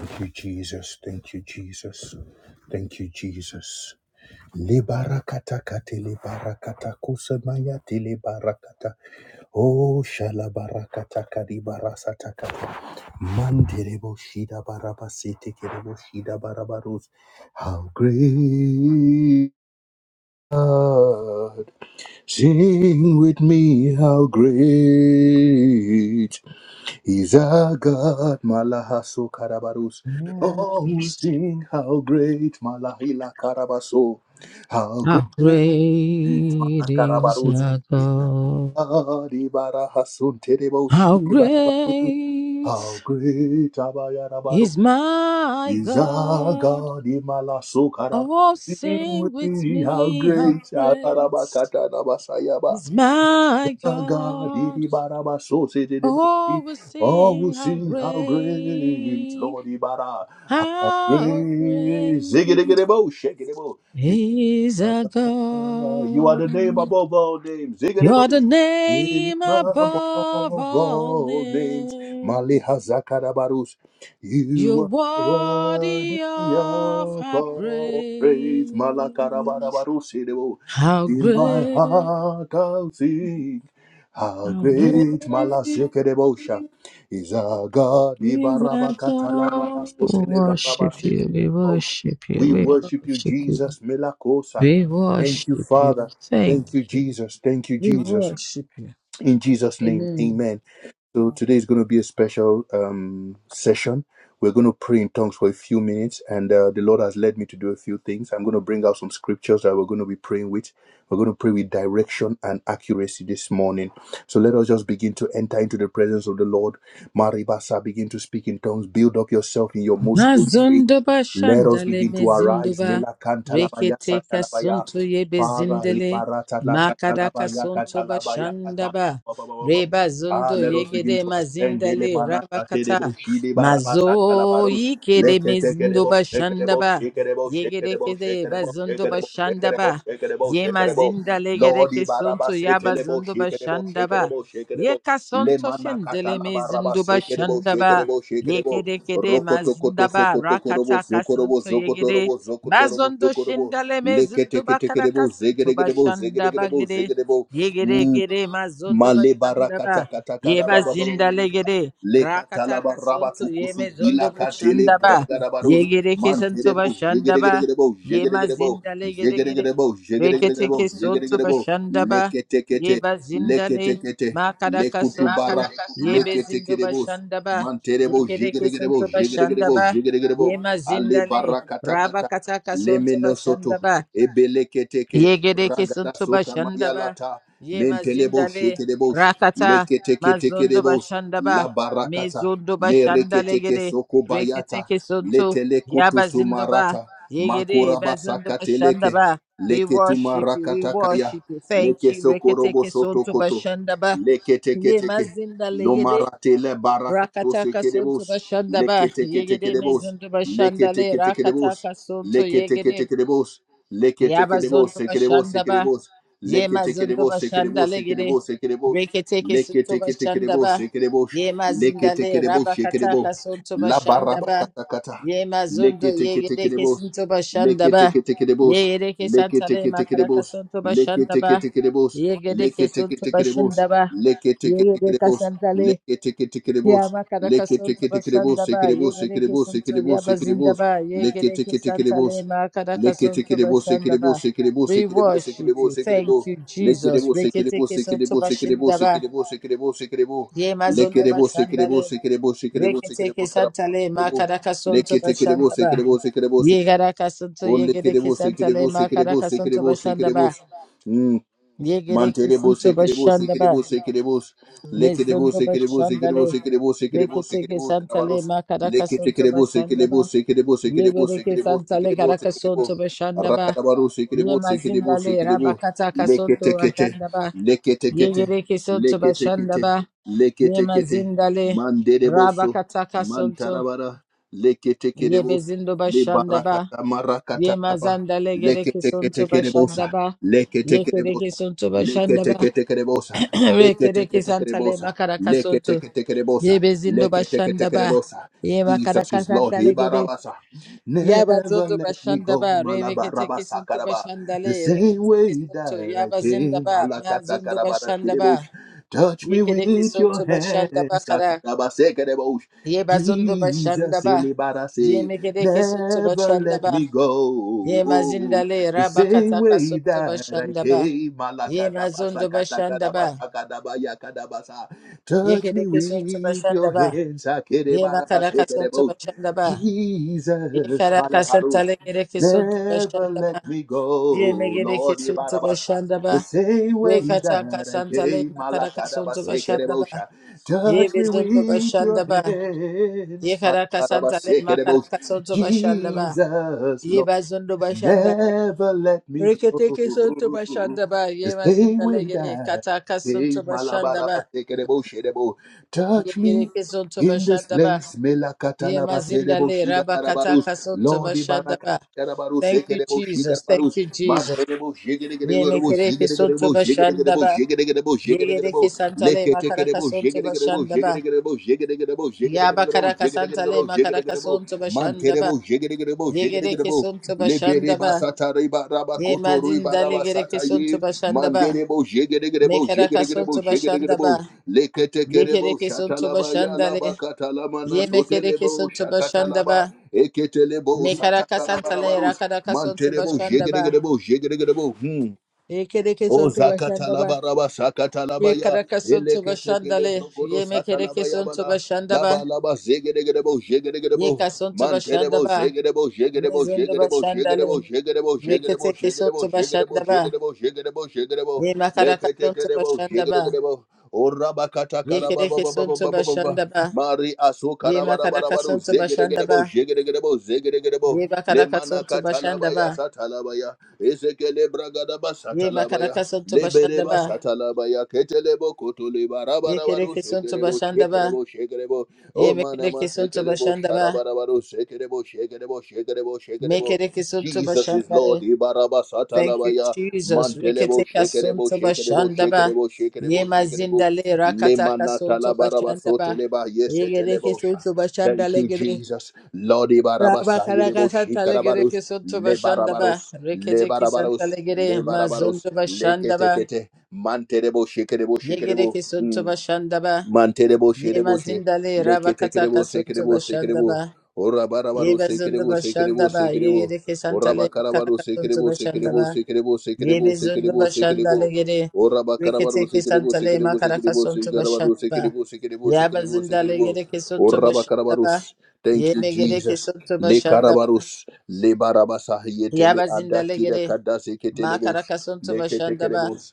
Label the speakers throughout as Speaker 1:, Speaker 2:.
Speaker 1: Thank you, Jesus. Thank you, Jesus. Thank you, Jesus. Libarakata kate libarakata kusamaya libarakata. Oh, shalabarakata kadibarasata kata. Manderebo shida barabasete kerebo shida barabarus. How great God. Sing with me how great. He's a God, Malahaso Karabarus. Oh,
Speaker 2: Yes.
Speaker 1: sing how great Malahila Karabaso. How
Speaker 2: How
Speaker 1: great
Speaker 2: great is
Speaker 1: Malakarabarus.
Speaker 2: our
Speaker 1: He's a
Speaker 2: God?
Speaker 1: God, Ibarahasun Tereboshi
Speaker 2: How great
Speaker 1: Barabarus. How great Abayarabaru.
Speaker 2: is my
Speaker 1: He's a
Speaker 2: God?
Speaker 1: God, Imalaso Karabarus.
Speaker 2: Oh,
Speaker 1: Sing
Speaker 2: sing
Speaker 1: with
Speaker 2: with
Speaker 1: me, how
Speaker 2: me, how
Speaker 1: great
Speaker 2: great
Speaker 1: Abarabakata
Speaker 2: is my
Speaker 1: God,
Speaker 2: God?
Speaker 1: Ibaraba, so say the devil.
Speaker 2: Oh, we
Speaker 1: Oh,
Speaker 2: sing, how
Speaker 1: sing how great,
Speaker 2: great,
Speaker 1: Lord Ibara, how
Speaker 2: how
Speaker 1: great. Ziggy,
Speaker 2: great
Speaker 1: diggy, diggy, bo, shake it, bo.
Speaker 2: is our
Speaker 1: You are the name
Speaker 2: God?
Speaker 1: above all names.
Speaker 2: You're
Speaker 1: Ziggity-boo.
Speaker 2: the
Speaker 1: Name
Speaker 2: name
Speaker 1: above
Speaker 2: above all
Speaker 1: all names.
Speaker 2: names.
Speaker 1: Mali Hazakarabarus.
Speaker 2: You're
Speaker 1: You are
Speaker 2: worthy
Speaker 1: worthy of
Speaker 2: of our
Speaker 1: all praise.
Speaker 2: praise.
Speaker 1: Malakarabarabarus.
Speaker 2: How
Speaker 1: In my
Speaker 2: great,
Speaker 1: heart I'll sing. How
Speaker 2: how great
Speaker 1: great Malasekerebosha is our God.
Speaker 2: is our God. We worship you, we
Speaker 1: Ibarabakatalamanasotelebarabasetekebosha.
Speaker 2: worship you,
Speaker 1: We
Speaker 2: we
Speaker 1: worship you,
Speaker 2: worship you,
Speaker 1: Jesus. Melakosa.
Speaker 2: we
Speaker 1: Thank you,
Speaker 2: worship you.
Speaker 1: Father.
Speaker 2: Thank
Speaker 1: Thank you,
Speaker 2: you,
Speaker 1: Jesus. Thank you,
Speaker 2: we
Speaker 1: Jesus.
Speaker 2: worship you.
Speaker 1: In Jesus' name,
Speaker 2: Amen.
Speaker 1: amen. So today is going to be a special um, session. We're going to pray in tongues for a few minutes, and uh, the Lord has led me to do a few things. I'm going to bring out some scriptures that we're going to be praying with. We're going to pray with direction and accuracy this morning. So let us just begin to enter into the presence of the Lord. Maribasa, begin to speak in tongues. Build up yourself in your most holy faith.
Speaker 2: Mazunduba
Speaker 1: Let us
Speaker 2: shandale
Speaker 1: begin to arise.
Speaker 2: mezinduba
Speaker 1: Mila kantalabaya
Speaker 2: rekete
Speaker 1: satalabaya.
Speaker 2: kasuntu yebe
Speaker 1: Father,
Speaker 2: zindele
Speaker 1: liberata la
Speaker 2: makada
Speaker 1: katalabaya
Speaker 2: kasuntu
Speaker 1: katalabaya
Speaker 2: bashandaba
Speaker 1: katalabaya.
Speaker 2: reba
Speaker 1: Ah,
Speaker 2: zundo
Speaker 1: let us begin
Speaker 2: yegede
Speaker 1: to ascend. Dele
Speaker 2: mazindale
Speaker 1: manata
Speaker 2: rabakata
Speaker 1: terebo shide
Speaker 2: mazo
Speaker 1: barabasa talabaros.
Speaker 2: yikede
Speaker 1: Leke tekerebo
Speaker 2: mezinduba
Speaker 1: shekerebo
Speaker 2: shandaba
Speaker 1: shekerebo
Speaker 2: yegede
Speaker 1: shekerebo
Speaker 2: kede
Speaker 1: shekerebo
Speaker 2: bazunduba shandaba
Speaker 1: shekerebo shekerebo shekerebo
Speaker 2: ye
Speaker 1: shekerebo.
Speaker 2: mazindale gede
Speaker 1: Lord
Speaker 2: kasuntu
Speaker 1: ibarabase
Speaker 2: yaba
Speaker 1: telebo
Speaker 2: zunduba
Speaker 1: shekerebo
Speaker 2: shandaba
Speaker 1: shekerebo
Speaker 2: ye
Speaker 1: shekerebo. Le
Speaker 2: kasuntu shendele
Speaker 1: manakata la
Speaker 2: mezinduba
Speaker 1: barabase kerebo
Speaker 2: shandaba
Speaker 1: shekerebo shekerebo.
Speaker 2: Yekede kede
Speaker 1: Rokoto koto
Speaker 2: mazindaba
Speaker 1: sokoto korobo
Speaker 2: rakataka
Speaker 1: zokorobo
Speaker 2: santo yegede
Speaker 1: zokotorobo zokotorobo
Speaker 2: mazondo
Speaker 1: zokorobo.
Speaker 2: shindale mezindo
Speaker 1: Lekete kete
Speaker 2: bakaraka
Speaker 1: kerebo
Speaker 2: santo
Speaker 1: zegerebo
Speaker 2: bashanda
Speaker 1: zegerebo
Speaker 2: bagede
Speaker 1: zegerebo.
Speaker 2: yegede gede mazondo
Speaker 1: Male
Speaker 2: bashanda ba
Speaker 1: barakata kata kada
Speaker 2: yeba
Speaker 1: ba ba ba ba ba
Speaker 2: zindale
Speaker 1: ba.
Speaker 2: gede
Speaker 1: Le katala
Speaker 2: rakataka
Speaker 1: baraba
Speaker 2: santo ye
Speaker 1: tukusu
Speaker 2: mezondo
Speaker 1: bila katele
Speaker 2: bashanda ba
Speaker 1: braga da baruz.
Speaker 2: yegede ke santo
Speaker 1: Mantere bo
Speaker 2: bashanda
Speaker 1: jegere
Speaker 2: ba
Speaker 1: gere gere bo
Speaker 2: ye
Speaker 1: jegere gere bo
Speaker 2: mazindale gede
Speaker 1: jegere
Speaker 2: gede
Speaker 1: gere bo jegere gere
Speaker 2: rekete
Speaker 1: gere
Speaker 2: ke
Speaker 1: bo jegere
Speaker 2: santo
Speaker 1: gere bo.
Speaker 2: bashanda ba
Speaker 1: Lekete kete
Speaker 2: yeba zindale
Speaker 1: lekete kete
Speaker 2: makaraka
Speaker 1: lekutu
Speaker 2: santo
Speaker 1: bara
Speaker 2: yebe
Speaker 1: lekete
Speaker 2: zindo
Speaker 1: kere
Speaker 2: bashanda ba Yekereke santo bashandaba. Yema
Speaker 1: Ale
Speaker 2: zindale.
Speaker 1: barakata
Speaker 2: Raba kataka santo
Speaker 1: Lemeno soto
Speaker 2: bashandaba.
Speaker 1: Ebeleketeke,
Speaker 2: Yegereke
Speaker 1: Ragada
Speaker 2: santo
Speaker 1: Soka
Speaker 2: bashandaba.
Speaker 1: Mayalata,
Speaker 2: Yema
Speaker 1: Mentelebo
Speaker 2: zindale.
Speaker 1: Shekedebos,
Speaker 2: Rakata mazondo
Speaker 1: Leketeketekedebos,
Speaker 2: bashandaba.
Speaker 1: La Barakata,
Speaker 2: Mezondo bashandale
Speaker 1: Mereketeke
Speaker 2: gede.
Speaker 1: Soko Bayata,
Speaker 2: Reketeke santo.
Speaker 1: Letelekutu
Speaker 2: Yaba zindoba.
Speaker 1: Sumarata,
Speaker 2: Yegede
Speaker 1: Makuraba
Speaker 2: bazondo
Speaker 1: Sakateleke,
Speaker 2: bashandaba. We worship you. We
Speaker 1: Leketumarakata Kaya,
Speaker 2: worship you. Thank
Speaker 1: Leke
Speaker 2: you.
Speaker 1: Sokorobo
Speaker 2: Reketeke
Speaker 1: Soto
Speaker 2: santo
Speaker 1: Koto.
Speaker 2: bashandaba. Yema
Speaker 1: Leketeketeke.
Speaker 2: zindale gede.
Speaker 1: Lomaratele barakatose
Speaker 2: Rakataka suntu
Speaker 1: kedebos.
Speaker 2: bashanda ba yegere
Speaker 1: Leketeketekedebos.
Speaker 2: mezundu bashanda le
Speaker 1: Leketeketekedebos.
Speaker 2: rakataka suntu yegere
Speaker 1: Leketeketekedebos.
Speaker 2: yaba
Speaker 1: Leketekedebos.
Speaker 2: zundu
Speaker 1: Sekedebos.
Speaker 2: bashanda ba
Speaker 1: Sekedebos.
Speaker 2: yema zundu
Speaker 1: Leketekedebos.
Speaker 2: bashanda
Speaker 1: Sekedebos.
Speaker 2: le gere
Speaker 1: Sekedebos. Sekedebos.
Speaker 2: reketeke suntu bashanda
Speaker 1: Leketeketekedebos.
Speaker 2: ba
Speaker 1: Sekedebos.
Speaker 2: yema zinda le
Speaker 1: Leketekedebos. Sekedebos.
Speaker 2: rabakataka suntu
Speaker 1: La
Speaker 2: bashanda ba
Speaker 1: barabakatakata.
Speaker 2: yema zundu yegere ke
Speaker 1: Leketeketekedebos.
Speaker 2: suntu bashanda
Speaker 1: Leke
Speaker 2: ba
Speaker 1: teke teke de bos.
Speaker 2: yegere ke
Speaker 1: Leke
Speaker 2: santa le
Speaker 1: teke teke de
Speaker 2: makaraka
Speaker 1: bos.
Speaker 2: suntu
Speaker 1: Leke
Speaker 2: bashanda
Speaker 1: teke
Speaker 2: ba
Speaker 1: teke de bos.
Speaker 2: yegere
Speaker 1: Leke
Speaker 2: ke
Speaker 1: teke
Speaker 2: suntu
Speaker 1: teke de bos.
Speaker 2: bashanda ba
Speaker 1: Leke teke teke
Speaker 2: yegere
Speaker 1: de bos.
Speaker 2: kasanta
Speaker 1: Leke teke teke de
Speaker 2: Ya
Speaker 1: bos.
Speaker 2: makaraka
Speaker 1: Leke
Speaker 2: sonto
Speaker 1: teke teke de bos.
Speaker 2: bashanda
Speaker 1: Teke
Speaker 2: ba
Speaker 1: de
Speaker 2: ye
Speaker 1: bos. Teke de
Speaker 2: gereke
Speaker 1: bos. Teke
Speaker 2: sonto
Speaker 1: de
Speaker 2: ya
Speaker 1: bos. Teke de
Speaker 2: bazinda
Speaker 1: bos.
Speaker 2: ba ye
Speaker 1: Leke
Speaker 2: gereke
Speaker 1: teke teke de
Speaker 2: santa le
Speaker 1: bos.
Speaker 2: makaraka
Speaker 1: Leke teke
Speaker 2: sonto
Speaker 1: de bos. Teke
Speaker 2: bashanda
Speaker 1: de bos.
Speaker 2: ba.
Speaker 1: Teke de bos.
Speaker 2: We
Speaker 1: Teke de
Speaker 2: worship
Speaker 1: bos.
Speaker 2: you.
Speaker 1: Teke de
Speaker 2: Thank
Speaker 1: bos.
Speaker 2: you, Jesus.
Speaker 1: Teke de bos.
Speaker 2: Reketeke
Speaker 1: Leke de
Speaker 2: sonto bashinda
Speaker 1: bos.
Speaker 2: ba
Speaker 1: Teke de bos. Teke de bos. Teke de bos. Teke de bos. Teke de bos. Teke de bos.
Speaker 2: ye
Speaker 1: Leke
Speaker 2: mazondo
Speaker 1: de bos. Teke
Speaker 2: bashanda
Speaker 1: de bos.
Speaker 2: le.
Speaker 1: Teke de bos. Teke de bos. Teke de
Speaker 2: Reketeke
Speaker 1: bos.
Speaker 2: santa le
Speaker 1: Teke de bos.
Speaker 2: makaraka sonto
Speaker 1: Leke Teke de bos.
Speaker 2: bashanda
Speaker 1: Teke
Speaker 2: ba.
Speaker 1: de bos. Teke de bos.
Speaker 2: Ye garaka sonto ye
Speaker 1: Ole
Speaker 2: gereke
Speaker 1: kerebo se
Speaker 2: santa le
Speaker 1: kerebo se kerebo
Speaker 2: makaraka
Speaker 1: se
Speaker 2: sonto
Speaker 1: kerebo se
Speaker 2: bashanda
Speaker 1: kerebo.
Speaker 2: ba.
Speaker 1: Hmm.
Speaker 2: Ye gereke
Speaker 1: Mantelebo
Speaker 2: sonto
Speaker 1: sekerebo
Speaker 2: bashanda ba.
Speaker 1: sekerebo sekerebos lekerebo
Speaker 2: Mezondo
Speaker 1: sekerebo
Speaker 2: bashanda
Speaker 1: sekerebo
Speaker 2: le.
Speaker 1: sekerebo sekerebo
Speaker 2: Reketeke
Speaker 1: sekerebo
Speaker 2: santa le
Speaker 1: kabaros
Speaker 2: makaraka sonto
Speaker 1: leketekerebo
Speaker 2: bashanda ba.
Speaker 1: sekerebo sekerebo
Speaker 2: Ye
Speaker 1: sekerebo
Speaker 2: bereke
Speaker 1: sekerebo
Speaker 2: santale
Speaker 1: sekerebo
Speaker 2: karaka
Speaker 1: sekerebo
Speaker 2: sonto bashandaba.
Speaker 1: rakarabaro
Speaker 2: Ye
Speaker 1: sekerebo sekerebo
Speaker 2: mazindale
Speaker 1: sekerebo
Speaker 2: rabakata kasonto
Speaker 1: leketekete
Speaker 2: bashandaba. Ye
Speaker 1: leketekete
Speaker 2: bereke sonto
Speaker 1: leketekete
Speaker 2: bashandaba. Ye
Speaker 1: leketekete
Speaker 2: mazindale
Speaker 1: mandereboso
Speaker 2: rabakata kasonto.
Speaker 1: mantarabara
Speaker 2: Ye
Speaker 1: leketekerebos
Speaker 2: bezindo bashandaba.
Speaker 1: lebarakata marakata
Speaker 2: Ye
Speaker 1: kaba
Speaker 2: mazandale gereke sonto
Speaker 1: leketeketekerebosa
Speaker 2: bashandaba. Ye
Speaker 1: leketekerebosa
Speaker 2: kereke sonto bashandaba.
Speaker 1: Leketeketekerebosa.
Speaker 2: Re kereke santale
Speaker 1: Leketeketekerebosa.
Speaker 2: makaraka sonto.
Speaker 1: Leketeketekerebosa.
Speaker 2: Ye bezindo bashandaba.
Speaker 1: Leketeketekerebosa.
Speaker 2: Ye
Speaker 1: Jesus
Speaker 2: makaraka
Speaker 1: is Lord.
Speaker 2: santale
Speaker 1: Ibarabasa. Never
Speaker 2: Yabazodo
Speaker 1: let me go.
Speaker 2: Bashandaba,
Speaker 1: Malabarabasa
Speaker 2: Remeketekisunto
Speaker 1: karaba. The
Speaker 2: Bashandale,
Speaker 1: same way
Speaker 2: Reketekisunto,
Speaker 1: that I came.
Speaker 2: Yabazindaba,
Speaker 1: Malakata
Speaker 2: Mazundo
Speaker 1: karabaraskerebosh.
Speaker 2: Bashandaba,
Speaker 1: Touch me with your
Speaker 2: Yekedekisunto Bashandaba
Speaker 1: hands.
Speaker 2: Kara,
Speaker 1: Sakarabasekerebosh.
Speaker 2: Yebazundo
Speaker 1: Jesus.
Speaker 2: Bashandaba,
Speaker 1: Elibarase
Speaker 2: Yemekedekisunto
Speaker 1: never let me
Speaker 2: Bashandaba,
Speaker 1: go.
Speaker 2: Yemazindale,
Speaker 1: The same
Speaker 2: Rabakataka
Speaker 1: way
Speaker 2: Sunto
Speaker 1: that I
Speaker 2: Bashandaba,
Speaker 1: came, Malakadabasa,
Speaker 2: Yemazundo Bashandaba,
Speaker 1: katakadabasa, kadabaya, kadabasa. touch me
Speaker 2: Yekedekisunto
Speaker 1: with your
Speaker 2: Bashandaba,
Speaker 1: hands, Akedebarabase,
Speaker 2: Yemakaraka Sunto
Speaker 1: kedebos.
Speaker 2: Bashandaba,
Speaker 1: Jesus,
Speaker 2: Yekaraka
Speaker 1: Maleharus,
Speaker 2: santale gereke suntu
Speaker 1: never
Speaker 2: bashandaba.
Speaker 1: let me go,
Speaker 2: Yemegereke
Speaker 1: Lord
Speaker 2: suntu
Speaker 1: Ibarabasa.
Speaker 2: bashandaba.
Speaker 1: The same way
Speaker 2: Rekataka
Speaker 1: that I
Speaker 2: santale
Speaker 1: came,
Speaker 2: makaraka suntu
Speaker 1: Malakadabase,
Speaker 2: bashandaba.
Speaker 1: kedebosha. touch me
Speaker 2: Yebezundu
Speaker 1: with your
Speaker 2: bashandaba.
Speaker 1: hands,
Speaker 2: Yekaraka santale
Speaker 1: Malakadabase, kedebosha.
Speaker 2: makaraka suntu bashandaba.
Speaker 1: Jesus, Lord.
Speaker 2: Yebazundu bashandale.
Speaker 1: Never let me go.
Speaker 2: Reketeke suntu bashandaba.
Speaker 1: Stay
Speaker 2: Yemazindale
Speaker 1: with
Speaker 2: gere
Speaker 1: us.
Speaker 2: kataka suntu
Speaker 1: Hey,
Speaker 2: bashandaba.
Speaker 1: malabaraba, sekerebo, shedebo. Touch me
Speaker 2: Yegereke suntu
Speaker 1: in this
Speaker 2: bashandaba.
Speaker 1: place. Melakatalaba, sedebo,
Speaker 2: Yemazindale
Speaker 1: shidabarabarus.
Speaker 2: rabakataka suntu
Speaker 1: Lord,
Speaker 2: bashandaba.
Speaker 1: ibarakatarabarus,
Speaker 2: Thank you,
Speaker 1: sekerebo,
Speaker 2: Jesus.
Speaker 1: shikarabarus.
Speaker 2: Thank you, Jesus.
Speaker 1: Mantelebo,
Speaker 2: Ye me
Speaker 1: shigedegerebo,
Speaker 2: mekereke sonto
Speaker 1: shigedegerebo,
Speaker 2: bashanda
Speaker 1: shigedegerebo,
Speaker 2: ba
Speaker 1: shigedegerebo,
Speaker 2: Ye
Speaker 1: shigedegerebo.
Speaker 2: gereke santale makara ka
Speaker 1: Leketekerebo,
Speaker 2: sonto
Speaker 1: shigedegerebo,
Speaker 2: bashanda ba
Speaker 1: shigedegerebo, shigedegerebo,
Speaker 2: Ya
Speaker 1: shigedegerebo,
Speaker 2: bakara bakaraka
Speaker 1: shigedegerebo,
Speaker 2: santale makara ka
Speaker 1: shigedegerebo.
Speaker 2: sonto bashanda ba
Speaker 1: Mantelebo, shigedegerebo,
Speaker 2: Ye gereke
Speaker 1: shigedegerebo.
Speaker 2: sonto
Speaker 1: Lebere
Speaker 2: bashanda ba
Speaker 1: basata riba raba
Speaker 2: Ye
Speaker 1: koto riba
Speaker 2: madindale
Speaker 1: raba
Speaker 2: gereke sonto
Speaker 1: ye.
Speaker 2: bashanda ba
Speaker 1: Mandere bo jegere gere
Speaker 2: me
Speaker 1: bo
Speaker 2: kara ka
Speaker 1: jegere bo
Speaker 2: sonto
Speaker 1: jegere
Speaker 2: bashanda ba
Speaker 1: bo. Lekete
Speaker 2: Ye
Speaker 1: kere bo
Speaker 2: gereke
Speaker 1: shata
Speaker 2: sonto
Speaker 1: laba ya
Speaker 2: bashanda
Speaker 1: laba
Speaker 2: le
Speaker 1: kata lama na
Speaker 2: Ye me
Speaker 1: sote
Speaker 2: mekereke
Speaker 1: shakatalaba
Speaker 2: sonto
Speaker 1: shakata
Speaker 2: bashanda ba
Speaker 1: laba.
Speaker 2: me bashandaba.
Speaker 1: Ekete lebo sata
Speaker 2: Mekaraka
Speaker 1: karaba raba
Speaker 2: santale rakara ka sonto
Speaker 1: bo
Speaker 2: bashanda
Speaker 1: jegere
Speaker 2: ba
Speaker 1: bo jegere bo. Hmm.
Speaker 2: Ye gereke
Speaker 1: O
Speaker 2: sonto bashanda ba.
Speaker 1: zakatalaba raba shakatalaba
Speaker 2: Ye
Speaker 1: ya
Speaker 2: karaka suntu
Speaker 1: eleke tekele
Speaker 2: bashandale,
Speaker 1: brogodo
Speaker 2: ye mekereke
Speaker 1: satalaba ya
Speaker 2: suntu
Speaker 1: bala
Speaker 2: bashandaba,
Speaker 1: laba laba zegedegedebo
Speaker 2: ye
Speaker 1: zegedegedebo
Speaker 2: kasuntu
Speaker 1: mantelebo
Speaker 2: bashandaba,
Speaker 1: zegedebo
Speaker 2: ye
Speaker 1: zegedebo
Speaker 2: zundu
Speaker 1: zegedebo
Speaker 2: bashandale,
Speaker 1: zegedebo zegedebo zegedebo
Speaker 2: reketeke suntu
Speaker 1: zegedebo zegedebo
Speaker 2: bashandaba,
Speaker 1: zegedebo zegedebo zegedebo
Speaker 2: ye makaraka
Speaker 1: leke
Speaker 2: suntu
Speaker 1: tekedebo
Speaker 2: bashandaba,
Speaker 1: zegedegedebo o raba kata
Speaker 2: ye
Speaker 1: karaba ba
Speaker 2: kereke
Speaker 1: ba ba ba
Speaker 2: suntu
Speaker 1: ba ba ba
Speaker 2: bashandaba,
Speaker 1: Mari
Speaker 2: ye
Speaker 1: asokara bara bara
Speaker 2: makaraka
Speaker 1: baru
Speaker 2: suntu bashandaba,
Speaker 1: zegedegerebo zegedegerebo zegedegerebo
Speaker 2: ye
Speaker 1: le
Speaker 2: makaraka
Speaker 1: mana
Speaker 2: suntu bashandaba,
Speaker 1: katalabaya satalabaya ezekele bragada
Speaker 2: ye makaraka
Speaker 1: basatalabaya
Speaker 2: suntu
Speaker 1: le bereba
Speaker 2: bashandaba,
Speaker 1: satalabaya ketelebo kotole bara
Speaker 2: ye
Speaker 1: bara baru
Speaker 2: kereke suntu
Speaker 1: sekerebo
Speaker 2: bashandaba,
Speaker 1: sekerebo sekerebo
Speaker 2: ye
Speaker 1: o mana
Speaker 2: mekereke
Speaker 1: ma
Speaker 2: suntu
Speaker 1: sekelebo
Speaker 2: bashandaba,
Speaker 1: shara bara baru sekerebo sekerebo sekerebo sekerebo
Speaker 2: mekereke suntu
Speaker 1: Jesus is
Speaker 2: bashandale,
Speaker 1: Lord. Ibaraba
Speaker 2: Thank you,
Speaker 1: satalabaya.
Speaker 2: Jesus.
Speaker 1: Mantelebo
Speaker 2: Riketeka
Speaker 1: shekerebo
Speaker 2: sonto
Speaker 1: shekerebo
Speaker 2: bashandaba.
Speaker 1: shekerebo shekerebo
Speaker 2: Yema
Speaker 1: shekerebo.
Speaker 2: zindale rakataka
Speaker 1: Lemanata
Speaker 2: sonto
Speaker 1: labaraba
Speaker 2: bashandaba.
Speaker 1: soteleba
Speaker 2: Yegereke
Speaker 1: yesetelebo
Speaker 2: sonto
Speaker 1: Thank
Speaker 2: bashandale
Speaker 1: you,
Speaker 2: gere.
Speaker 1: Jesus. Lord Ibarabasa
Speaker 2: Rabakaraka
Speaker 1: sayerebo
Speaker 2: santa
Speaker 1: shikarabarus.
Speaker 2: legereke sonto bashandaba.
Speaker 1: Lebarabarus.
Speaker 2: Riketeki santa
Speaker 1: Lebarabarus.
Speaker 2: legere
Speaker 1: Lebarabarus.
Speaker 2: mazondo bashandaba.
Speaker 1: Leketekete. Mantelebo shekerebo shekerebo.
Speaker 2: Yegereke sonto
Speaker 1: Hmm.
Speaker 2: bashandaba.
Speaker 1: Manterebo
Speaker 2: Yema
Speaker 1: sherebo she
Speaker 2: zindale
Speaker 1: leke
Speaker 2: rabakataka
Speaker 1: tekerebo
Speaker 2: sonto
Speaker 1: sekerebo
Speaker 2: bashandaba.
Speaker 1: sekerebo ora barabaro
Speaker 2: Yeba zondo
Speaker 1: sekerebo sekerebo
Speaker 2: bashandaba.
Speaker 1: sekerebo
Speaker 2: Yegereke santa
Speaker 1: ora
Speaker 2: le
Speaker 1: bakarabaro
Speaker 2: makaraka sonto
Speaker 1: sekerebo sekerebo
Speaker 2: bashandaba.
Speaker 1: sekerebo sekerebo
Speaker 2: Yebe zundu bashanda
Speaker 1: sekerebo
Speaker 2: başandale
Speaker 1: sekerebo
Speaker 2: geri.
Speaker 1: ora bakarabaro
Speaker 2: Reketeke
Speaker 1: sekerebo
Speaker 2: santale
Speaker 1: sekerebo
Speaker 2: makaraka
Speaker 1: sekerebo
Speaker 2: sontu
Speaker 1: sekerebo
Speaker 2: başandaba.
Speaker 1: sekerebo sekerebo sekerebo
Speaker 2: Yabazindale
Speaker 1: sekerebo
Speaker 2: geri kesuntu
Speaker 1: ora
Speaker 2: başandaba.
Speaker 1: bakarabarus thank you
Speaker 2: Yeme geri
Speaker 1: jesus
Speaker 2: ba
Speaker 1: le
Speaker 2: başandaba.
Speaker 1: karabarus le barabasa yetele
Speaker 2: Yabazindale
Speaker 1: adakira
Speaker 2: geri
Speaker 1: kadase ketelebos
Speaker 2: makaraka sontu
Speaker 1: leke
Speaker 2: bashanda ba.
Speaker 1: tekerebos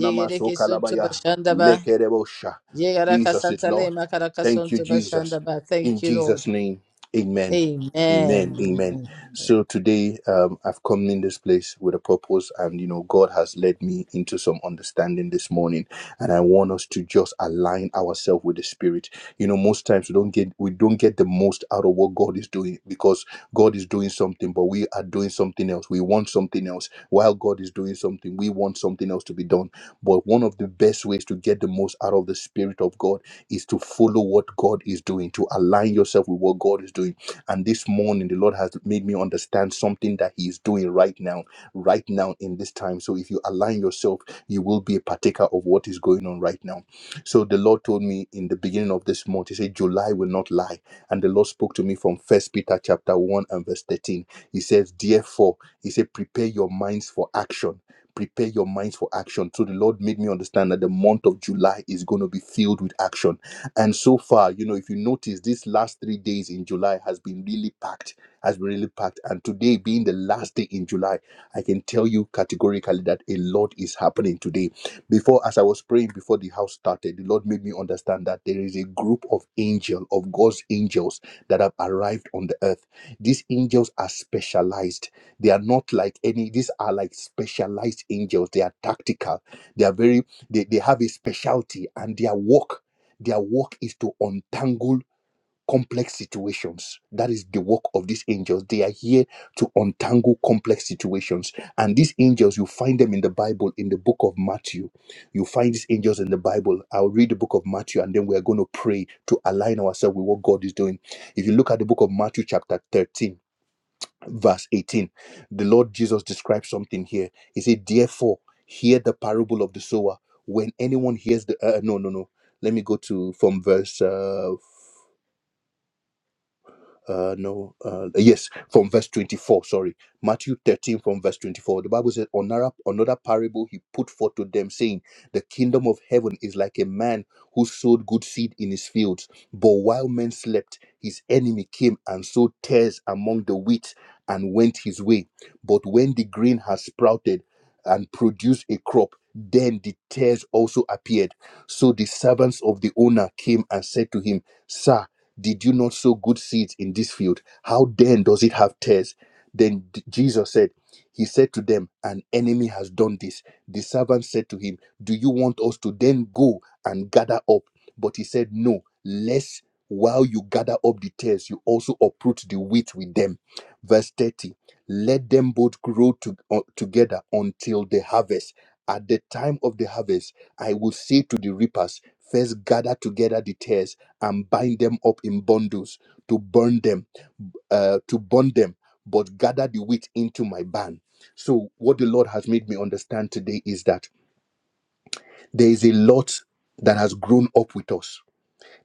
Speaker 2: Ye geri
Speaker 1: maso
Speaker 2: kesuntu
Speaker 1: kalabaya
Speaker 2: başandaba.
Speaker 1: lekerebosha
Speaker 2: Ye garaka
Speaker 1: Jesus is
Speaker 2: santale
Speaker 1: Lord.
Speaker 2: makaraka
Speaker 1: Thank you,
Speaker 2: sontu
Speaker 1: Jesus.
Speaker 2: bashanda ba.
Speaker 1: In
Speaker 2: Thank you Lord.
Speaker 1: Jesus' name, amen.
Speaker 2: Amen.
Speaker 1: Amen. Amen.
Speaker 2: Amen.
Speaker 1: So today, um, I've come in this place with a purpose, and you know, God has led me into some understanding this morning, and I want us to just align ourselves with the Spirit. You know, most times we don't get we don't get the most out of what God is doing because God is doing something, but we are doing something else. We want something else while God is doing something. We want something else to be done. But one of the best ways to get the most out of the Spirit of God is to follow what God is doing, to align yourself with what God is doing. And this morning, the Lord has made me understand something that He is doing right now, right now in this time. So if you align yourself, you will be a partaker of what is going on right now. So the Lord told me in the beginning of this month, He said, July will not lie. And the Lord spoke to me from First Peter chapter 1 and verse 13. He says, Therefore, He said, prepare your minds for action prepare your minds for action. So the Lord made me understand that the month of July is going to be filled with action. And so far, you know, if you notice, these last three days in July has been really packed, has been really packed. And today being the last day in July, I can tell you categorically that a lot is happening today. Before, as I was praying before the house started, the Lord made me understand that there is a group of angels of God's angels that have arrived on the earth. These angels are specialized they are not like any these are like specialized angels they are tactical they are very they, they have a specialty and their work their work is to untangle complex situations that is the work of these angels they are here to untangle complex situations and these angels you find them in the bible in the book of matthew you find these angels in the bible i'll read the book of matthew and then we're going to pray to align ourselves with what god is doing if you look at the book of matthew chapter 13 verse 18 the lord jesus describes something here he said therefore hear the parable of the sower when anyone hears the uh, no no no let me go to from verse uh, uh no uh yes from verse 24 sorry matthew 13 from verse 24 the bible says another another parable he put forth to them saying the kingdom of heaven is like a man who sowed good seed in his fields but while men slept his enemy came and sowed tares among the wheat and went his way but when the grain has sprouted and produced a crop then the tares also appeared so the servants of the owner came and said to him sir did you not sow good seeds in this field? How then does it have tares? Then D- Jesus said, He said to them, An enemy has done this. The servant said to him, Do you want us to then go and gather up? But he said, No, lest while you gather up the tares, you also uproot the wheat with them. Verse 30 Let them both grow to- uh, together until the harvest. At the time of the harvest, I will say to the reapers, First gather together the tares and bind them up in bundles to burn them, uh, to burn them, but gather the wheat into my barn. So, what the Lord has made me understand today is that there is a lot that has grown up with us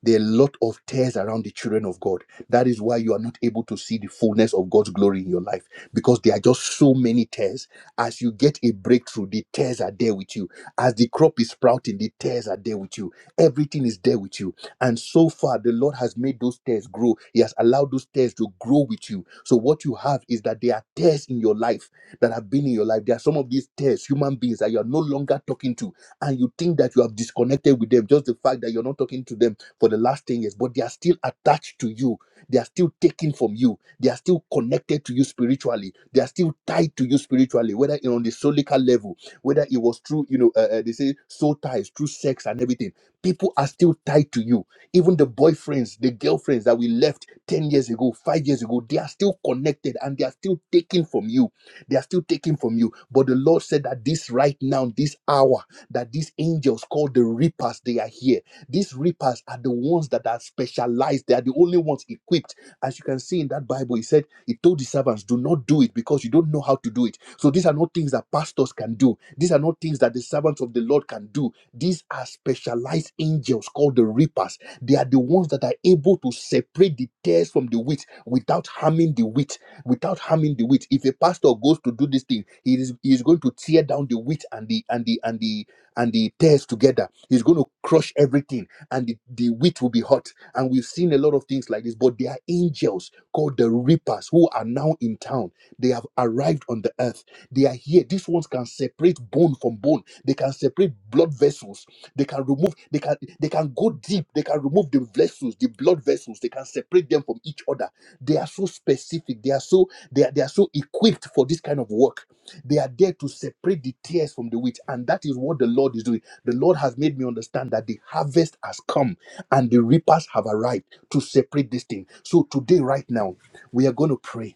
Speaker 1: there are a lot of tears around the children of God. That is why you are not able to see the fullness of God's glory in your life because there are just so many tears. As you get a breakthrough, the tears are there with you. As the crop is sprouting, the tears are there with you. Everything is there with you. And so far, the Lord has made those tears grow. He has allowed those tears to grow with you. So, what you have is that there are tears in your life that have been in your life. There are some of these tears, human beings that you are no longer talking to, and you think that you have disconnected with them. Just the fact that you're not talking to them for the last 10 years, but they are still attached to you. They are still taken from you. They are still connected to you spiritually. They are still tied to you spiritually, whether you know, on the solical level, whether it was through, you know, uh, uh, they say soul ties, through sex and everything. People are still tied to you. Even the boyfriends, the girlfriends that we left 10 years ago, five years ago, they are still connected and they are still taken from you. They are still taken from you. But the Lord said that this right now, this hour, that these angels called the reapers, they are here these reapers are the ones that are specialized. They are the only ones equipped. As you can see in that Bible, he said, he told the servants, do not do it because you don't know how to do it. So these are not things that pastors can do. These are not things that the servants of the Lord can do. These are specialized angels called the reapers. They are the ones that are able to separate the tares from the wheat without harming the wheat. Without harming the wheat. If a pastor goes to do this thing, he is, he is going to tear down the wheat and the and the and the and the tares together He's going to crush everything, and the, the wheat will be hot. And we've seen a lot of things like this, but there are angels called the reapers who are now in town. They have arrived on the earth. They are here. These ones can separate bone from bone. They can separate blood vessels. They can remove. They can. They can go deep. They can remove the vessels, the blood vessels. They can separate them from each other. They are so specific. They are so. They are. They are so equipped for this kind of work they are there to separate the tears from the wheat. And that is what the Lord is doing. The Lord has made me understand that the harvest has come and the reapers have arrived to separate this thing. So today, right now, we are going to pray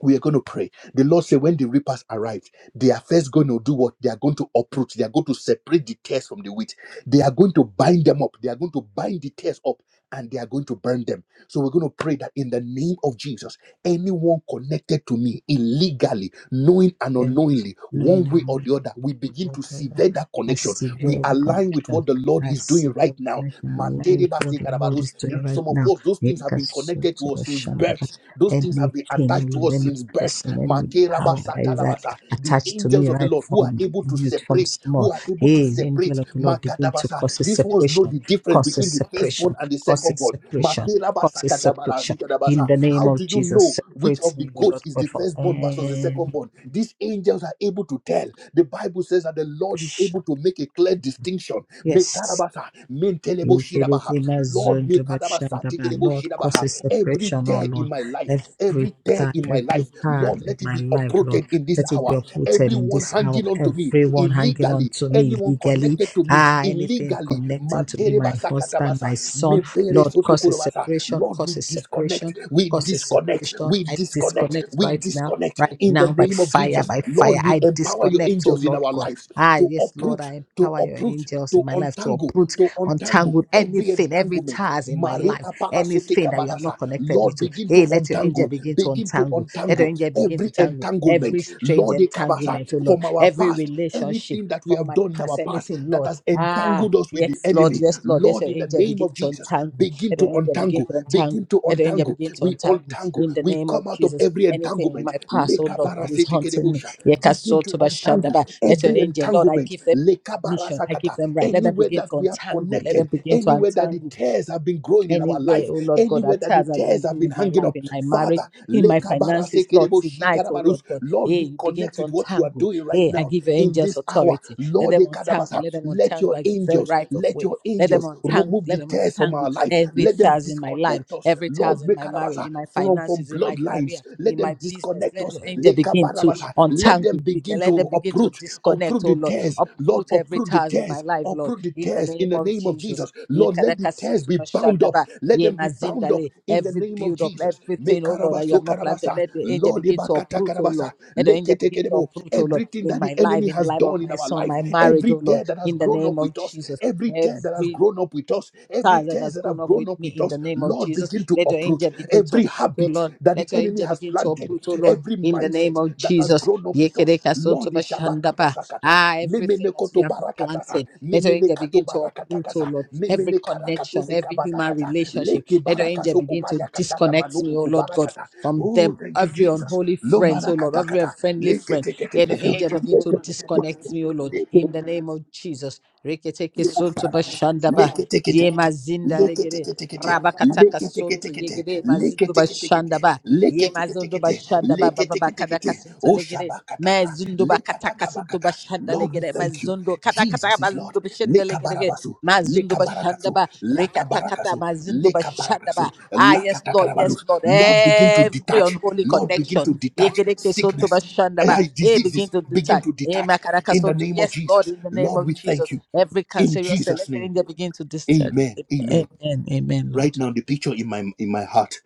Speaker 1: we are going to pray. The Lord said, when the reapers arrived, they are first going to do what? They are going to uproot. They are going to separate the tares from the wheat. They are going to bind them up. They are going to bind the tares up and they are going to burn them. So we're going to pray that in the name of Jesus, anyone connected to me illegally, knowing and
Speaker 2: Thank you.
Speaker 1: unknowingly,
Speaker 2: No, you
Speaker 1: one way or
Speaker 2: know.
Speaker 1: the other, we begin
Speaker 2: Lord
Speaker 1: to
Speaker 2: Father,
Speaker 1: sever that
Speaker 2: I
Speaker 1: connection. We
Speaker 2: severely
Speaker 1: align with
Speaker 2: connection.
Speaker 1: what the Lord
Speaker 2: I
Speaker 1: is doing right
Speaker 2: severely
Speaker 1: now.
Speaker 2: connection align with
Speaker 1: Mantereba
Speaker 2: what the Lord
Speaker 1: sekarabarus.
Speaker 2: is doing right
Speaker 1: Some of
Speaker 2: now.
Speaker 1: us, those things things
Speaker 2: Make
Speaker 1: have been
Speaker 2: us so
Speaker 1: connected
Speaker 2: to
Speaker 1: to
Speaker 2: the
Speaker 1: us since
Speaker 2: shanda,
Speaker 1: birth.
Speaker 2: but
Speaker 1: Those things have been
Speaker 2: anything,
Speaker 1: attached to
Speaker 2: Lord,
Speaker 1: us
Speaker 2: any
Speaker 1: since birth.
Speaker 2: person, any power that is at-
Speaker 1: Makerabasatalabasa. The
Speaker 2: attached to me
Speaker 1: angels of the
Speaker 2: right
Speaker 1: Lord who are
Speaker 2: from
Speaker 1: able to
Speaker 2: youth, from
Speaker 1: separate,
Speaker 2: small.
Speaker 1: who are able to
Speaker 2: Hey, the angel
Speaker 1: separate.
Speaker 2: of the Lord begin to
Speaker 1: Makatabasa.
Speaker 2: cause a
Speaker 1: These ones know
Speaker 2: separation,
Speaker 1: the difference
Speaker 2: cause a
Speaker 1: between the firstborn
Speaker 2: separation,
Speaker 1: and the
Speaker 2: cause a
Speaker 1: secondborn.
Speaker 2: separation. Cause a separation in
Speaker 1: Makerabasakatabarasikadabasa.
Speaker 2: the name
Speaker 1: How do
Speaker 2: of
Speaker 1: you
Speaker 2: Jesus.
Speaker 1: know which
Speaker 2: Separates
Speaker 1: of the
Speaker 2: me, O Lord
Speaker 1: goats is the
Speaker 2: God, from
Speaker 1: firstborn versus the
Speaker 2: any.
Speaker 1: secondborn? These angels are able to tell. The Bible says that the Lord is able to make a clear distinction.
Speaker 2: Yes,
Speaker 1: Mekarabasa. Mentelebo
Speaker 2: Lord,
Speaker 1: shirabaha. Lord, mekadabasa tikelebo shirabaha.
Speaker 2: causes
Speaker 1: every
Speaker 2: separation, oh
Speaker 1: tear
Speaker 2: Lord.
Speaker 1: in my life, every
Speaker 2: Every
Speaker 1: tear
Speaker 2: time,
Speaker 1: in my
Speaker 2: every
Speaker 1: life,
Speaker 2: part
Speaker 1: Lord,
Speaker 2: of
Speaker 1: let it
Speaker 2: my
Speaker 1: be
Speaker 2: life, Lord,
Speaker 1: uprooted in this
Speaker 2: let it be
Speaker 1: hour.
Speaker 2: uprooted in
Speaker 1: Everyone
Speaker 2: this hour.
Speaker 1: hanging on to me
Speaker 2: Everyone hanging on
Speaker 1: illegally,
Speaker 2: to me
Speaker 1: anyone
Speaker 2: legally,
Speaker 1: connected to me
Speaker 2: ah, anything
Speaker 1: illegally,
Speaker 2: connecting to me, my
Speaker 1: manterebasa
Speaker 2: husband, my
Speaker 1: katabasa,
Speaker 2: son,
Speaker 1: mepere
Speaker 2: Lord, causes
Speaker 1: sotokorobasa.
Speaker 2: separation,
Speaker 1: Lord, we
Speaker 2: causes
Speaker 1: disconnect,
Speaker 2: separation,
Speaker 1: we
Speaker 2: causes
Speaker 1: disconnect,
Speaker 2: separation.
Speaker 1: we
Speaker 2: I
Speaker 1: disconnect,
Speaker 2: disconnect
Speaker 1: we
Speaker 2: right now.
Speaker 1: disconnect
Speaker 2: Right
Speaker 1: in the
Speaker 2: now, by
Speaker 1: name of
Speaker 2: fire,
Speaker 1: Jesus.
Speaker 2: by fire,
Speaker 1: Lord, we
Speaker 2: I
Speaker 1: empower your
Speaker 2: disconnect, oh
Speaker 1: angels in
Speaker 2: Lord
Speaker 1: our
Speaker 2: God.
Speaker 1: lives
Speaker 2: Ah,
Speaker 1: to
Speaker 2: yes, Lord,
Speaker 1: uproot
Speaker 2: I
Speaker 1: to
Speaker 2: empower your
Speaker 1: uproot,
Speaker 2: angels
Speaker 1: to
Speaker 2: in my life to
Speaker 1: untangle,
Speaker 2: uproot
Speaker 1: to untangle
Speaker 2: untangled
Speaker 1: every
Speaker 2: anything, every
Speaker 1: entanglement.
Speaker 2: ties in my
Speaker 1: Maria
Speaker 2: life, anything
Speaker 1: parasoteka
Speaker 2: that you have
Speaker 1: barasa.
Speaker 2: not connected me
Speaker 1: Lord,
Speaker 2: to.
Speaker 1: begin to
Speaker 2: Hey, let your angel
Speaker 1: untangle,
Speaker 2: begin to
Speaker 1: begin to
Speaker 2: untangle. Let your
Speaker 1: untangle
Speaker 2: angel begin to
Speaker 1: every
Speaker 2: tangle every
Speaker 1: entanglement.
Speaker 2: strange
Speaker 1: Lord, ekabasa,
Speaker 2: entanglement, oh Lord,
Speaker 1: from our
Speaker 2: every
Speaker 1: past,
Speaker 2: relationship
Speaker 1: anything that we
Speaker 2: from
Speaker 1: have
Speaker 2: my
Speaker 1: done in our
Speaker 2: past,
Speaker 1: past
Speaker 2: anything,
Speaker 1: that
Speaker 2: Lord.
Speaker 1: has
Speaker 2: Ah.
Speaker 1: entangled us with the
Speaker 2: Yes, Lord,
Speaker 1: enemy.
Speaker 2: yes, Lord, Let
Speaker 1: Lord,
Speaker 2: your
Speaker 1: in the
Speaker 2: angel
Speaker 1: name
Speaker 2: begin
Speaker 1: of
Speaker 2: to
Speaker 1: Jesus,
Speaker 2: untangle.
Speaker 1: begin
Speaker 2: Let your
Speaker 1: to
Speaker 2: angel begin
Speaker 1: untangle,
Speaker 2: to untangle.
Speaker 1: begin to
Speaker 2: Let your angel
Speaker 1: untangle.
Speaker 2: begin to
Speaker 1: We
Speaker 2: untangle
Speaker 1: untangle,
Speaker 2: in the
Speaker 1: we
Speaker 2: name of
Speaker 1: come out of
Speaker 2: Jesus.
Speaker 1: every
Speaker 2: Anything in my
Speaker 1: entanglement.
Speaker 2: past, oh Lord, that is haunting me.
Speaker 1: Kedebosha. Begin to
Speaker 2: Yekasoto
Speaker 1: untangle
Speaker 2: bashadaba. Let your
Speaker 1: every
Speaker 2: angel, Lord, I
Speaker 1: entanglement.
Speaker 2: give them permission. I give
Speaker 1: Lekabarasakata.
Speaker 2: them right. Let them
Speaker 1: Anywhere
Speaker 2: begin
Speaker 1: that
Speaker 2: to
Speaker 1: we have
Speaker 2: untangle. Let
Speaker 1: connected,
Speaker 2: them begin to
Speaker 1: anywhere that the
Speaker 2: untangle
Speaker 1: tears have been growing in our
Speaker 2: anywhere,
Speaker 1: life,
Speaker 2: oh Lord God,
Speaker 1: anywhere
Speaker 2: that
Speaker 1: that the
Speaker 2: tears has been
Speaker 1: tears have
Speaker 2: doing
Speaker 1: been
Speaker 2: in my
Speaker 1: hanging
Speaker 2: life,
Speaker 1: up.
Speaker 2: in my marriage,
Speaker 1: Father,
Speaker 2: in my finances, Lord, tonight, oh Lord
Speaker 1: Lekabarasekedeboshikarabarus.
Speaker 2: God,
Speaker 1: Lord,
Speaker 2: hey,
Speaker 1: we
Speaker 2: you begin
Speaker 1: connect
Speaker 2: to
Speaker 1: with what you are
Speaker 2: untangle.
Speaker 1: doing right
Speaker 2: Hey, I
Speaker 1: now
Speaker 2: give your
Speaker 1: in
Speaker 2: angels
Speaker 1: this hour.
Speaker 2: authority. Let
Speaker 1: Lord,
Speaker 2: them untangle,
Speaker 1: Ekadabasa,
Speaker 2: let them
Speaker 1: let your
Speaker 2: untangle. I give them
Speaker 1: angels,
Speaker 2: right of
Speaker 1: let
Speaker 2: way.
Speaker 1: your
Speaker 2: Let them
Speaker 1: angels
Speaker 2: untangle,
Speaker 1: remove
Speaker 2: let
Speaker 1: the
Speaker 2: them
Speaker 1: tears from our
Speaker 2: untangle
Speaker 1: life.
Speaker 2: every
Speaker 1: Let them
Speaker 2: tears in my life,
Speaker 1: disconnect us.
Speaker 2: every
Speaker 1: Lord,
Speaker 2: tears in my marriage, in
Speaker 1: Mekarabasa,
Speaker 2: my
Speaker 1: from, from
Speaker 2: finances, in my career,
Speaker 1: bloodlines. Let
Speaker 2: in my
Speaker 1: them
Speaker 2: business.
Speaker 1: disconnect
Speaker 2: Let
Speaker 1: us.
Speaker 2: your angel
Speaker 1: Leka
Speaker 2: begin to
Speaker 1: barabasa. Let them
Speaker 2: untangle. Be-
Speaker 1: begin
Speaker 2: Let them
Speaker 1: to
Speaker 2: begin to
Speaker 1: uproot,
Speaker 2: disconnect,
Speaker 1: uproot
Speaker 2: oh
Speaker 1: the
Speaker 2: Lord.
Speaker 1: tears. Lord,
Speaker 2: Uproot every
Speaker 1: uproot the
Speaker 2: tears in my
Speaker 1: tears,
Speaker 2: life, Lord,
Speaker 1: uproot the
Speaker 2: in the
Speaker 1: tears
Speaker 2: name
Speaker 1: in the
Speaker 2: of
Speaker 1: name of
Speaker 2: Jesus.
Speaker 1: Jesus.
Speaker 2: Ye
Speaker 1: Lord, let the tears
Speaker 2: Yekarakasuntu
Speaker 1: be bound up.
Speaker 2: mashandaba.
Speaker 1: Let
Speaker 2: Ye
Speaker 1: them be bound up
Speaker 2: mazindale.
Speaker 1: in the
Speaker 2: Every
Speaker 1: name of
Speaker 2: build up,
Speaker 1: Jesus.
Speaker 2: everything, oh Lord, that you
Speaker 1: Mekarabaso
Speaker 2: have not planted,
Speaker 1: karabasa.
Speaker 2: let the angel
Speaker 1: Lord,
Speaker 2: begin to
Speaker 1: ibakata
Speaker 2: uproot, oh Lord.
Speaker 1: karabasa.
Speaker 2: Let the angel begin to
Speaker 1: Leketekedebo.
Speaker 2: uproot, oh Lord,
Speaker 1: everything
Speaker 2: in
Speaker 1: that the
Speaker 2: my life,
Speaker 1: enemy
Speaker 2: in the
Speaker 1: has
Speaker 2: life of
Speaker 1: done in
Speaker 2: my
Speaker 1: our
Speaker 2: son,
Speaker 1: life,
Speaker 2: my marriage,
Speaker 1: every
Speaker 2: oh Lord,
Speaker 1: tear that has
Speaker 2: in the
Speaker 1: grown
Speaker 2: name
Speaker 1: up
Speaker 2: of
Speaker 1: with us,
Speaker 2: Jesus.
Speaker 1: every tear that has
Speaker 2: Every
Speaker 1: grown up with us, every
Speaker 2: stars that
Speaker 1: tears
Speaker 2: has
Speaker 1: that
Speaker 2: gone
Speaker 1: have
Speaker 2: up
Speaker 1: grown
Speaker 2: with
Speaker 1: up
Speaker 2: me
Speaker 1: with
Speaker 2: in the
Speaker 1: us,
Speaker 2: name of
Speaker 1: Lord,
Speaker 2: Jesus.
Speaker 1: begin to
Speaker 2: Let your
Speaker 1: approach
Speaker 2: angel begin to
Speaker 1: every
Speaker 2: uproot, oh
Speaker 1: habit
Speaker 2: Lord.
Speaker 1: that the
Speaker 2: Let your
Speaker 1: enemy
Speaker 2: angel
Speaker 1: has
Speaker 2: begin to
Speaker 1: planted,
Speaker 2: uproot, oh Lord,
Speaker 1: every
Speaker 2: in the name
Speaker 1: mindset
Speaker 2: of
Speaker 1: that has
Speaker 2: Jesus.
Speaker 1: grown up with us.
Speaker 2: Yekereka sonto
Speaker 1: Lord,
Speaker 2: bashandaba.
Speaker 1: Ishabakatasakata,
Speaker 2: Ah, everything that you
Speaker 1: Memenekoto
Speaker 2: have not
Speaker 1: Barakatasa,
Speaker 2: planted, let your angel
Speaker 1: Memenekato
Speaker 2: begin to uproot, oh
Speaker 1: Barakatakasa,
Speaker 2: Lord. Every connection, every human relationship, let your angel begin to disconnect me, oh Lord God, from
Speaker 1: Oh,
Speaker 2: them.
Speaker 1: thank you,
Speaker 2: Every
Speaker 1: Jesus.
Speaker 2: unholy friend, oh Lord, every
Speaker 1: Lomarakatakata,
Speaker 2: unfriendly
Speaker 1: Leke
Speaker 2: friend,
Speaker 1: Teke
Speaker 2: let your angel begin to disconnect me, oh Lord, in the name of Jesus. Reketeke sonto bashandaba.
Speaker 1: Lick-a-tick-a-tick-a-tick.
Speaker 2: Ye mazinda legere
Speaker 1: Lick-a-tick-a-tick-a-tick.
Speaker 2: rabakataka sonto
Speaker 1: Lick-a-tick-a-tick-a-tick.
Speaker 2: yegere mazindu bashanda ba ye mazindu
Speaker 1: Lick-a-tick-a-tick-a-tick. Lick-a-tick-a-tick-a-tick.
Speaker 2: bashanda ba baba bakada
Speaker 1: Lick-a-tick-a-tick-a-tick.
Speaker 2: kasinto
Speaker 1: Oh,
Speaker 2: legere
Speaker 1: shabakataka.
Speaker 2: mazindu bakata kasinto
Speaker 1: Lick-a-taka-bakata.
Speaker 2: bashanda
Speaker 1: Lord, we
Speaker 2: legere
Speaker 1: thank you.
Speaker 2: mazindu kata kata
Speaker 1: Jesus is Lord.
Speaker 2: mazindu bashanda legere ge.
Speaker 1: Lekabarabasu,
Speaker 2: mazindu bashanda
Speaker 1: lekabarakasu,
Speaker 2: ba rekata kata
Speaker 1: lakabarakasu,
Speaker 2: mazindu bashanda
Speaker 1: lekabarakasu,
Speaker 2: ba ah yes lord yes
Speaker 1: lakatakabarus.
Speaker 2: lord
Speaker 1: Lord, begin to
Speaker 2: every
Speaker 1: detach.
Speaker 2: unholy
Speaker 1: Lord, begin
Speaker 2: connection
Speaker 1: to detach
Speaker 2: yegere kesonto
Speaker 1: sickness,
Speaker 2: bashanda ba
Speaker 1: eh,
Speaker 2: eh begin
Speaker 1: diseases.
Speaker 2: to
Speaker 1: Begin
Speaker 2: detach
Speaker 1: to
Speaker 2: eh
Speaker 1: detach
Speaker 2: makaraka
Speaker 1: in the
Speaker 2: sonto
Speaker 1: name of
Speaker 2: yes lord
Speaker 1: Jesus.
Speaker 2: in the name
Speaker 1: Lord,
Speaker 2: of
Speaker 1: we
Speaker 2: Jesus
Speaker 1: thank you
Speaker 2: Every
Speaker 1: in
Speaker 2: cancerous cell
Speaker 1: Jesus'
Speaker 2: selected
Speaker 1: name.
Speaker 2: angel begin to disturb.
Speaker 1: Amen. Amen
Speaker 2: Amen. Amen,
Speaker 1: right
Speaker 2: Lord.
Speaker 1: now the picture in my in my heart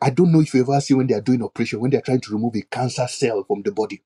Speaker 1: i don't know if you ever see when they are doing operation when they are trying to remove a cancer cell from the body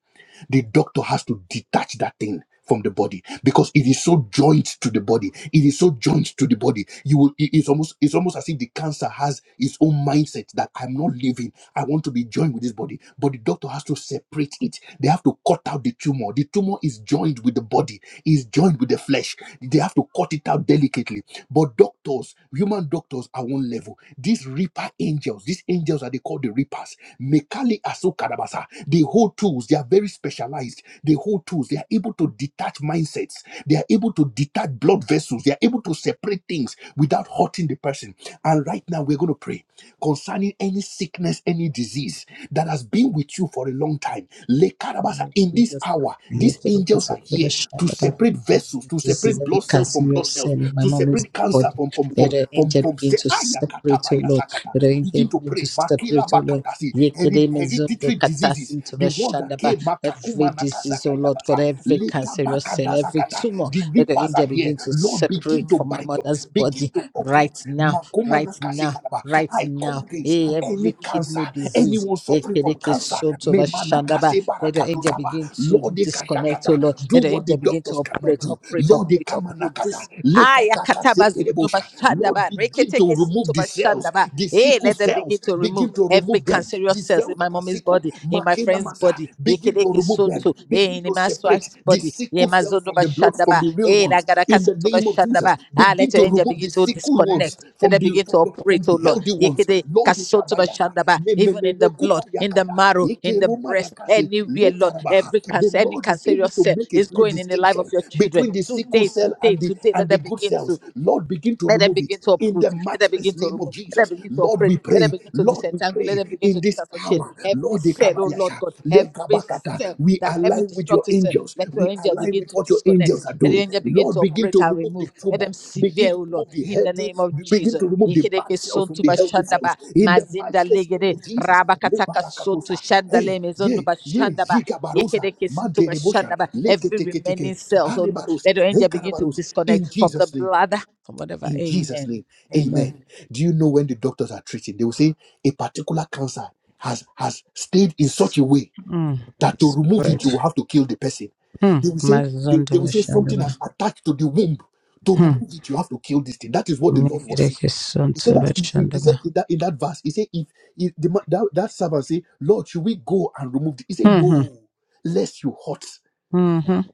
Speaker 1: the doctor has to detach that thing from the body because it is so joined to the body it is so joined to the body you will it- it's almost it's almost as if the cancer has its own mindset that i'm not living i want to be joined with this body but the doctor has to separate it they have to cut out the tumor the tumor is joined with the body is joined with the flesh they have to cut it out delicately but doctors human doctors doctors are one level. These reaper angels, these angels are they call the reapers. Mekali Asukarabasa. They hold tools, they are very specialized. They hold tools, they are able to detach mindsets, they are able to detach blood vessels, they are able to separate things without hurting the person. And right now, we're going to pray concerning any sickness, any disease that has been with you for a long time. Le Lekarabasa,
Speaker 2: name of
Speaker 1: in this
Speaker 2: Jesus.
Speaker 1: hour,
Speaker 2: Yes,
Speaker 1: these
Speaker 2: it
Speaker 1: angels
Speaker 2: is a
Speaker 1: are here to
Speaker 2: revelation about
Speaker 1: separate vessels, to
Speaker 2: This is
Speaker 1: separate
Speaker 2: every
Speaker 1: blood cells from blood
Speaker 2: cancerous
Speaker 1: cells,
Speaker 2: sin in my
Speaker 1: to
Speaker 2: mom's
Speaker 1: separate cancer
Speaker 2: body.
Speaker 1: from from
Speaker 2: Let
Speaker 1: from
Speaker 2: the
Speaker 1: from
Speaker 2: angel
Speaker 1: from.
Speaker 2: begin
Speaker 1: Say,
Speaker 2: to
Speaker 1: "Aya kata
Speaker 2: separate, oh
Speaker 1: baya
Speaker 2: Lord.
Speaker 1: sakata."
Speaker 2: Let the angel
Speaker 1: Begin to
Speaker 2: begin to
Speaker 1: pray. Makila
Speaker 2: separate, oh Lord.
Speaker 1: bakatasi Hered-
Speaker 2: Yesterday, Mezondo,
Speaker 1: hereditary diseases,
Speaker 2: Katasin,
Speaker 1: the one that
Speaker 2: Tovashandaba,
Speaker 1: came
Speaker 2: Every
Speaker 1: makakuma
Speaker 2: disease,
Speaker 1: nakasaka
Speaker 2: oh Lord God,
Speaker 1: yabasa
Speaker 2: every
Speaker 1: leka
Speaker 2: cancerous cell,
Speaker 1: bakada
Speaker 2: every
Speaker 1: sakata.
Speaker 2: tumor,
Speaker 1: The
Speaker 2: let the
Speaker 1: reapers
Speaker 2: angel
Speaker 1: are here.
Speaker 2: begin to
Speaker 1: Lord, begin
Speaker 2: separate
Speaker 1: to
Speaker 2: from my
Speaker 1: bind up,
Speaker 2: mother's
Speaker 1: begin
Speaker 2: body
Speaker 1: to
Speaker 2: right
Speaker 1: uproot.
Speaker 2: now,
Speaker 1: Makuma
Speaker 2: right
Speaker 1: nakasi
Speaker 2: now,
Speaker 1: kadaba.
Speaker 2: right
Speaker 1: I come
Speaker 2: now.
Speaker 1: against
Speaker 2: Hey,
Speaker 1: any
Speaker 2: every
Speaker 1: any cancer,
Speaker 2: kidney disease.
Speaker 1: anyone suffering from
Speaker 2: Ekereke
Speaker 1: cancer,
Speaker 2: Soto
Speaker 1: may
Speaker 2: Bashandaba,
Speaker 1: manakase
Speaker 2: let your angel
Speaker 1: barakadosaba,
Speaker 2: begin to
Speaker 1: Lord, they
Speaker 2: disconnect, oh Lord.
Speaker 1: kashakata,
Speaker 2: Let
Speaker 1: do
Speaker 2: your
Speaker 1: what the
Speaker 2: angel begin to
Speaker 1: doctors cannot
Speaker 2: operate,
Speaker 1: do.
Speaker 2: operate,
Speaker 1: Lord, they
Speaker 2: operate, operate
Speaker 1: kamanakata,
Speaker 2: this. Ah,
Speaker 1: lekakaka
Speaker 2: yakataba zundo
Speaker 1: sekerebosha. Lord,
Speaker 2: bashandaba,
Speaker 1: begin to
Speaker 2: reketeke sunto
Speaker 1: remove the cells,
Speaker 2: bashandaba.
Speaker 1: the
Speaker 2: Hey,
Speaker 1: sickle
Speaker 2: let them begin
Speaker 1: cells,
Speaker 2: to remove
Speaker 1: begin to
Speaker 2: every
Speaker 1: remove them.
Speaker 2: cancerous
Speaker 1: The
Speaker 2: cells
Speaker 1: cells
Speaker 2: in my
Speaker 1: that are
Speaker 2: mommy's
Speaker 1: sickle,
Speaker 2: body, in my
Speaker 1: makena
Speaker 2: friend's
Speaker 1: masa,
Speaker 2: body,
Speaker 1: begin to
Speaker 2: yekeleke
Speaker 1: remove them,
Speaker 2: sunto, hey,
Speaker 1: begin
Speaker 2: in
Speaker 1: to
Speaker 2: my
Speaker 1: separate
Speaker 2: wife's
Speaker 1: the
Speaker 2: body, ye
Speaker 1: sickle
Speaker 2: my
Speaker 1: cells
Speaker 2: zondo
Speaker 1: from the blood, from
Speaker 2: bashandaba,
Speaker 1: the real
Speaker 2: hey,
Speaker 1: one ones
Speaker 2: lagaraka
Speaker 1: in the
Speaker 2: sunto
Speaker 1: name of Jesus.
Speaker 2: bashandaba. Ah,
Speaker 1: Begin
Speaker 2: let
Speaker 1: to
Speaker 2: your angel
Speaker 1: remove
Speaker 2: begin
Speaker 1: the
Speaker 2: to
Speaker 1: sickle ones
Speaker 2: disconnect. Let
Speaker 1: from
Speaker 2: them
Speaker 1: the
Speaker 2: begin to
Speaker 1: from the, from
Speaker 2: operate, oh
Speaker 1: the
Speaker 2: Lord.
Speaker 1: healthy ones.
Speaker 2: Yekede
Speaker 1: Lord
Speaker 2: kasotaba
Speaker 1: Ikabayasa,
Speaker 2: shandaba,
Speaker 1: me- me-
Speaker 2: even
Speaker 1: me-
Speaker 2: in the
Speaker 1: me- kupa
Speaker 2: blood, in the
Speaker 1: yakata,
Speaker 2: marrow, in
Speaker 1: ike
Speaker 2: the
Speaker 1: roma
Speaker 2: breast,
Speaker 1: nakase,
Speaker 2: anywhere,
Speaker 1: le
Speaker 2: Lord, every
Speaker 1: The
Speaker 2: cancer, any
Speaker 1: Lord is able
Speaker 2: cancerous
Speaker 1: to
Speaker 2: cell
Speaker 1: make a
Speaker 2: is
Speaker 1: clear
Speaker 2: going in the life of
Speaker 1: distinction
Speaker 2: your
Speaker 1: between
Speaker 2: children.
Speaker 1: the sickle
Speaker 2: Today,
Speaker 1: cell
Speaker 2: today,
Speaker 1: and the
Speaker 2: today, let
Speaker 1: and the
Speaker 2: them
Speaker 1: good
Speaker 2: begin to
Speaker 1: cells. Lord, begin to
Speaker 2: let them
Speaker 1: remove it
Speaker 2: begin to
Speaker 1: in
Speaker 2: uproot.
Speaker 1: the
Speaker 2: Let them begin
Speaker 1: matchless
Speaker 2: to
Speaker 1: name of
Speaker 2: remove. Let
Speaker 1: Jesus.
Speaker 2: them begin to
Speaker 1: Lord,
Speaker 2: operate.
Speaker 1: we
Speaker 2: Let them
Speaker 1: pray.
Speaker 2: begin to
Speaker 1: Lord, we
Speaker 2: disentangle. Let
Speaker 1: pray
Speaker 2: them begin to
Speaker 1: in this
Speaker 2: disassociate
Speaker 1: hour.
Speaker 2: every
Speaker 1: Lord,
Speaker 2: cell, oh Lord
Speaker 1: Ikabayasha,
Speaker 2: God, every
Speaker 1: Lekabakata.
Speaker 2: cell.
Speaker 1: we
Speaker 2: That every
Speaker 1: align with your
Speaker 2: destructive cell,
Speaker 1: angels.
Speaker 2: let your
Speaker 1: We
Speaker 2: angel
Speaker 1: align
Speaker 2: begin
Speaker 1: with
Speaker 2: to
Speaker 1: what your angels are
Speaker 2: disconnect. Let the
Speaker 1: doing.
Speaker 2: angel begin to
Speaker 1: Lord, begin
Speaker 2: operate
Speaker 1: to
Speaker 2: and
Speaker 1: remove the
Speaker 2: remove. Let
Speaker 1: tumor.
Speaker 2: them
Speaker 1: Begin
Speaker 2: sever,
Speaker 1: to
Speaker 2: oh Lord,
Speaker 1: remove the
Speaker 2: in the
Speaker 1: healthy.
Speaker 2: name of
Speaker 1: Begin
Speaker 2: Jesus.
Speaker 1: to remove the
Speaker 2: Yekedeke
Speaker 1: bad cells from
Speaker 2: sotu
Speaker 1: the
Speaker 2: ba
Speaker 1: healthy
Speaker 2: shanda
Speaker 1: cells. In the
Speaker 2: mazinda
Speaker 1: matchless name
Speaker 2: legede,
Speaker 1: of Jesus.
Speaker 2: rabakataka sotu
Speaker 1: Lebarakatosa.
Speaker 2: shanda le
Speaker 1: Hey, yeah,
Speaker 2: ba
Speaker 1: yeah,
Speaker 2: shanda
Speaker 1: Zikabarusa,
Speaker 2: yekedeke sintu ba
Speaker 1: Manderebosha,
Speaker 2: shanda Every
Speaker 1: Leketeketeke,
Speaker 2: remaining cells, oh Lord,
Speaker 1: Hanebarus,
Speaker 2: let your angel begin to
Speaker 1: Hekarabarus, in
Speaker 2: disconnect from the
Speaker 1: Jesus' name.
Speaker 2: blood or whatever.
Speaker 1: In Jesus'
Speaker 2: Amen.
Speaker 1: name,
Speaker 2: Amen.
Speaker 1: amen. Do you know when the doctors are treating, they will say a particular cancer has, has stayed in such a way
Speaker 2: Mm.
Speaker 1: that to remove it, you
Speaker 2: Spirit.
Speaker 1: will have to kill the person.
Speaker 2: Mm.
Speaker 1: They will say, they,
Speaker 2: Mazondo
Speaker 1: they will say something
Speaker 2: Bashandaba.
Speaker 1: has attached to the womb. To
Speaker 2: Mm.
Speaker 1: remove it, you have to kill this thing. That is what the Lord was saying.
Speaker 2: Mekereke
Speaker 1: He said
Speaker 2: Sonto
Speaker 1: that he, he- he said
Speaker 2: Bashandaba.
Speaker 1: in that in that verse, he said, if, if the ma- that, that servant say, Lord, should we go and remove it? He said, No, lest you hurt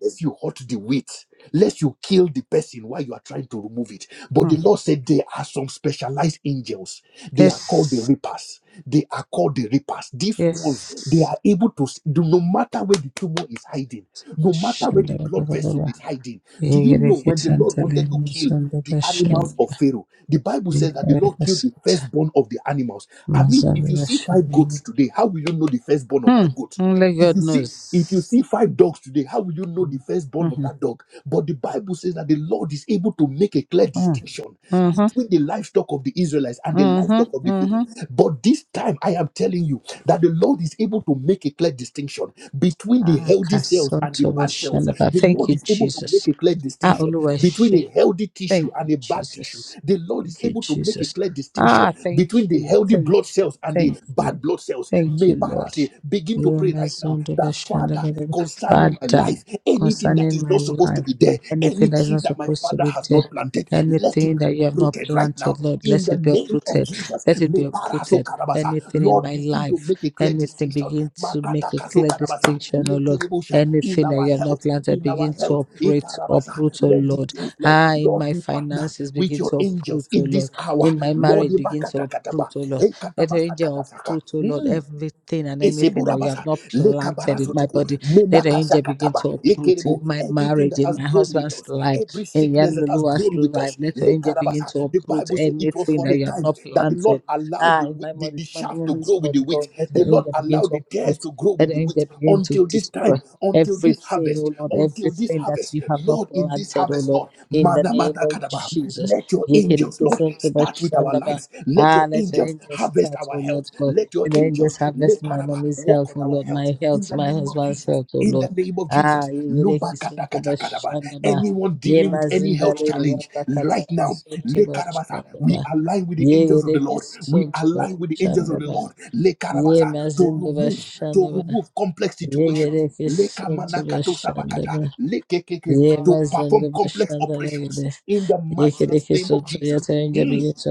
Speaker 1: lest you hurt the wheat, lest you kill the person while you are trying to remove it. But the Lord said there are some specialized angels. They are called the reapers. They are called the reapers. These
Speaker 2: Yes.
Speaker 1: ones, they are able to, s- do- no matter where the tumor is hiding, no matter where the
Speaker 2: Bashandaba.
Speaker 1: blood
Speaker 2: Baba
Speaker 1: vessel
Speaker 2: Baba.
Speaker 1: is hiding. Do you know
Speaker 2: Yegereke
Speaker 1: when the Lord
Speaker 2: Santale.
Speaker 1: wanted to kill
Speaker 2: Mazondo
Speaker 1: the
Speaker 2: Bashandaba.
Speaker 1: animals of Pharaoh? The Bible says that the Lord
Speaker 2: Yegereke
Speaker 1: killed the
Speaker 2: Santa.
Speaker 1: firstborn of the animals. I mean, if
Speaker 2: Mazondo
Speaker 1: you see five
Speaker 2: Bashandaba.
Speaker 1: goats today, how will you know the firstborn of that
Speaker 2: Mm.
Speaker 1: goat?
Speaker 2: Only
Speaker 1: If
Speaker 2: God
Speaker 1: you see, if you
Speaker 2: knows.
Speaker 1: see five dogs today, how will you know the
Speaker 2: Mm.
Speaker 1: firstborn of
Speaker 2: Mm-hmm.
Speaker 1: that dog? But the Bible says that the Lord is able to make a clear
Speaker 2: Mm.
Speaker 1: distinction
Speaker 2: Mm-hmm.
Speaker 1: between the livestock of the Israelites and the livestock of
Speaker 2: Mm-hmm.
Speaker 1: the Pharaoh.
Speaker 2: Mm-hmm.
Speaker 1: But this time, I am telling you that the Lord is able to make a clear distinction between the
Speaker 2: Ah,
Speaker 1: healthy cells and the
Speaker 2: Kasonto
Speaker 1: bad cells.
Speaker 2: Bashandaba.
Speaker 1: The
Speaker 2: Thank
Speaker 1: Lord
Speaker 2: you,
Speaker 1: is able to
Speaker 2: Jesus.
Speaker 1: make a clear
Speaker 2: Ah,
Speaker 1: distinction
Speaker 2: Oluwash.
Speaker 1: between a healthy tissue
Speaker 2: Thank
Speaker 1: and
Speaker 2: you,
Speaker 1: a bad tissue.
Speaker 2: Jesus.
Speaker 1: The Lord is
Speaker 2: Thank you,
Speaker 1: able to make a
Speaker 2: Jesus.
Speaker 1: clear distinction
Speaker 2: Ah, thank
Speaker 1: between the
Speaker 2: you.
Speaker 1: healthy
Speaker 2: Thank
Speaker 1: blood
Speaker 2: you.
Speaker 1: cells and the
Speaker 2: Thank you.
Speaker 1: bad blood cells.
Speaker 2: Thank
Speaker 1: May
Speaker 2: you, Lord.
Speaker 1: Barasi begin to pray right now that Father,
Speaker 2: Yemezundubashandababa.
Speaker 1: concerning my
Speaker 2: Father,
Speaker 1: life, Anything that
Speaker 2: concerning
Speaker 1: is
Speaker 2: my
Speaker 1: not supposed to
Speaker 2: life,
Speaker 1: be there, any
Speaker 2: anything that is
Speaker 1: tree
Speaker 2: not
Speaker 1: that my
Speaker 2: supposed to
Speaker 1: father
Speaker 2: be
Speaker 1: has
Speaker 2: there,
Speaker 1: not planted, let it
Speaker 2: anything
Speaker 1: be
Speaker 2: that you have not
Speaker 1: uprooted right now.
Speaker 2: planted, Lord,
Speaker 1: In
Speaker 2: let
Speaker 1: the
Speaker 2: it be
Speaker 1: name of
Speaker 2: uprooted.
Speaker 1: Jesus,
Speaker 2: Let it be
Speaker 1: may paraso
Speaker 2: uprooted.
Speaker 1: karabasa.
Speaker 2: Anything in
Speaker 1: Lord,
Speaker 2: my
Speaker 1: begin to
Speaker 2: life,
Speaker 1: make a clear
Speaker 2: anything
Speaker 1: distinction.
Speaker 2: begin to make
Speaker 1: Makata
Speaker 2: a
Speaker 1: kaso
Speaker 2: clear
Speaker 1: karabasa.
Speaker 2: distinction, oh Lord.
Speaker 1: Lekerebosha. In
Speaker 2: Anything that
Speaker 1: our
Speaker 2: you have not
Speaker 1: health,
Speaker 2: planted,
Speaker 1: in
Speaker 2: begin
Speaker 1: our
Speaker 2: to
Speaker 1: health,
Speaker 2: operate,
Speaker 1: ikarabasa.
Speaker 2: uproot, oh
Speaker 1: let the
Speaker 2: Lord.
Speaker 1: things, Lord,
Speaker 2: Ah, in
Speaker 1: Lord,
Speaker 2: my
Speaker 1: we partner
Speaker 2: finances,
Speaker 1: with
Speaker 2: begin
Speaker 1: your
Speaker 2: to uproot,
Speaker 1: angels
Speaker 2: oh
Speaker 1: in this
Speaker 2: Lord.
Speaker 1: hour.
Speaker 2: In my
Speaker 1: Lord,
Speaker 2: marriage, begin to
Speaker 1: ibakata
Speaker 2: uproot,
Speaker 1: kataba.
Speaker 2: oh Lord. Let your
Speaker 1: Ekatabasa
Speaker 2: angel
Speaker 1: katasaka.
Speaker 2: fruit, oh Lord,
Speaker 1: Mm.
Speaker 2: everything and anything that you have
Speaker 1: Iseburabasa,
Speaker 2: not planted in my
Speaker 1: lekabarasotoku,
Speaker 2: body. Let the angel begin
Speaker 1: menakashakataba,
Speaker 2: to uproot in
Speaker 1: yekerebo.
Speaker 2: my
Speaker 1: Everything
Speaker 2: marriage,
Speaker 1: that
Speaker 2: in
Speaker 1: has
Speaker 2: my
Speaker 1: grown with
Speaker 2: husband's
Speaker 1: us,
Speaker 2: life,
Speaker 1: every
Speaker 2: in
Speaker 1: sickness that has
Speaker 2: Yanlulua's
Speaker 1: grown with
Speaker 2: life.
Speaker 1: us,
Speaker 2: Let your angel begin
Speaker 1: lekarabasa.
Speaker 2: to
Speaker 1: the
Speaker 2: uproot
Speaker 1: Bible says it was
Speaker 2: anything
Speaker 1: for
Speaker 2: that
Speaker 1: a
Speaker 2: you have
Speaker 1: time
Speaker 2: not
Speaker 1: that the Lord
Speaker 2: planted.
Speaker 1: allowed
Speaker 2: Ah,
Speaker 1: the,
Speaker 2: in
Speaker 1: wheat-
Speaker 2: my
Speaker 1: the,
Speaker 2: body,
Speaker 1: the
Speaker 2: my
Speaker 1: shaft to
Speaker 2: mommy's
Speaker 1: grow with the
Speaker 2: body,
Speaker 1: wheat,
Speaker 2: Lord, let the
Speaker 1: the Lord
Speaker 2: angel begin
Speaker 1: allowed
Speaker 2: to
Speaker 1: the tares
Speaker 2: uproot.
Speaker 1: to grow
Speaker 2: Let
Speaker 1: with
Speaker 2: the
Speaker 1: the
Speaker 2: angel
Speaker 1: wheat
Speaker 2: begin to
Speaker 1: until this
Speaker 2: destroy
Speaker 1: time, until this
Speaker 2: everything, oh
Speaker 1: harvest,
Speaker 2: Lord,
Speaker 1: until this
Speaker 2: everything that
Speaker 1: harvest.
Speaker 2: you have not
Speaker 1: Lord, in this
Speaker 2: planted, oh
Speaker 1: harvest,
Speaker 2: Lord,
Speaker 1: Lord,
Speaker 2: in the name
Speaker 1: manamana
Speaker 2: of
Speaker 1: kadaba,
Speaker 2: Jesus.
Speaker 1: let your angels,
Speaker 2: Yekeleke
Speaker 1: Lord,
Speaker 2: sonke
Speaker 1: start with our
Speaker 2: bashanda ba.
Speaker 1: lives. Let
Speaker 2: Ah,
Speaker 1: your
Speaker 2: let your
Speaker 1: angels
Speaker 2: angels
Speaker 1: harvest
Speaker 2: start,
Speaker 1: our
Speaker 2: oh
Speaker 1: health.
Speaker 2: Lord God.
Speaker 1: Let your
Speaker 2: And then
Speaker 1: angels,
Speaker 2: just harvest my
Speaker 1: Lekaraba,
Speaker 2: mommy's
Speaker 1: walk
Speaker 2: health,
Speaker 1: on
Speaker 2: oh
Speaker 1: our
Speaker 2: Lord,
Speaker 1: health
Speaker 2: my
Speaker 1: in
Speaker 2: health,
Speaker 1: the
Speaker 2: my
Speaker 1: name of
Speaker 2: husband's
Speaker 1: Jesus.
Speaker 2: health, oh
Speaker 1: In the
Speaker 2: Lord.
Speaker 1: name of
Speaker 2: Ah,
Speaker 1: Jesus.
Speaker 2: Yereki Suntoba
Speaker 1: Lubakatakatakadaba.
Speaker 2: Shandaba.
Speaker 1: Anyone
Speaker 2: Ye
Speaker 1: dealing with any health
Speaker 2: Mazindale,
Speaker 1: challenge
Speaker 2: Rabakata
Speaker 1: right now,
Speaker 2: Suntoba
Speaker 1: Lekarabasa, we
Speaker 2: Shandaba.
Speaker 1: align with the
Speaker 2: Ye
Speaker 1: angels of the
Speaker 2: Yereki
Speaker 1: Lord. We
Speaker 2: Suntoba
Speaker 1: align with the angels of the
Speaker 2: Shandaba.
Speaker 1: Lord.
Speaker 2: Ye
Speaker 1: Lekarabasa, to
Speaker 2: Mazindoba
Speaker 1: remove, to
Speaker 2: Shandaba.
Speaker 1: remove complex
Speaker 2: Ye
Speaker 1: situations.
Speaker 2: Yereki
Speaker 1: Leka
Speaker 2: Suntoba
Speaker 1: manakato sabakata.
Speaker 2: Shandaba.
Speaker 1: Lekekeke,
Speaker 2: Ye
Speaker 1: To perform
Speaker 2: Mazindoba
Speaker 1: complex operations
Speaker 2: Shandaba.
Speaker 1: in the
Speaker 2: Ye
Speaker 1: matchless
Speaker 2: Yereki
Speaker 1: name of
Speaker 2: Sunto
Speaker 1: Jesus.
Speaker 2: Yatarinja
Speaker 1: Hmm.
Speaker 2: begin to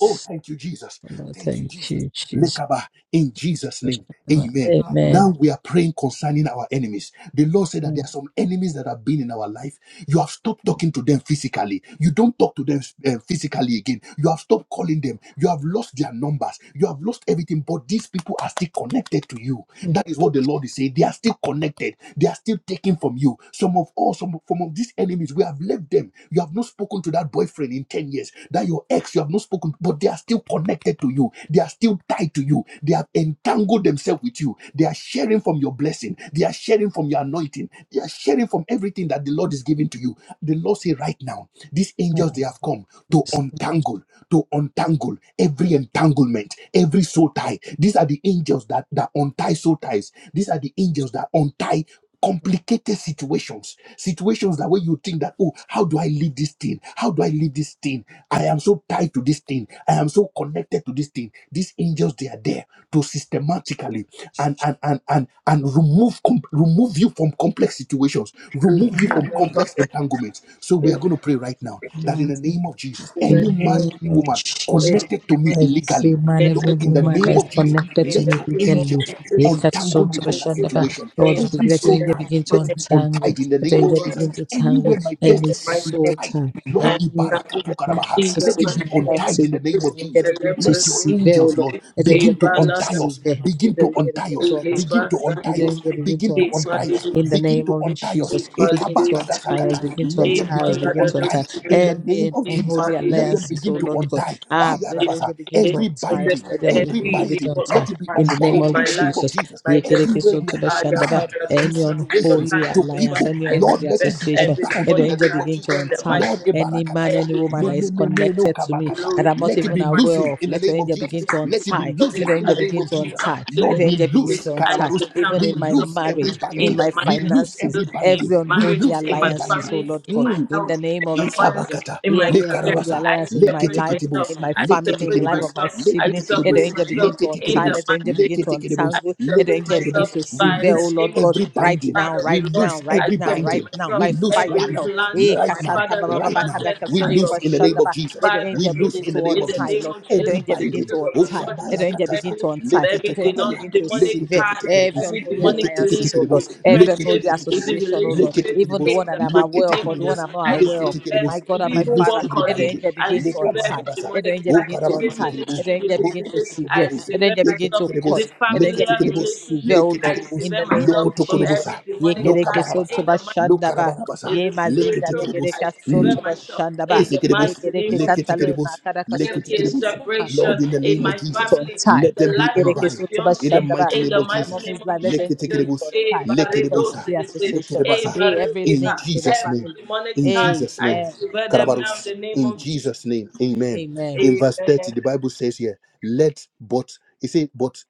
Speaker 1: Oh, thank you, Jesus.
Speaker 2: Oh Lord,
Speaker 1: Thank you,
Speaker 2: thank
Speaker 1: Jesus.
Speaker 2: you, Jesus.
Speaker 1: Lekaba, in Jesus' name. Amen. Now
Speaker 2: Amen.
Speaker 1: we are praying concerning our enemies. The Lord said that there
Speaker 2: Mm.
Speaker 1: are some enemies that have been in our life. You have stopped talking to them physically. You don't talk to them uh, physically again. You have stopped calling them. You have lost their numbers. You have lost everything, but these people are still connected to you.
Speaker 2: mm.
Speaker 1: That is what the Lord is saying. They are still connected. They are still taking from you. Some of all, some, some of these enemies, we have left them. You have not spoken to that boyfriend in Ten years that your ex you have not spoken, but they are still connected to you. They are still tied to you. They have entangled themselves with you. They are sharing from your blessing. They are sharing from your anointing. They are sharing from everything that the Lord is giving to you. The Lord say right now, these angels they have come to untangle, to untangle every entanglement, every soul tie. These are the angels that that untie soul ties. These are the angels that untie complicated situations situations that way you think that oh how do i leave this thing how do i leave this thing i am so tied to this thing i am so connected to this thing these angels they are there to systematically and and and and, and remove com- remove you from complex situations remove you from
Speaker 3: and above
Speaker 1: complex entanglements so we
Speaker 3: you
Speaker 1: are going to pray right now that in the
Speaker 2: assignment
Speaker 1: name of jesus
Speaker 3: in
Speaker 2: in
Speaker 3: the
Speaker 1: any
Speaker 2: the
Speaker 3: name
Speaker 1: man
Speaker 3: of
Speaker 1: any
Speaker 2: name of
Speaker 1: woman
Speaker 3: Praise
Speaker 2: Jesus.
Speaker 1: connected to
Speaker 3: God.
Speaker 1: me
Speaker 2: Every
Speaker 1: illegally
Speaker 2: man, every
Speaker 1: lord
Speaker 3: Blessed
Speaker 1: in the
Speaker 3: be
Speaker 2: woman
Speaker 1: name
Speaker 2: that
Speaker 3: your name.
Speaker 2: is
Speaker 1: of jesus
Speaker 2: connected
Speaker 3: In
Speaker 2: to
Speaker 1: let
Speaker 3: the
Speaker 2: me
Speaker 1: your
Speaker 3: name of
Speaker 2: legally.
Speaker 1: angels
Speaker 3: Jesus,
Speaker 1: untangle me
Speaker 3: thank
Speaker 1: from
Speaker 3: you
Speaker 1: that
Speaker 3: for
Speaker 2: Ekasontroshandaba.
Speaker 3: the
Speaker 1: situation.
Speaker 3: praise
Speaker 2: Lord, you
Speaker 1: Every
Speaker 2: begin- let your
Speaker 3: and
Speaker 1: soul
Speaker 2: angel
Speaker 3: the
Speaker 1: tie,
Speaker 2: begin to
Speaker 1: let it
Speaker 3: honor.
Speaker 1: be
Speaker 2: untangle.
Speaker 1: untied in the
Speaker 2: Let your
Speaker 1: name of
Speaker 2: angel
Speaker 3: Oh,
Speaker 1: Jesus.
Speaker 2: begin
Speaker 3: and to
Speaker 2: to tangle
Speaker 1: Anywhere
Speaker 3: the
Speaker 1: my
Speaker 3: in
Speaker 2: any
Speaker 3: the
Speaker 1: destiny has
Speaker 3: mighty
Speaker 1: been
Speaker 3: name
Speaker 2: soul
Speaker 1: tied,
Speaker 2: tie,
Speaker 1: Lord
Speaker 3: and to
Speaker 2: any
Speaker 3: the
Speaker 1: Ibarakatu
Speaker 2: unholy
Speaker 1: Karabaha,
Speaker 3: in the
Speaker 1: let it
Speaker 2: association
Speaker 1: be
Speaker 3: mighty name of
Speaker 1: untied
Speaker 2: alliances.
Speaker 1: in the name
Speaker 3: Jesus,
Speaker 2: Let
Speaker 1: of
Speaker 2: your angel
Speaker 1: Jesus.
Speaker 2: begin to
Speaker 3: celebrate
Speaker 1: Let your
Speaker 3: those
Speaker 2: sever, oh
Speaker 3: who
Speaker 1: angels,
Speaker 2: Lord.
Speaker 1: Lord,
Speaker 3: see
Speaker 2: Let your
Speaker 3: a
Speaker 2: angel
Speaker 1: begin to
Speaker 2: begin to
Speaker 1: untie
Speaker 3: balada
Speaker 2: sever.
Speaker 1: us,
Speaker 2: Let
Speaker 1: begin
Speaker 2: your
Speaker 1: to
Speaker 2: angel
Speaker 1: untie
Speaker 2: begin
Speaker 1: us,
Speaker 2: to
Speaker 3: a
Speaker 1: begin
Speaker 2: untie.
Speaker 1: to
Speaker 2: Let
Speaker 1: untie
Speaker 2: your
Speaker 1: us,
Speaker 2: angel
Speaker 3: basa
Speaker 2: begin to
Speaker 1: begin to
Speaker 3: a
Speaker 2: untie.
Speaker 1: untie us,
Speaker 2: In
Speaker 3: palidus
Speaker 2: the
Speaker 1: begin
Speaker 2: name
Speaker 1: to
Speaker 2: of
Speaker 1: untie us.
Speaker 3: a
Speaker 2: Jesus, begin to
Speaker 3: palidus
Speaker 2: untie us,
Speaker 1: Ekabakadasakata.
Speaker 2: begin to
Speaker 1: Let
Speaker 3: a
Speaker 1: them
Speaker 2: untie us,
Speaker 1: begin to
Speaker 2: begin to
Speaker 3: palada
Speaker 2: untie us.
Speaker 1: untie in the
Speaker 2: Any
Speaker 1: name of
Speaker 3: a
Speaker 1: Jesus.
Speaker 2: unholy
Speaker 1: Let them
Speaker 2: alliances, oh
Speaker 1: begin to
Speaker 2: Lord God.
Speaker 3: palidus
Speaker 1: untie.
Speaker 2: Ah, let your
Speaker 1: Ayarabasa.
Speaker 2: angel begin to
Speaker 1: Every
Speaker 2: untie us.
Speaker 1: binding,
Speaker 2: Let your
Speaker 1: Every
Speaker 2: angel
Speaker 3: every
Speaker 2: begin to
Speaker 1: binding,
Speaker 3: evil
Speaker 2: untie
Speaker 1: let it be
Speaker 3: occupant
Speaker 2: in the name
Speaker 3: in
Speaker 1: unbound
Speaker 2: of
Speaker 1: in
Speaker 3: my
Speaker 1: the name
Speaker 3: life,
Speaker 1: of
Speaker 2: Jesus.
Speaker 1: Jesus.
Speaker 3: my
Speaker 1: Everywhere
Speaker 3: destiny,
Speaker 1: we have been
Speaker 2: Yekerekesotobashandaba.
Speaker 1: bound to
Speaker 2: Any
Speaker 3: Adabadosa, your
Speaker 1: situations,
Speaker 2: unholy
Speaker 3: time
Speaker 1: to
Speaker 3: is over.
Speaker 2: alliance,
Speaker 1: people,
Speaker 2: any
Speaker 3: I
Speaker 2: unholy
Speaker 1: Lord, let
Speaker 3: sever
Speaker 1: it be
Speaker 2: association,
Speaker 3: every
Speaker 1: unbound
Speaker 2: let the
Speaker 1: in the
Speaker 3: demonic
Speaker 2: angel
Speaker 1: name of
Speaker 3: charge
Speaker 2: begin to
Speaker 1: Jesus.
Speaker 3: in the
Speaker 2: untie
Speaker 3: mighty
Speaker 1: Lord,
Speaker 3: name of
Speaker 2: any
Speaker 3: Jesus.
Speaker 2: man,
Speaker 1: ebarakatasa,
Speaker 2: any
Speaker 3: every
Speaker 2: woman
Speaker 1: me-
Speaker 2: that
Speaker 3: demonic
Speaker 1: me-
Speaker 2: is
Speaker 1: me- me- no
Speaker 3: charge
Speaker 2: connected to me
Speaker 1: kabakata.
Speaker 2: that
Speaker 3: glory,
Speaker 2: I'm not
Speaker 3: to
Speaker 1: let it
Speaker 3: my
Speaker 2: even
Speaker 1: be
Speaker 2: aware
Speaker 1: loosened
Speaker 3: finances,
Speaker 2: of.
Speaker 1: in the
Speaker 2: Let
Speaker 3: to
Speaker 1: name
Speaker 2: your
Speaker 1: of
Speaker 2: angel
Speaker 3: my
Speaker 2: begin
Speaker 1: Jesus.
Speaker 2: to
Speaker 3: blessings, to
Speaker 1: Let it
Speaker 3: my
Speaker 1: be
Speaker 2: untie.
Speaker 3: body.
Speaker 2: Let the
Speaker 1: loosened in
Speaker 3: I
Speaker 2: angel
Speaker 1: the name
Speaker 2: begin
Speaker 1: of
Speaker 2: to
Speaker 3: rebuke you
Speaker 1: Jesus.
Speaker 2: untie.
Speaker 3: in
Speaker 2: Let
Speaker 3: the
Speaker 1: Lord,
Speaker 2: the
Speaker 3: name
Speaker 1: we
Speaker 2: angel
Speaker 3: of
Speaker 2: begin
Speaker 3: Jesus.
Speaker 1: loose,
Speaker 2: to
Speaker 3: I
Speaker 2: untie.
Speaker 1: karabarus.
Speaker 2: Even
Speaker 3: disentangle
Speaker 1: we
Speaker 2: in my
Speaker 3: myself
Speaker 1: loose
Speaker 3: from
Speaker 1: every
Speaker 3: you
Speaker 2: marriage, in
Speaker 3: in
Speaker 1: binding.
Speaker 3: the
Speaker 2: my
Speaker 1: We
Speaker 3: mighty name
Speaker 1: loose
Speaker 2: finances,
Speaker 1: every
Speaker 3: of Jesus. In
Speaker 1: binding.
Speaker 2: every
Speaker 1: We
Speaker 3: marriage,
Speaker 2: unholy
Speaker 1: loose
Speaker 3: in
Speaker 1: every
Speaker 3: my
Speaker 2: alliances,
Speaker 1: binding.
Speaker 2: oh
Speaker 3: family,
Speaker 2: Lord
Speaker 3: in
Speaker 2: God
Speaker 3: my
Speaker 1: Hmm.
Speaker 2: in the
Speaker 3: health,
Speaker 2: name
Speaker 3: in
Speaker 2: of
Speaker 3: my finances,
Speaker 2: Jesus.
Speaker 1: Isabakata,
Speaker 3: in my
Speaker 2: Any
Speaker 3: career,
Speaker 2: unholy
Speaker 1: Mekarabasa,
Speaker 3: I
Speaker 2: alliance in my
Speaker 3: separate
Speaker 2: life,
Speaker 3: myself.
Speaker 2: in
Speaker 1: Leketeketibus,
Speaker 2: my
Speaker 3: I
Speaker 2: family, in the
Speaker 3: separate
Speaker 2: life of
Speaker 1: Leketeketibus,
Speaker 2: my
Speaker 3: myself. I
Speaker 2: sibling, let the
Speaker 1: Leketeketibus,
Speaker 3: separate
Speaker 2: angel
Speaker 3: myself
Speaker 2: begin to
Speaker 3: in
Speaker 2: untie,
Speaker 3: the
Speaker 1: Leketeketibus,
Speaker 2: let the angel
Speaker 3: mighty name.
Speaker 2: begin
Speaker 3: of Jesus.
Speaker 2: to
Speaker 3: I
Speaker 1: Leketeketibus,
Speaker 2: untangle, let the
Speaker 3: separate
Speaker 2: angel begin
Speaker 3: myself
Speaker 1: Leketeketibus.
Speaker 2: to
Speaker 1: We
Speaker 3: by
Speaker 2: sever, oh
Speaker 3: the
Speaker 1: lose
Speaker 2: Lord
Speaker 3: name of
Speaker 2: God,
Speaker 1: every
Speaker 3: Jesus,
Speaker 2: right
Speaker 1: binding.
Speaker 2: now,
Speaker 3: Father
Speaker 1: We
Speaker 2: right
Speaker 3: of Lord.
Speaker 2: now,
Speaker 1: lose
Speaker 2: right
Speaker 3: I
Speaker 1: every
Speaker 2: now,
Speaker 3: separate
Speaker 2: right
Speaker 1: binding.
Speaker 2: now,
Speaker 3: myself.
Speaker 1: We
Speaker 2: by
Speaker 1: lose
Speaker 2: fire,
Speaker 1: right
Speaker 3: Every
Speaker 2: Lord.
Speaker 1: now,
Speaker 3: plant
Speaker 2: Eh,
Speaker 1: right
Speaker 3: my
Speaker 1: now,
Speaker 2: kasata ba
Speaker 3: father has
Speaker 2: ba ba
Speaker 3: not
Speaker 1: right
Speaker 2: ba
Speaker 1: now.
Speaker 2: kada
Speaker 3: planted,
Speaker 1: We
Speaker 3: I
Speaker 2: kasonto
Speaker 1: lose
Speaker 2: ba
Speaker 1: in the name
Speaker 2: shanda
Speaker 3: uproot
Speaker 1: of
Speaker 2: ba.
Speaker 1: Jesus.
Speaker 2: Let the
Speaker 3: by the
Speaker 1: We
Speaker 2: angel
Speaker 1: lose
Speaker 2: begin
Speaker 1: in
Speaker 3: roots
Speaker 1: the
Speaker 2: to
Speaker 1: name
Speaker 3: in
Speaker 1: of
Speaker 3: the
Speaker 2: untie,
Speaker 1: Jesus.
Speaker 3: name
Speaker 2: Lord.
Speaker 3: of
Speaker 2: Let the
Speaker 1: Every
Speaker 3: Jesus.
Speaker 2: angel
Speaker 3: The
Speaker 2: begin
Speaker 1: binding.
Speaker 3: angels
Speaker 2: to
Speaker 3: of the
Speaker 2: untie.
Speaker 3: Lord is
Speaker 2: Let the angel begin
Speaker 1: Oshabarakatasa,
Speaker 3: protecting
Speaker 2: to
Speaker 3: me from
Speaker 2: untie. Let
Speaker 3: every
Speaker 2: the angel
Speaker 1: Leketukabaya,
Speaker 3: denon-
Speaker 2: begin to
Speaker 3: demonic
Speaker 2: sever
Speaker 3: heart,
Speaker 2: every
Speaker 1: Leketeketekerebus,
Speaker 3: every
Speaker 2: unholy
Speaker 3: demonic
Speaker 2: alliances,
Speaker 3: belief,
Speaker 2: oh Lord.
Speaker 1: leketeketekerebus,
Speaker 3: is it
Speaker 2: Every unholy
Speaker 3: friendships, is
Speaker 1: leketeketekerebus,
Speaker 3: it
Speaker 2: association, oh Lord
Speaker 3: relationships,
Speaker 2: even the
Speaker 1: leketekerebus,
Speaker 2: one
Speaker 3: in the
Speaker 2: that I'm
Speaker 3: mind
Speaker 2: aware of
Speaker 3: name
Speaker 2: or
Speaker 3: of
Speaker 2: the one
Speaker 3: Jesus,
Speaker 1: leketekerebus,
Speaker 2: I'm not
Speaker 3: I
Speaker 2: aware of.
Speaker 3: sever
Speaker 2: My
Speaker 1: leketekerebus.
Speaker 2: God and my
Speaker 1: We
Speaker 3: evil
Speaker 1: lose
Speaker 2: Father,
Speaker 3: work
Speaker 1: every
Speaker 2: let the
Speaker 3: colleague,
Speaker 1: binding.
Speaker 2: angel
Speaker 3: I
Speaker 2: begin to
Speaker 3: sever every
Speaker 2: untie.
Speaker 1: Lekabarabasa.
Speaker 2: Let the
Speaker 3: demonic
Speaker 2: angel
Speaker 1: O
Speaker 3: time.
Speaker 2: begin to
Speaker 3: Is it
Speaker 2: untie. Let
Speaker 1: karabarusekerebu,
Speaker 2: the
Speaker 3: ministry
Speaker 2: angel begin to
Speaker 3: relationship? I
Speaker 2: sever.
Speaker 1: rokotokotokorebus,
Speaker 2: Let the
Speaker 3: sever
Speaker 2: angel begin
Speaker 3: myself.
Speaker 2: to
Speaker 3: Is
Speaker 2: cut.
Speaker 1: leketekerebus,
Speaker 3: it
Speaker 2: Let the angel
Speaker 3: familiar
Speaker 2: begin to
Speaker 1: leketekerebus,
Speaker 2: sever,
Speaker 3: relationship?
Speaker 2: oh Lord,
Speaker 3: I
Speaker 1: leketekerebus,
Speaker 2: in
Speaker 3: sever
Speaker 2: the name
Speaker 3: myself
Speaker 2: of
Speaker 3: from
Speaker 1: lokotokorobusa,
Speaker 2: Jesus.
Speaker 3: every demonic
Speaker 2: Yekereke
Speaker 3: time. In
Speaker 1: lokabarabasa,
Speaker 2: sotoba
Speaker 3: the mighty
Speaker 2: shandaba.
Speaker 1: lokarabarabasa,
Speaker 3: is
Speaker 2: Ye mazinda
Speaker 3: spiritual.
Speaker 1: leketekerebus.
Speaker 3: I
Speaker 2: legereka
Speaker 3: deliver
Speaker 2: sotoba
Speaker 3: myself
Speaker 2: shandaba.
Speaker 3: in the
Speaker 1: Isikidibus,
Speaker 3: mighty name
Speaker 2: Yegereke
Speaker 3: of Jesus.
Speaker 2: santale
Speaker 1: likitikidibus,
Speaker 2: makaraka
Speaker 3: There be a
Speaker 2: sotoba
Speaker 1: likitikidibus.
Speaker 2: shandaba.
Speaker 1: Lord,
Speaker 3: separation
Speaker 1: in
Speaker 2: Let
Speaker 1: the
Speaker 2: the
Speaker 3: in
Speaker 1: name
Speaker 2: angel
Speaker 1: of
Speaker 3: my
Speaker 2: begin to
Speaker 1: Jesus,
Speaker 3: family, in
Speaker 2: untie.
Speaker 1: let them
Speaker 3: the
Speaker 1: be
Speaker 3: life of
Speaker 2: Yegereke
Speaker 3: my
Speaker 1: unbound.
Speaker 2: sotoba
Speaker 1: In the
Speaker 3: fiance,
Speaker 2: shandaba.
Speaker 1: mighty
Speaker 3: in
Speaker 1: name
Speaker 3: the
Speaker 2: In
Speaker 1: of
Speaker 2: my
Speaker 3: mighty
Speaker 1: Jesus,
Speaker 3: name
Speaker 2: mommy's
Speaker 3: of
Speaker 2: life, let the
Speaker 3: Jesus.
Speaker 2: angel begin to
Speaker 1: likitikidibus,
Speaker 3: Eh,
Speaker 2: untie. Let the
Speaker 3: barredo,
Speaker 1: likidibusa,
Speaker 3: sigete.
Speaker 2: association.
Speaker 3: Eh,
Speaker 1: likidibasa.
Speaker 2: Hey, every
Speaker 1: in
Speaker 2: link
Speaker 3: barredeka.
Speaker 2: to the
Speaker 1: Jesus'
Speaker 3: Every
Speaker 1: name,
Speaker 2: family.
Speaker 3: demonic
Speaker 1: in
Speaker 3: time,
Speaker 2: Amen.
Speaker 1: Jesus'
Speaker 3: I
Speaker 1: name,
Speaker 3: deliver them
Speaker 2: Amen.
Speaker 3: now in
Speaker 1: Karabarus,
Speaker 3: the name
Speaker 2: Thank
Speaker 1: in
Speaker 2: you,
Speaker 3: of
Speaker 2: Jesus.
Speaker 1: Jesus' name,
Speaker 3: Jesus.
Speaker 1: amen.
Speaker 2: Amen.
Speaker 1: In verse 30,
Speaker 3: Amen.
Speaker 1: the Bible says here, let but, it says, but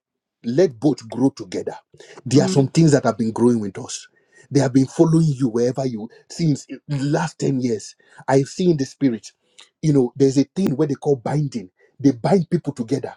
Speaker 1: let both grow together. There are some things that have been growing with us. They have been following you wherever you since the last 10 years. I've seen the spirit. You know, there's a thing where they call binding. They bind people together.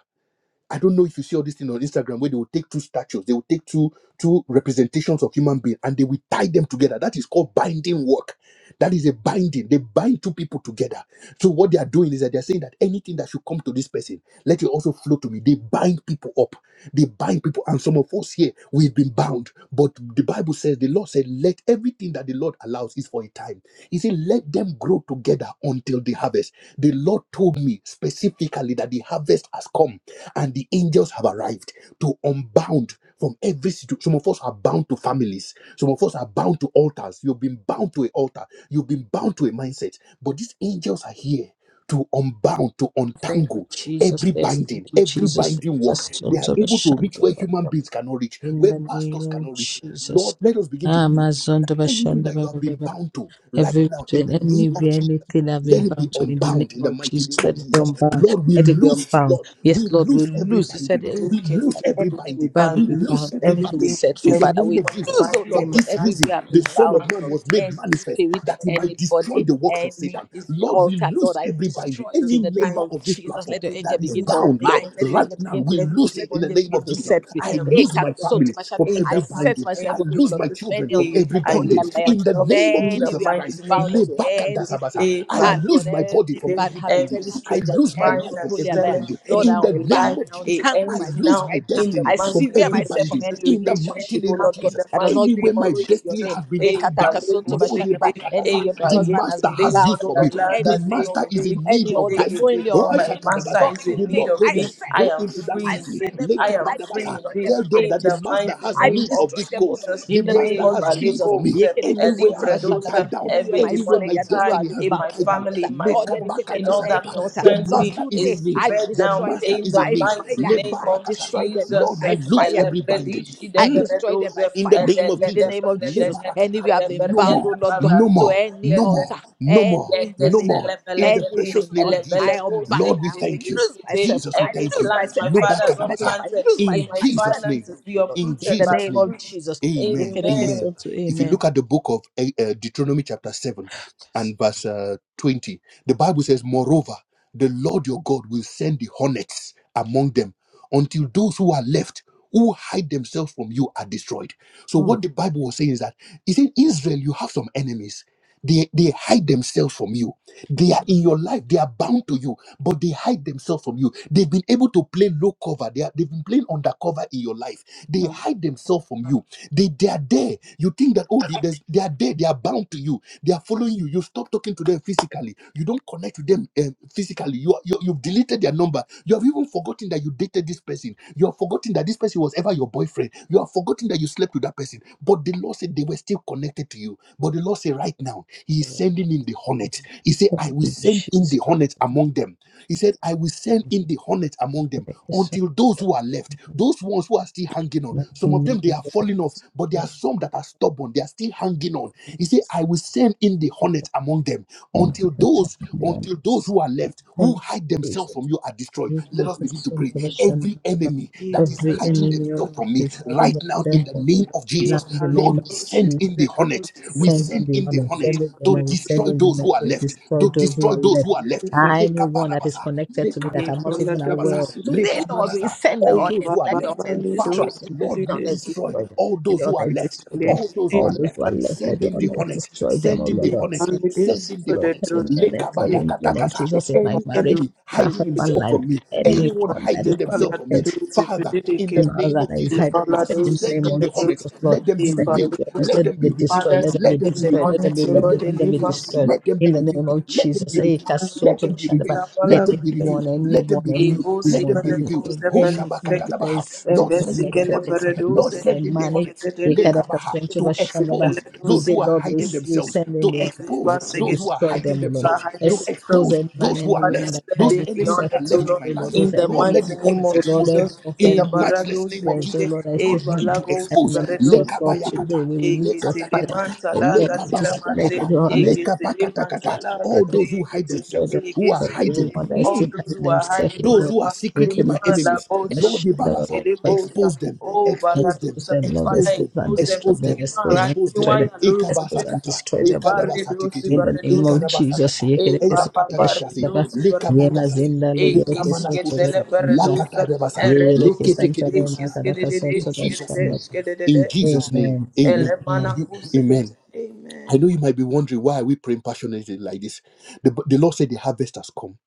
Speaker 1: I don't know if you see all this thing on Instagram where they will take two statues, they will take two two representations of human being and they will tie them together. That is called binding work. That is a binding. They bind two people together. So what they are doing is that they are saying that anything that should come to this person, let it also flow to me. They bind people up. They bind people, and some of us here we've been bound. But the Bible says the Lord said, "Let everything that the Lord allows is for a time." He said, "Let them grow together until the harvest." The Lord told me specifically that the harvest has come and the angels have arrived to unbound from every situation. Some of us are bound to families. Some of us are bound to altars. You've been bound to an altar. You've been bound to a mindset. But these angels are here to unbound, to
Speaker 2: Thank you,
Speaker 1: untangle
Speaker 2: Jesus.
Speaker 1: every
Speaker 2: Yes, thank
Speaker 1: binding,
Speaker 2: you,
Speaker 1: every
Speaker 2: Jesus.
Speaker 1: binding work.
Speaker 2: Amazon
Speaker 1: They are
Speaker 2: to the
Speaker 1: able to reach where human
Speaker 2: shandaba.
Speaker 1: beings cannot reach,
Speaker 2: In
Speaker 1: where
Speaker 2: the
Speaker 1: pastors
Speaker 2: name of
Speaker 1: cannot reach.
Speaker 2: Jesus.
Speaker 1: Lord, let us begin to pray.
Speaker 2: Amazon
Speaker 1: that
Speaker 2: to the
Speaker 1: Anything that you have been
Speaker 2: shandaba.
Speaker 1: bound to right now, in
Speaker 2: Everything,
Speaker 1: the name of
Speaker 2: anywhere,
Speaker 1: Jesus.
Speaker 2: anything I've been
Speaker 1: Let it be
Speaker 2: bound to in the name
Speaker 1: unbound in the
Speaker 2: of
Speaker 1: mighty name
Speaker 2: Jesus, let
Speaker 1: of
Speaker 2: it be
Speaker 1: Jesus.
Speaker 2: unbound.
Speaker 1: Lord, we
Speaker 2: Let it be
Speaker 1: loose,
Speaker 2: unbound.
Speaker 1: Lord,
Speaker 2: Yes,
Speaker 1: we
Speaker 2: Lord, we
Speaker 1: loose every
Speaker 2: lose. You said
Speaker 1: binding.
Speaker 2: eh,
Speaker 1: We loose
Speaker 2: that
Speaker 1: every
Speaker 2: everything we
Speaker 1: binding.
Speaker 3: I
Speaker 2: bind will
Speaker 1: We
Speaker 2: be
Speaker 1: loose
Speaker 3: lose
Speaker 2: bound.
Speaker 1: every
Speaker 2: Anything we
Speaker 3: everything,
Speaker 1: binding
Speaker 2: set free.
Speaker 1: in the
Speaker 3: every
Speaker 2: Father,
Speaker 1: name
Speaker 2: we
Speaker 1: of Jesus.
Speaker 2: lose, oh
Speaker 3: binding
Speaker 1: For
Speaker 3: in
Speaker 2: Lord
Speaker 3: my
Speaker 2: God,
Speaker 1: this
Speaker 3: life,
Speaker 1: reason,
Speaker 2: everywhere I've
Speaker 1: the
Speaker 3: in
Speaker 2: been
Speaker 1: Son
Speaker 3: my
Speaker 2: bound,
Speaker 1: of
Speaker 2: oh
Speaker 1: Man
Speaker 2: Lord,
Speaker 3: family
Speaker 1: was
Speaker 2: with
Speaker 1: made
Speaker 2: any
Speaker 3: is loose,
Speaker 1: manifest
Speaker 3: in
Speaker 2: spirit,
Speaker 3: my
Speaker 1: that he
Speaker 3: ministry,
Speaker 1: might destroy
Speaker 2: anybody,
Speaker 3: in
Speaker 1: the
Speaker 3: my
Speaker 1: works of
Speaker 3: marriage
Speaker 1: Satan.
Speaker 2: any
Speaker 3: is
Speaker 1: Lord,
Speaker 3: loose.
Speaker 1: we
Speaker 2: altar, Lord,
Speaker 1: loose
Speaker 2: I
Speaker 3: In
Speaker 1: every
Speaker 3: the name of
Speaker 1: binding.
Speaker 2: destroy it
Speaker 3: Jesus,
Speaker 2: in
Speaker 1: Any
Speaker 2: the
Speaker 3: I
Speaker 2: name
Speaker 1: member
Speaker 2: of
Speaker 3: am
Speaker 1: of this
Speaker 3: free
Speaker 2: Jesus.
Speaker 1: platform
Speaker 2: Let your
Speaker 3: indeed.
Speaker 1: that
Speaker 2: angel
Speaker 1: is
Speaker 2: begin
Speaker 3: In
Speaker 2: to
Speaker 3: the
Speaker 1: bound,
Speaker 3: name
Speaker 1: Lord,
Speaker 2: unbind.
Speaker 3: of
Speaker 2: Let your
Speaker 1: right
Speaker 3: Jesus,
Speaker 2: angel
Speaker 1: now,
Speaker 2: begin to
Speaker 1: we
Speaker 3: every
Speaker 2: lose.
Speaker 1: loose
Speaker 2: Let
Speaker 1: it
Speaker 2: your
Speaker 1: in the
Speaker 2: angel
Speaker 3: demonic
Speaker 1: name
Speaker 2: begin
Speaker 1: of
Speaker 2: to
Speaker 3: family.
Speaker 1: Jesus.
Speaker 2: set free.
Speaker 3: I
Speaker 1: I
Speaker 3: am
Speaker 2: Eh,
Speaker 1: lose
Speaker 3: free
Speaker 1: my family
Speaker 2: Katsoto
Speaker 1: family
Speaker 3: tonight
Speaker 2: Bashan,
Speaker 1: from
Speaker 3: in
Speaker 2: I
Speaker 1: every
Speaker 3: the
Speaker 2: set
Speaker 1: binding.
Speaker 3: mighty
Speaker 1: I
Speaker 2: myself
Speaker 3: name of
Speaker 2: free, oh
Speaker 1: lose
Speaker 2: Lord,
Speaker 1: my
Speaker 3: Jesus.
Speaker 2: from
Speaker 1: children
Speaker 2: any
Speaker 1: from
Speaker 2: un-
Speaker 3: Eh,
Speaker 1: every
Speaker 3: I
Speaker 2: unholy
Speaker 1: binding.
Speaker 3: lose
Speaker 2: alliance.
Speaker 1: In the
Speaker 2: From
Speaker 3: myself
Speaker 1: name of
Speaker 3: in the
Speaker 2: any we
Speaker 1: Jesus
Speaker 2: have been
Speaker 1: Christ,
Speaker 3: mighty name
Speaker 2: bound
Speaker 3: of
Speaker 2: to
Speaker 3: Jesus.
Speaker 2: anything.
Speaker 1: lebakadasabasa,
Speaker 3: Eh,
Speaker 1: I
Speaker 2: And Lord,
Speaker 1: lose
Speaker 3: Palliative,
Speaker 1: my body
Speaker 2: any
Speaker 1: from
Speaker 2: bad
Speaker 1: every
Speaker 2: habit,
Speaker 1: binding.
Speaker 3: Every
Speaker 2: any
Speaker 1: I
Speaker 3: spirit
Speaker 2: stranger,
Speaker 3: of
Speaker 1: lose my
Speaker 2: any
Speaker 3: buying
Speaker 1: life
Speaker 3: and
Speaker 1: from
Speaker 2: unholy
Speaker 1: every
Speaker 2: alliance,
Speaker 3: selling
Speaker 1: binding.
Speaker 3: in
Speaker 2: Lord, I
Speaker 1: In
Speaker 3: my
Speaker 1: the
Speaker 2: unbound,
Speaker 1: name
Speaker 3: life,
Speaker 2: I
Speaker 1: of Jesus,
Speaker 3: it
Speaker 2: untangle
Speaker 1: I
Speaker 3: ends
Speaker 2: myself
Speaker 1: lose
Speaker 3: now
Speaker 1: my
Speaker 2: right now.
Speaker 3: in the
Speaker 1: destiny
Speaker 2: I
Speaker 1: from
Speaker 3: mighty
Speaker 2: sever
Speaker 3: name
Speaker 1: every
Speaker 3: of
Speaker 2: myself from
Speaker 1: binding.
Speaker 3: Jesus.
Speaker 2: any
Speaker 1: In the
Speaker 3: It
Speaker 1: mighty
Speaker 3: ends
Speaker 2: relationship, oh
Speaker 1: name
Speaker 3: now
Speaker 1: of
Speaker 2: Lord God,
Speaker 3: in
Speaker 1: Jesus,
Speaker 3: the
Speaker 2: that does
Speaker 3: mighty
Speaker 2: not give
Speaker 1: anywhere
Speaker 3: name of
Speaker 1: my
Speaker 2: glory to your
Speaker 1: destiny
Speaker 3: Jesus.
Speaker 2: name.
Speaker 1: has been
Speaker 3: Eh,
Speaker 1: tied down,
Speaker 3: Palliative,
Speaker 2: Yekatakasonto
Speaker 1: Lodi
Speaker 2: bashanaba.
Speaker 3: Sigide,
Speaker 1: Bakatasa.
Speaker 3: Eh,
Speaker 2: Anywhere my
Speaker 1: The
Speaker 2: husband has
Speaker 1: master
Speaker 2: been
Speaker 3: Kayekide,
Speaker 1: has
Speaker 2: bound,
Speaker 1: use
Speaker 2: oh
Speaker 1: for
Speaker 2: Lord,
Speaker 1: me.
Speaker 2: to
Speaker 3: Mandala,
Speaker 1: The
Speaker 2: anything, oh
Speaker 1: master
Speaker 2: Lord
Speaker 1: is in
Speaker 2: to
Speaker 1: need
Speaker 2: any
Speaker 1: of
Speaker 2: altar,
Speaker 3: Gadekide,
Speaker 1: vessel.
Speaker 3: indeed.
Speaker 2: knowingly
Speaker 1: Oh,
Speaker 2: or
Speaker 3: My
Speaker 2: unknowingly.
Speaker 3: master
Speaker 2: Lord,
Speaker 1: Shakadabasa.
Speaker 3: is in
Speaker 1: The
Speaker 2: today
Speaker 3: need
Speaker 1: Lord
Speaker 3: of
Speaker 2: I
Speaker 1: told them,
Speaker 3: me.
Speaker 2: set
Speaker 3: I
Speaker 1: Go
Speaker 2: them
Speaker 3: am
Speaker 1: into
Speaker 2: loose.
Speaker 1: that
Speaker 2: I
Speaker 3: free
Speaker 1: city.
Speaker 2: set
Speaker 3: indeed.
Speaker 2: them loose.
Speaker 3: I am
Speaker 2: I
Speaker 3: free
Speaker 1: Lekabadabasa.
Speaker 2: destroy
Speaker 3: indeed.
Speaker 2: them.
Speaker 1: Tell them
Speaker 2: I
Speaker 3: In
Speaker 1: that the
Speaker 3: the
Speaker 2: destroy
Speaker 1: master
Speaker 2: them.
Speaker 3: mighty
Speaker 1: has
Speaker 2: I
Speaker 3: name
Speaker 1: need
Speaker 3: of
Speaker 1: of
Speaker 2: destroy
Speaker 1: this
Speaker 2: them, oh
Speaker 1: coat.
Speaker 2: Lord.
Speaker 3: Jesus.
Speaker 1: The
Speaker 2: In the name
Speaker 1: master
Speaker 3: eh,
Speaker 2: of
Speaker 1: has need
Speaker 2: Jesus.
Speaker 1: for me.
Speaker 3: Malekos, eh,
Speaker 1: Anywhere I have been
Speaker 3: Elibredos,
Speaker 2: Yekerekesotabashandaba.
Speaker 3: eh,
Speaker 1: tied down,
Speaker 2: Anywhere
Speaker 3: every
Speaker 2: my
Speaker 1: anywhere
Speaker 2: son,
Speaker 1: my
Speaker 3: demonic
Speaker 2: Yanulu,
Speaker 3: tie
Speaker 2: has
Speaker 1: destiny
Speaker 2: been
Speaker 1: has
Speaker 3: in
Speaker 1: been
Speaker 3: my
Speaker 2: bound to
Speaker 1: tied down.
Speaker 2: any
Speaker 3: family,
Speaker 2: altar
Speaker 3: in my
Speaker 2: or
Speaker 3: home,
Speaker 2: dedicated
Speaker 3: in
Speaker 2: to
Speaker 3: all that
Speaker 2: any
Speaker 1: Lekabakatasakata.
Speaker 2: altar.
Speaker 1: The
Speaker 3: concerns me
Speaker 2: Lord,
Speaker 1: master is
Speaker 2: today
Speaker 1: in
Speaker 3: is
Speaker 1: need.
Speaker 2: I
Speaker 3: severed
Speaker 1: The
Speaker 3: now.
Speaker 2: destroy them
Speaker 1: master
Speaker 3: In
Speaker 1: is
Speaker 3: the
Speaker 1: in
Speaker 2: by
Speaker 1: need.
Speaker 3: mighty
Speaker 2: fire.
Speaker 3: name
Speaker 2: I
Speaker 3: of
Speaker 1: Lebarakatasa.
Speaker 2: destroy them.
Speaker 3: Jesus.
Speaker 1: Lord,
Speaker 2: By
Speaker 3: eh,
Speaker 1: we lose
Speaker 2: fire,
Speaker 1: every binding.
Speaker 3: Elebredishi de
Speaker 2: I
Speaker 1: Hmm
Speaker 2: destroy them
Speaker 3: Beredos,
Speaker 2: by
Speaker 1: in the
Speaker 2: fire
Speaker 1: name of
Speaker 2: in the
Speaker 3: Eredede
Speaker 1: Jesus.
Speaker 2: name of
Speaker 3: Berede,
Speaker 2: Jesus.
Speaker 1: Lebarakata.
Speaker 2: Any we have been
Speaker 1: No
Speaker 2: bound,
Speaker 3: Ereberiede
Speaker 2: oh
Speaker 1: more,
Speaker 2: Lord God,
Speaker 1: no
Speaker 2: to
Speaker 1: more,
Speaker 2: any
Speaker 1: no
Speaker 3: Barados.
Speaker 1: more,
Speaker 2: altar,
Speaker 1: no more,
Speaker 2: any
Speaker 1: no more.
Speaker 2: relation,
Speaker 1: In the
Speaker 3: Yekeselepeleketi,
Speaker 1: precious
Speaker 2: anything,
Speaker 1: name
Speaker 2: Lord.
Speaker 1: of
Speaker 2: I
Speaker 1: Jesus.
Speaker 2: unbound,
Speaker 1: Lord, we
Speaker 2: I
Speaker 1: thank you.
Speaker 2: lose
Speaker 3: elepelekosekereregesete.
Speaker 2: myself,
Speaker 1: Jesus,
Speaker 2: Lord.
Speaker 1: we
Speaker 3: Every
Speaker 2: I
Speaker 1: thank
Speaker 2: lose
Speaker 1: you.
Speaker 3: plant
Speaker 2: myself,
Speaker 3: my
Speaker 2: I
Speaker 3: father has
Speaker 2: lose
Speaker 3: not
Speaker 2: myself,
Speaker 1: Lubakadabata.
Speaker 2: I
Speaker 3: planted
Speaker 2: lose
Speaker 1: In
Speaker 3: in
Speaker 2: myself,
Speaker 3: my
Speaker 2: I set
Speaker 1: Jesus' name.
Speaker 2: myself
Speaker 3: finances be
Speaker 2: free, Lord.
Speaker 1: In
Speaker 2: In
Speaker 3: uprooted
Speaker 2: the
Speaker 3: by
Speaker 1: Jesus'
Speaker 3: the
Speaker 2: name of
Speaker 1: name.
Speaker 3: roots.
Speaker 2: Jesus.
Speaker 1: Amen.
Speaker 2: Yekereke
Speaker 3: Amen.
Speaker 1: Amen.
Speaker 2: soto,
Speaker 1: If you
Speaker 2: Amen.
Speaker 1: look at the book of eh, eh, Deuteronomy, chapter 7
Speaker 2: Yes.
Speaker 1: and verse uh, 20, the Bible says, Moreover, the Lord your God will send the hornets among them until those who are left who hide themselves from you are destroyed. So
Speaker 2: Mm.
Speaker 1: what the Bible was saying is that is in Israel you have some enemies. They, they hide themselves from you. They are in your life. They are bound to you, but they hide themselves from you. They've been able to play low cover. They are, they've been playing undercover in your life. They hide themselves from you. They, they are there. You think that, oh, they, there's- they are there. They are bound to you they are following you. you stop talking to them physically. You don't connect with them eh, physically. You, are- you you've deleted their number. You have even forgotten that you dated this person. You have forgotten that this person was ever your boyfriend. You have forgotten that you slept with that person. But the Lord said they were still connected to you. But the Lord said right now He is sending in the hornet. He said I will send in the
Speaker 2: Jesus.
Speaker 1: hornet among them. He said, I will send in the hornet among them until those who are left, those ones who are still hanging on.
Speaker 2: Let's
Speaker 1: Some of them they are falling off, but there are
Speaker 2: remember.
Speaker 1: some that are stubborn, they are still hanging on. He said, I will send in the hornet among them
Speaker 2: thank you
Speaker 1: until
Speaker 2: for
Speaker 1: those
Speaker 2: taking the
Speaker 1: until those who are left who hide
Speaker 2: unconscious
Speaker 1: themselves from you are destroyed let
Speaker 2: usually
Speaker 1: us begin to
Speaker 2: position
Speaker 1: pray
Speaker 2: for the shadow
Speaker 1: every
Speaker 2: of
Speaker 1: enemy that is
Speaker 2: every
Speaker 1: hiding
Speaker 2: enemy or
Speaker 1: themselves from me
Speaker 2: desire that is hiding
Speaker 1: right now
Speaker 2: itself
Speaker 1: in the
Speaker 2: from
Speaker 1: name of
Speaker 2: right now in
Speaker 1: jesus
Speaker 2: the name
Speaker 1: lord
Speaker 2: of
Speaker 1: we send
Speaker 2: Jesus.
Speaker 1: in the hornet we
Speaker 2: Send in
Speaker 1: send
Speaker 2: the
Speaker 1: in the
Speaker 2: morning,
Speaker 1: hornet
Speaker 2: send demon
Speaker 1: to
Speaker 2: and
Speaker 1: destroy
Speaker 2: sending
Speaker 1: those
Speaker 2: venom and sending venom
Speaker 1: who are
Speaker 2: to
Speaker 1: left
Speaker 2: destroy
Speaker 1: to
Speaker 2: those who
Speaker 1: destroy
Speaker 2: are
Speaker 1: those
Speaker 2: left.
Speaker 1: who are left
Speaker 2: Ah, Anyone that is
Speaker 1: Lekabarabasa,
Speaker 2: connected to me that I'm not even aware
Speaker 1: lekakakadosikadabasa,
Speaker 2: of. Today, Lord, we
Speaker 1: lekamanasa,
Speaker 2: send the
Speaker 1: all those
Speaker 2: honest.
Speaker 1: who are
Speaker 2: Let the
Speaker 1: left
Speaker 2: honest destroy
Speaker 1: Father,
Speaker 2: them. Let
Speaker 1: Lord,
Speaker 2: the
Speaker 1: we
Speaker 2: honest
Speaker 1: destroy
Speaker 2: destroy them.
Speaker 1: all
Speaker 2: Let
Speaker 1: those
Speaker 2: the
Speaker 1: who are
Speaker 2: honest
Speaker 1: left
Speaker 2: destroy them.
Speaker 1: all those who
Speaker 2: All
Speaker 1: are
Speaker 2: those who
Speaker 1: left,
Speaker 2: are left, let
Speaker 1: send
Speaker 2: the
Speaker 1: in the
Speaker 2: honest
Speaker 1: hornet,
Speaker 2: destroy them. Oh
Speaker 1: send in the
Speaker 2: Lord, on
Speaker 1: hornet,
Speaker 2: send the honest,
Speaker 1: send in the
Speaker 2: Lord.
Speaker 1: hornet.
Speaker 2: Send the honest, Lord. In the name of
Speaker 1: Lekabayakatakasa.
Speaker 2: Jesus, in my
Speaker 1: Any
Speaker 2: marriage,
Speaker 1: enemy
Speaker 2: my
Speaker 1: hiding
Speaker 2: husband
Speaker 1: himself
Speaker 2: life,
Speaker 1: from me, anyone
Speaker 2: anyone that is
Speaker 1: hiding themselves from me,
Speaker 2: connected.
Speaker 1: Father, in the
Speaker 2: And as
Speaker 1: name
Speaker 2: that
Speaker 1: of
Speaker 2: is
Speaker 1: Jesus,
Speaker 2: hiding we
Speaker 1: as
Speaker 2: step
Speaker 1: you
Speaker 2: in the
Speaker 1: send
Speaker 2: name
Speaker 1: in
Speaker 2: of
Speaker 1: the hornets,
Speaker 2: Jesus, Lord.
Speaker 1: let them be
Speaker 2: Set them
Speaker 1: revealed,
Speaker 2: joiners.
Speaker 1: let
Speaker 2: Let them
Speaker 1: them
Speaker 2: be
Speaker 1: be revealed,
Speaker 2: destroyed. Let them be
Speaker 1: let them be
Speaker 2: destroyed. Let
Speaker 1: revealed,
Speaker 2: them be
Speaker 1: let
Speaker 2: removed.
Speaker 1: them
Speaker 2: Let
Speaker 1: be
Speaker 2: them be
Speaker 1: revealed,
Speaker 2: destroyed.
Speaker 1: let them be
Speaker 2: In the
Speaker 1: revealed,
Speaker 2: name of
Speaker 1: let them
Speaker 2: Jesus.
Speaker 1: be
Speaker 2: Hey,
Speaker 1: revealed.
Speaker 2: cast soul
Speaker 1: Let
Speaker 2: to
Speaker 1: them
Speaker 2: the
Speaker 1: be
Speaker 2: shandaba.
Speaker 1: revealed. Let them be
Speaker 2: Anyone,
Speaker 1: revealed. Let them
Speaker 2: anyone,
Speaker 1: be
Speaker 2: any
Speaker 1: revealed. Let
Speaker 2: demon,
Speaker 1: them be
Speaker 2: any
Speaker 1: revealed.
Speaker 2: any-
Speaker 1: Ho
Speaker 2: anything that is
Speaker 1: shabakatalabaha.
Speaker 2: still
Speaker 1: Lord, send in the
Speaker 2: connected to
Speaker 1: hornets.
Speaker 2: my husband,
Speaker 1: Lord,
Speaker 2: to my
Speaker 1: send in the
Speaker 2: money.
Speaker 1: hornets.
Speaker 2: We can have cast
Speaker 1: Lekabaha.
Speaker 2: them to the
Speaker 1: To
Speaker 2: shandaba.
Speaker 1: expose those
Speaker 2: Today,
Speaker 1: who are
Speaker 2: Lord, we
Speaker 1: hiding
Speaker 2: s- you
Speaker 1: themselves.
Speaker 2: send in
Speaker 1: To
Speaker 2: the others
Speaker 1: expose
Speaker 2: Lord, to
Speaker 1: those who are
Speaker 2: destroy
Speaker 1: hiding
Speaker 2: them, O Lord.
Speaker 1: themselves. To
Speaker 2: Expose
Speaker 1: expose
Speaker 2: any man,
Speaker 1: those
Speaker 2: any
Speaker 1: who are
Speaker 2: woman
Speaker 1: left.
Speaker 2: that
Speaker 1: Those
Speaker 2: hiding
Speaker 3: understanding, the
Speaker 1: enemies
Speaker 2: himself
Speaker 1: that are
Speaker 3: honest, O
Speaker 2: from you,
Speaker 1: left in
Speaker 3: Lord,
Speaker 1: my
Speaker 2: O Lord.
Speaker 1: life,
Speaker 3: in
Speaker 2: Those
Speaker 3: the
Speaker 1: Lord, let
Speaker 2: enemies,
Speaker 3: mighty
Speaker 1: the
Speaker 3: name
Speaker 1: hornets
Speaker 2: O
Speaker 3: of
Speaker 2: Lord,
Speaker 1: expose them.
Speaker 2: every
Speaker 3: Jesus.
Speaker 1: In
Speaker 3: E
Speaker 1: the
Speaker 2: offender
Speaker 3: barado
Speaker 1: matchless name of
Speaker 2: friends. Oh
Speaker 1: Jesus,
Speaker 3: sigete,
Speaker 2: Lord, I
Speaker 3: e
Speaker 2: still
Speaker 1: Lord,
Speaker 2: have
Speaker 1: begin to
Speaker 3: balago
Speaker 2: I
Speaker 1: expose.
Speaker 2: remember
Speaker 3: sibaredo
Speaker 2: myself, Lord,
Speaker 3: sigete,
Speaker 2: today
Speaker 1: Lekabayakata,
Speaker 2: we
Speaker 3: e
Speaker 2: release your
Speaker 3: getele
Speaker 2: fire.
Speaker 1: lekatakataka,
Speaker 3: manta
Speaker 2: Oh,
Speaker 3: la
Speaker 2: Let it
Speaker 3: gazila
Speaker 2: just make
Speaker 3: mante,
Speaker 1: lekabakatakata,
Speaker 2: it
Speaker 3: e
Speaker 2: honest.
Speaker 3: getele
Speaker 1: lekabakatakata.
Speaker 3: manta la
Speaker 2: Destroy them.
Speaker 1: All
Speaker 2: Let it
Speaker 1: those who
Speaker 3: gazile
Speaker 1: hide
Speaker 3: gete,
Speaker 2: Destroy
Speaker 1: themselves,
Speaker 2: them.
Speaker 3: e
Speaker 1: who are hiding
Speaker 3: gesigete.
Speaker 2: Everyone that is
Speaker 3: All
Speaker 2: still
Speaker 3: those
Speaker 2: having
Speaker 3: who are
Speaker 2: themselves,
Speaker 3: hiding,
Speaker 2: oh
Speaker 1: those
Speaker 2: Lord.
Speaker 1: who are
Speaker 3: Olua,
Speaker 2: We
Speaker 3: the
Speaker 1: secretly my
Speaker 2: couldn't
Speaker 3: la
Speaker 2: destroy
Speaker 1: enemies,
Speaker 2: them.
Speaker 3: bosu,
Speaker 1: Lord
Speaker 2: Shadow of
Speaker 1: Ibarasa,
Speaker 2: our God.
Speaker 3: elebosa,
Speaker 1: expose them,
Speaker 3: oh
Speaker 1: expose them,
Speaker 2: Expose
Speaker 3: baradosa,
Speaker 2: them, Lord.
Speaker 3: Father,
Speaker 1: expose
Speaker 2: Expose
Speaker 1: them,
Speaker 2: and
Speaker 3: expose them.
Speaker 2: destroy
Speaker 1: expose
Speaker 2: them.
Speaker 3: You
Speaker 1: them,
Speaker 3: know,
Speaker 2: Expose
Speaker 3: around
Speaker 2: and
Speaker 1: expose
Speaker 3: you,
Speaker 2: destroy
Speaker 1: them.
Speaker 3: why
Speaker 2: them.
Speaker 3: you're looking for
Speaker 2: Expose
Speaker 3: Jesus.
Speaker 2: and
Speaker 1: Ikabasakata,
Speaker 2: destroy
Speaker 3: E
Speaker 2: them, oh Lord.
Speaker 3: barredo
Speaker 1: ikadabasatikiti,
Speaker 2: In the
Speaker 3: sibaredo
Speaker 2: name of
Speaker 3: sigete.
Speaker 2: Jesus,
Speaker 1: ikadabasakata,
Speaker 3: E
Speaker 2: Yekerekeso,
Speaker 3: baba
Speaker 1: edakatakatasi,
Speaker 3: baredus
Speaker 2: Yeshadaba, Yena
Speaker 3: baredus
Speaker 1: likabakatasi,
Speaker 2: Zinda,
Speaker 3: e kis
Speaker 2: Legerekeso, Tobe,
Speaker 3: getele
Speaker 1: likamanakutufu,
Speaker 2: Shandaba,
Speaker 3: baredus e
Speaker 1: lakatadabasa,
Speaker 3: redus
Speaker 2: Yegerekesan,
Speaker 3: e
Speaker 2: Tale,
Speaker 1: likitikidibusa.
Speaker 3: kis gedede
Speaker 2: Makarakaso,
Speaker 1: In
Speaker 2: Tobe,
Speaker 1: Jesus'
Speaker 3: gedede
Speaker 1: name,
Speaker 2: Shandaba.
Speaker 3: gedede
Speaker 1: in Jesus' name,
Speaker 2: Amen.
Speaker 1: amen.
Speaker 3: ele mana
Speaker 2: Amen.
Speaker 1: You-
Speaker 3: kus
Speaker 1: amen.
Speaker 3: gete
Speaker 1: I
Speaker 3: amen.
Speaker 1: know you might be wondering why are we praying passionately like this. The, the Lord said the harvest has come.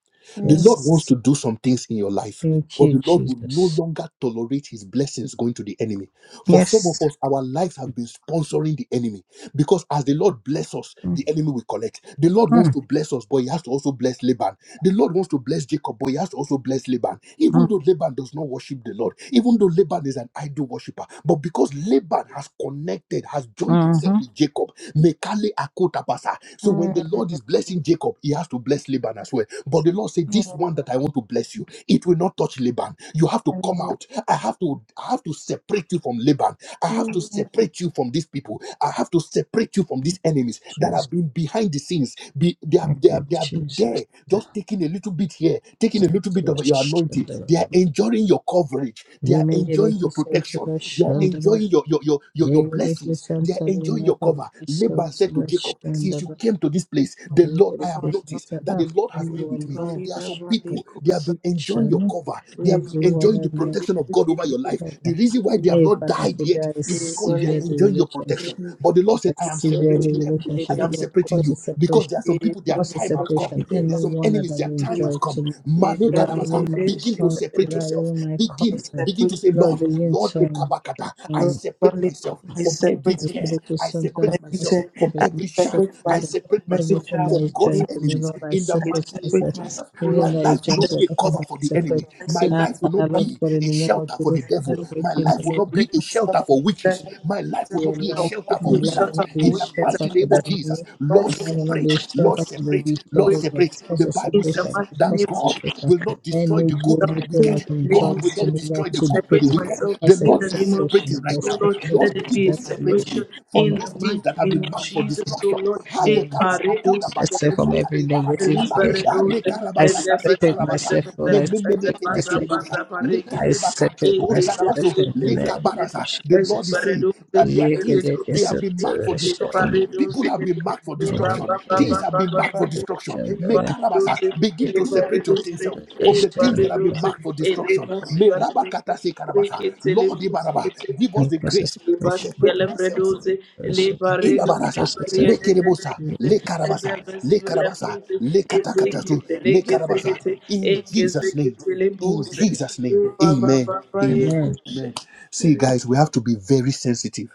Speaker 1: The
Speaker 3: Mm.
Speaker 1: Lord wants
Speaker 2: Yes.
Speaker 1: to do some things in your life,
Speaker 2: Thank
Speaker 1: but
Speaker 2: you,
Speaker 1: the Lord will no
Speaker 2: Jesus.
Speaker 1: longer tolerate his blessings going to the enemy. For some of
Speaker 2: Yes.
Speaker 1: us, our lives have been sponsoring the enemy because as the Lord bless us, the enemy will collect. The Lord wants to bless us, but he has to also bless Laban. The Lord wants to bless Jacob, but he has to also bless Laban. Even though Laban does not not worship the Lord, even though Laban is an idol worshiper. But because Laban has connected, has joined himself with Jacob, Mekale Akotapasa. So when the Lord is blessing Jacob, he has to bless Laban as well. But the Lord said, This one that I want to bless you, it will not touch Laban. You have to come out. I have to I have to separate you from Laban I have to separate you from these people. I have to separate you from these enemies that
Speaker 2: Jesus.
Speaker 1: have been behind the scenes. Be, they, have,
Speaker 2: Thank
Speaker 1: they, have,
Speaker 2: you,
Speaker 1: they have been
Speaker 2: Jesus.
Speaker 1: there, just taking a little bit here, taking a little bit of your anointing. They are enjoying your coverage. They are enjoying
Speaker 2: Remediate
Speaker 1: your protection.
Speaker 2: Santaba
Speaker 1: They are
Speaker 2: Shandaba.
Speaker 1: enjoying your, your, your, your, your
Speaker 2: Remediate
Speaker 1: blessings. They are
Speaker 2: Santa
Speaker 1: enjoying your
Speaker 2: Renata
Speaker 1: cover. Laban said to
Speaker 2: Santaba
Speaker 1: Jacob, Since you
Speaker 2: Shandaba.
Speaker 1: came to this place, the Lord, I have
Speaker 2: Remediate
Speaker 1: noticed that
Speaker 2: Santa.
Speaker 1: the Lord has been with
Speaker 2: Everyone
Speaker 1: me. There are
Speaker 2: launch.
Speaker 1: some people, they have been enjoying your
Speaker 2: Shannon.
Speaker 1: cover. They have been enjoying enjoying the
Speaker 2: Everyone
Speaker 1: protection of God over your life.
Speaker 2: ever.
Speaker 1: The reason why they have
Speaker 2: Hey,
Speaker 1: not
Speaker 2: Father,
Speaker 1: died yet
Speaker 2: today I
Speaker 1: is because they are
Speaker 2: severe the
Speaker 1: enjoying your
Speaker 2: relationship.
Speaker 1: protection. But the Lord
Speaker 2: I
Speaker 1: said, I am
Speaker 2: severe the
Speaker 1: separating them.
Speaker 2: relationship.
Speaker 1: I am
Speaker 2: Lord,
Speaker 1: separating
Speaker 2: cause a
Speaker 1: you because
Speaker 2: separation.
Speaker 1: there are some people, their
Speaker 2: What's the
Speaker 1: time has come.
Speaker 2: separation?
Speaker 1: There are some
Speaker 2: Anyone that
Speaker 1: enemies,
Speaker 2: has
Speaker 1: their
Speaker 2: been
Speaker 1: time has
Speaker 2: joy
Speaker 1: come.
Speaker 2: to me,
Speaker 1: Mane
Speaker 2: without
Speaker 1: kadabasa,
Speaker 2: even my
Speaker 1: begin to
Speaker 2: con-
Speaker 1: separate
Speaker 2: without
Speaker 1: yourself.
Speaker 2: even my
Speaker 1: Begin,
Speaker 2: consent,
Speaker 1: begin to say,
Speaker 2: Lord,
Speaker 1: Lord,
Speaker 2: begin
Speaker 1: Lord,
Speaker 2: to um,
Speaker 1: ekabakata, I
Speaker 2: um,
Speaker 1: separate myself from every tear.
Speaker 2: infinity
Speaker 1: I
Speaker 2: sons that
Speaker 1: separate
Speaker 2: are
Speaker 1: myself from
Speaker 2: the me,
Speaker 1: every shaft.
Speaker 2: separate
Speaker 1: I
Speaker 2: them.
Speaker 1: separate myself
Speaker 2: Everything that
Speaker 1: from
Speaker 2: is
Speaker 1: God's
Speaker 2: joined to me,
Speaker 1: enemies
Speaker 2: Lord, I
Speaker 1: in the
Speaker 2: separate
Speaker 1: mighty name of
Speaker 2: myself.
Speaker 1: Jesus. My
Speaker 2: Everything that is
Speaker 1: life will
Speaker 2: joined to
Speaker 1: not be
Speaker 2: your life, I
Speaker 1: a cover
Speaker 2: cannot
Speaker 1: for the enemy.
Speaker 2: separate.
Speaker 3: I
Speaker 1: My
Speaker 2: Ah,
Speaker 3: separate
Speaker 1: life will
Speaker 2: Father,
Speaker 1: not
Speaker 3: myself
Speaker 2: Lord
Speaker 1: be
Speaker 2: God, in
Speaker 1: a
Speaker 2: the name of
Speaker 1: shelter for
Speaker 2: Jesus,
Speaker 1: the devil.
Speaker 3: Jesus.
Speaker 1: My
Speaker 3: I
Speaker 2: everything,
Speaker 1: life will not be
Speaker 3: separate
Speaker 1: a
Speaker 3: myself
Speaker 1: shelter for
Speaker 3: in the
Speaker 1: witches.
Speaker 2: Lord,
Speaker 3: name of
Speaker 1: My life will
Speaker 3: Jesus.
Speaker 2: your
Speaker 1: not be a
Speaker 3: I
Speaker 2: life,
Speaker 3: will
Speaker 1: shelter
Speaker 3: not be
Speaker 2: my
Speaker 1: for
Speaker 3: a
Speaker 2: life
Speaker 3: shut
Speaker 2: will
Speaker 1: wizards.
Speaker 3: of
Speaker 2: not
Speaker 3: the
Speaker 2: be a
Speaker 1: In the
Speaker 3: witches and
Speaker 2: shelter
Speaker 1: mighty
Speaker 2: for
Speaker 1: name
Speaker 2: the
Speaker 1: of
Speaker 3: wizards.
Speaker 1: Jesus,
Speaker 2: enemy.
Speaker 3: My
Speaker 2: My
Speaker 1: Lord,
Speaker 2: life
Speaker 3: children
Speaker 2: will not be
Speaker 1: separate,
Speaker 2: a
Speaker 1: Lord,
Speaker 2: shelter for the
Speaker 1: separate,
Speaker 2: wicked.
Speaker 1: Lord,
Speaker 2: Oh
Speaker 3: separate
Speaker 2: God,
Speaker 1: separate.
Speaker 3: myself
Speaker 2: cause
Speaker 1: The
Speaker 2: a
Speaker 1: Bible
Speaker 3: in the
Speaker 1: says
Speaker 2: separation,
Speaker 3: mighty
Speaker 1: that
Speaker 2: cause
Speaker 3: name
Speaker 2: a
Speaker 3: of
Speaker 1: God
Speaker 3: Jesus.
Speaker 2: separation.
Speaker 1: will not destroy
Speaker 2: Any
Speaker 1: the good with
Speaker 2: journey
Speaker 3: myself
Speaker 1: the
Speaker 2: that
Speaker 3: in
Speaker 2: has
Speaker 3: the
Speaker 1: wicked.
Speaker 2: been
Speaker 3: name
Speaker 1: God
Speaker 3: of
Speaker 2: joined
Speaker 1: will
Speaker 2: to
Speaker 3: Jesus.
Speaker 1: not
Speaker 2: the
Speaker 1: destroy
Speaker 2: Lord
Speaker 3: I
Speaker 1: the good with the
Speaker 3: Separate
Speaker 2: today,
Speaker 1: wicked.
Speaker 3: myself
Speaker 1: The
Speaker 2: cause a
Speaker 3: in
Speaker 1: Lord
Speaker 3: the
Speaker 1: is
Speaker 3: name of
Speaker 2: separation.
Speaker 1: separating
Speaker 3: Jesus,
Speaker 2: I
Speaker 1: right
Speaker 3: oh
Speaker 1: now.
Speaker 2: separate
Speaker 3: Lord. Let
Speaker 1: Lord,
Speaker 3: it
Speaker 1: begin
Speaker 3: be
Speaker 1: to
Speaker 3: in
Speaker 2: myself, O
Speaker 1: separate
Speaker 2: Lord,
Speaker 3: separation
Speaker 1: me
Speaker 2: from
Speaker 1: from
Speaker 3: in
Speaker 2: my
Speaker 3: the
Speaker 1: those things
Speaker 3: mighty
Speaker 1: that have
Speaker 3: name
Speaker 1: been
Speaker 3: of
Speaker 1: marked for
Speaker 3: Jesus, oh
Speaker 1: destruction
Speaker 3: Lord. Eh,
Speaker 2: parents,
Speaker 3: paredos,
Speaker 1: manakoda
Speaker 2: myself
Speaker 1: bakataza
Speaker 2: from
Speaker 3: paredos,
Speaker 2: every
Speaker 1: kadeba
Speaker 2: negative
Speaker 1: rakataza
Speaker 3: libaredos,
Speaker 2: relationship. I
Speaker 3: eh,
Speaker 1: anekarabakata
Speaker 3: zeba,
Speaker 2: separate
Speaker 3: zeba,
Speaker 1: sekarabasa
Speaker 2: myself,
Speaker 3: zeba,
Speaker 2: Lord. I
Speaker 3: zeba,
Speaker 2: separate
Speaker 3: zeba,
Speaker 2: myself.
Speaker 3: zeba,
Speaker 1: mememeneketekerebosha
Speaker 3: zeba,
Speaker 2: Lord. I
Speaker 3: rege,
Speaker 1: lekarebaka
Speaker 2: separate
Speaker 3: Thank
Speaker 2: myself
Speaker 1: osharabaso
Speaker 2: in the name of
Speaker 1: lekabaraza the lord
Speaker 2: Jesus.
Speaker 1: is saying that there are
Speaker 2: Yeke
Speaker 1: things
Speaker 2: leke
Speaker 1: they have been marked for
Speaker 2: separation.
Speaker 1: destruction people have been marked for
Speaker 2: I
Speaker 1: destruction things have been marked for destruction Me karabasa begin to separate your yourself from the things that have been marked for destruction Me rabakata se karabasa lord ibaraba
Speaker 3: you.
Speaker 1: give us the
Speaker 2: process
Speaker 1: grace to
Speaker 3: Libas
Speaker 2: separation
Speaker 1: separate ourselves
Speaker 3: gelebreduzi,
Speaker 2: person.
Speaker 3: libareduzi,
Speaker 1: Ilabarasa,
Speaker 2: Process
Speaker 1: le
Speaker 3: bariedededuzi,
Speaker 1: kerebasa,
Speaker 2: separation.
Speaker 1: le karabasa, le karabasa,
Speaker 3: ezebezibelefuzi,
Speaker 1: le katakatatu, le karabasa.
Speaker 3: ezekitelekezekete,
Speaker 1: In Jesus' name, in
Speaker 3: engezeketelebuse,
Speaker 1: Jesus' name, Amen, Amen,
Speaker 2: Amen.
Speaker 3: ibabababayebushe.
Speaker 1: Amen. See, guys, we have to be very sensitive.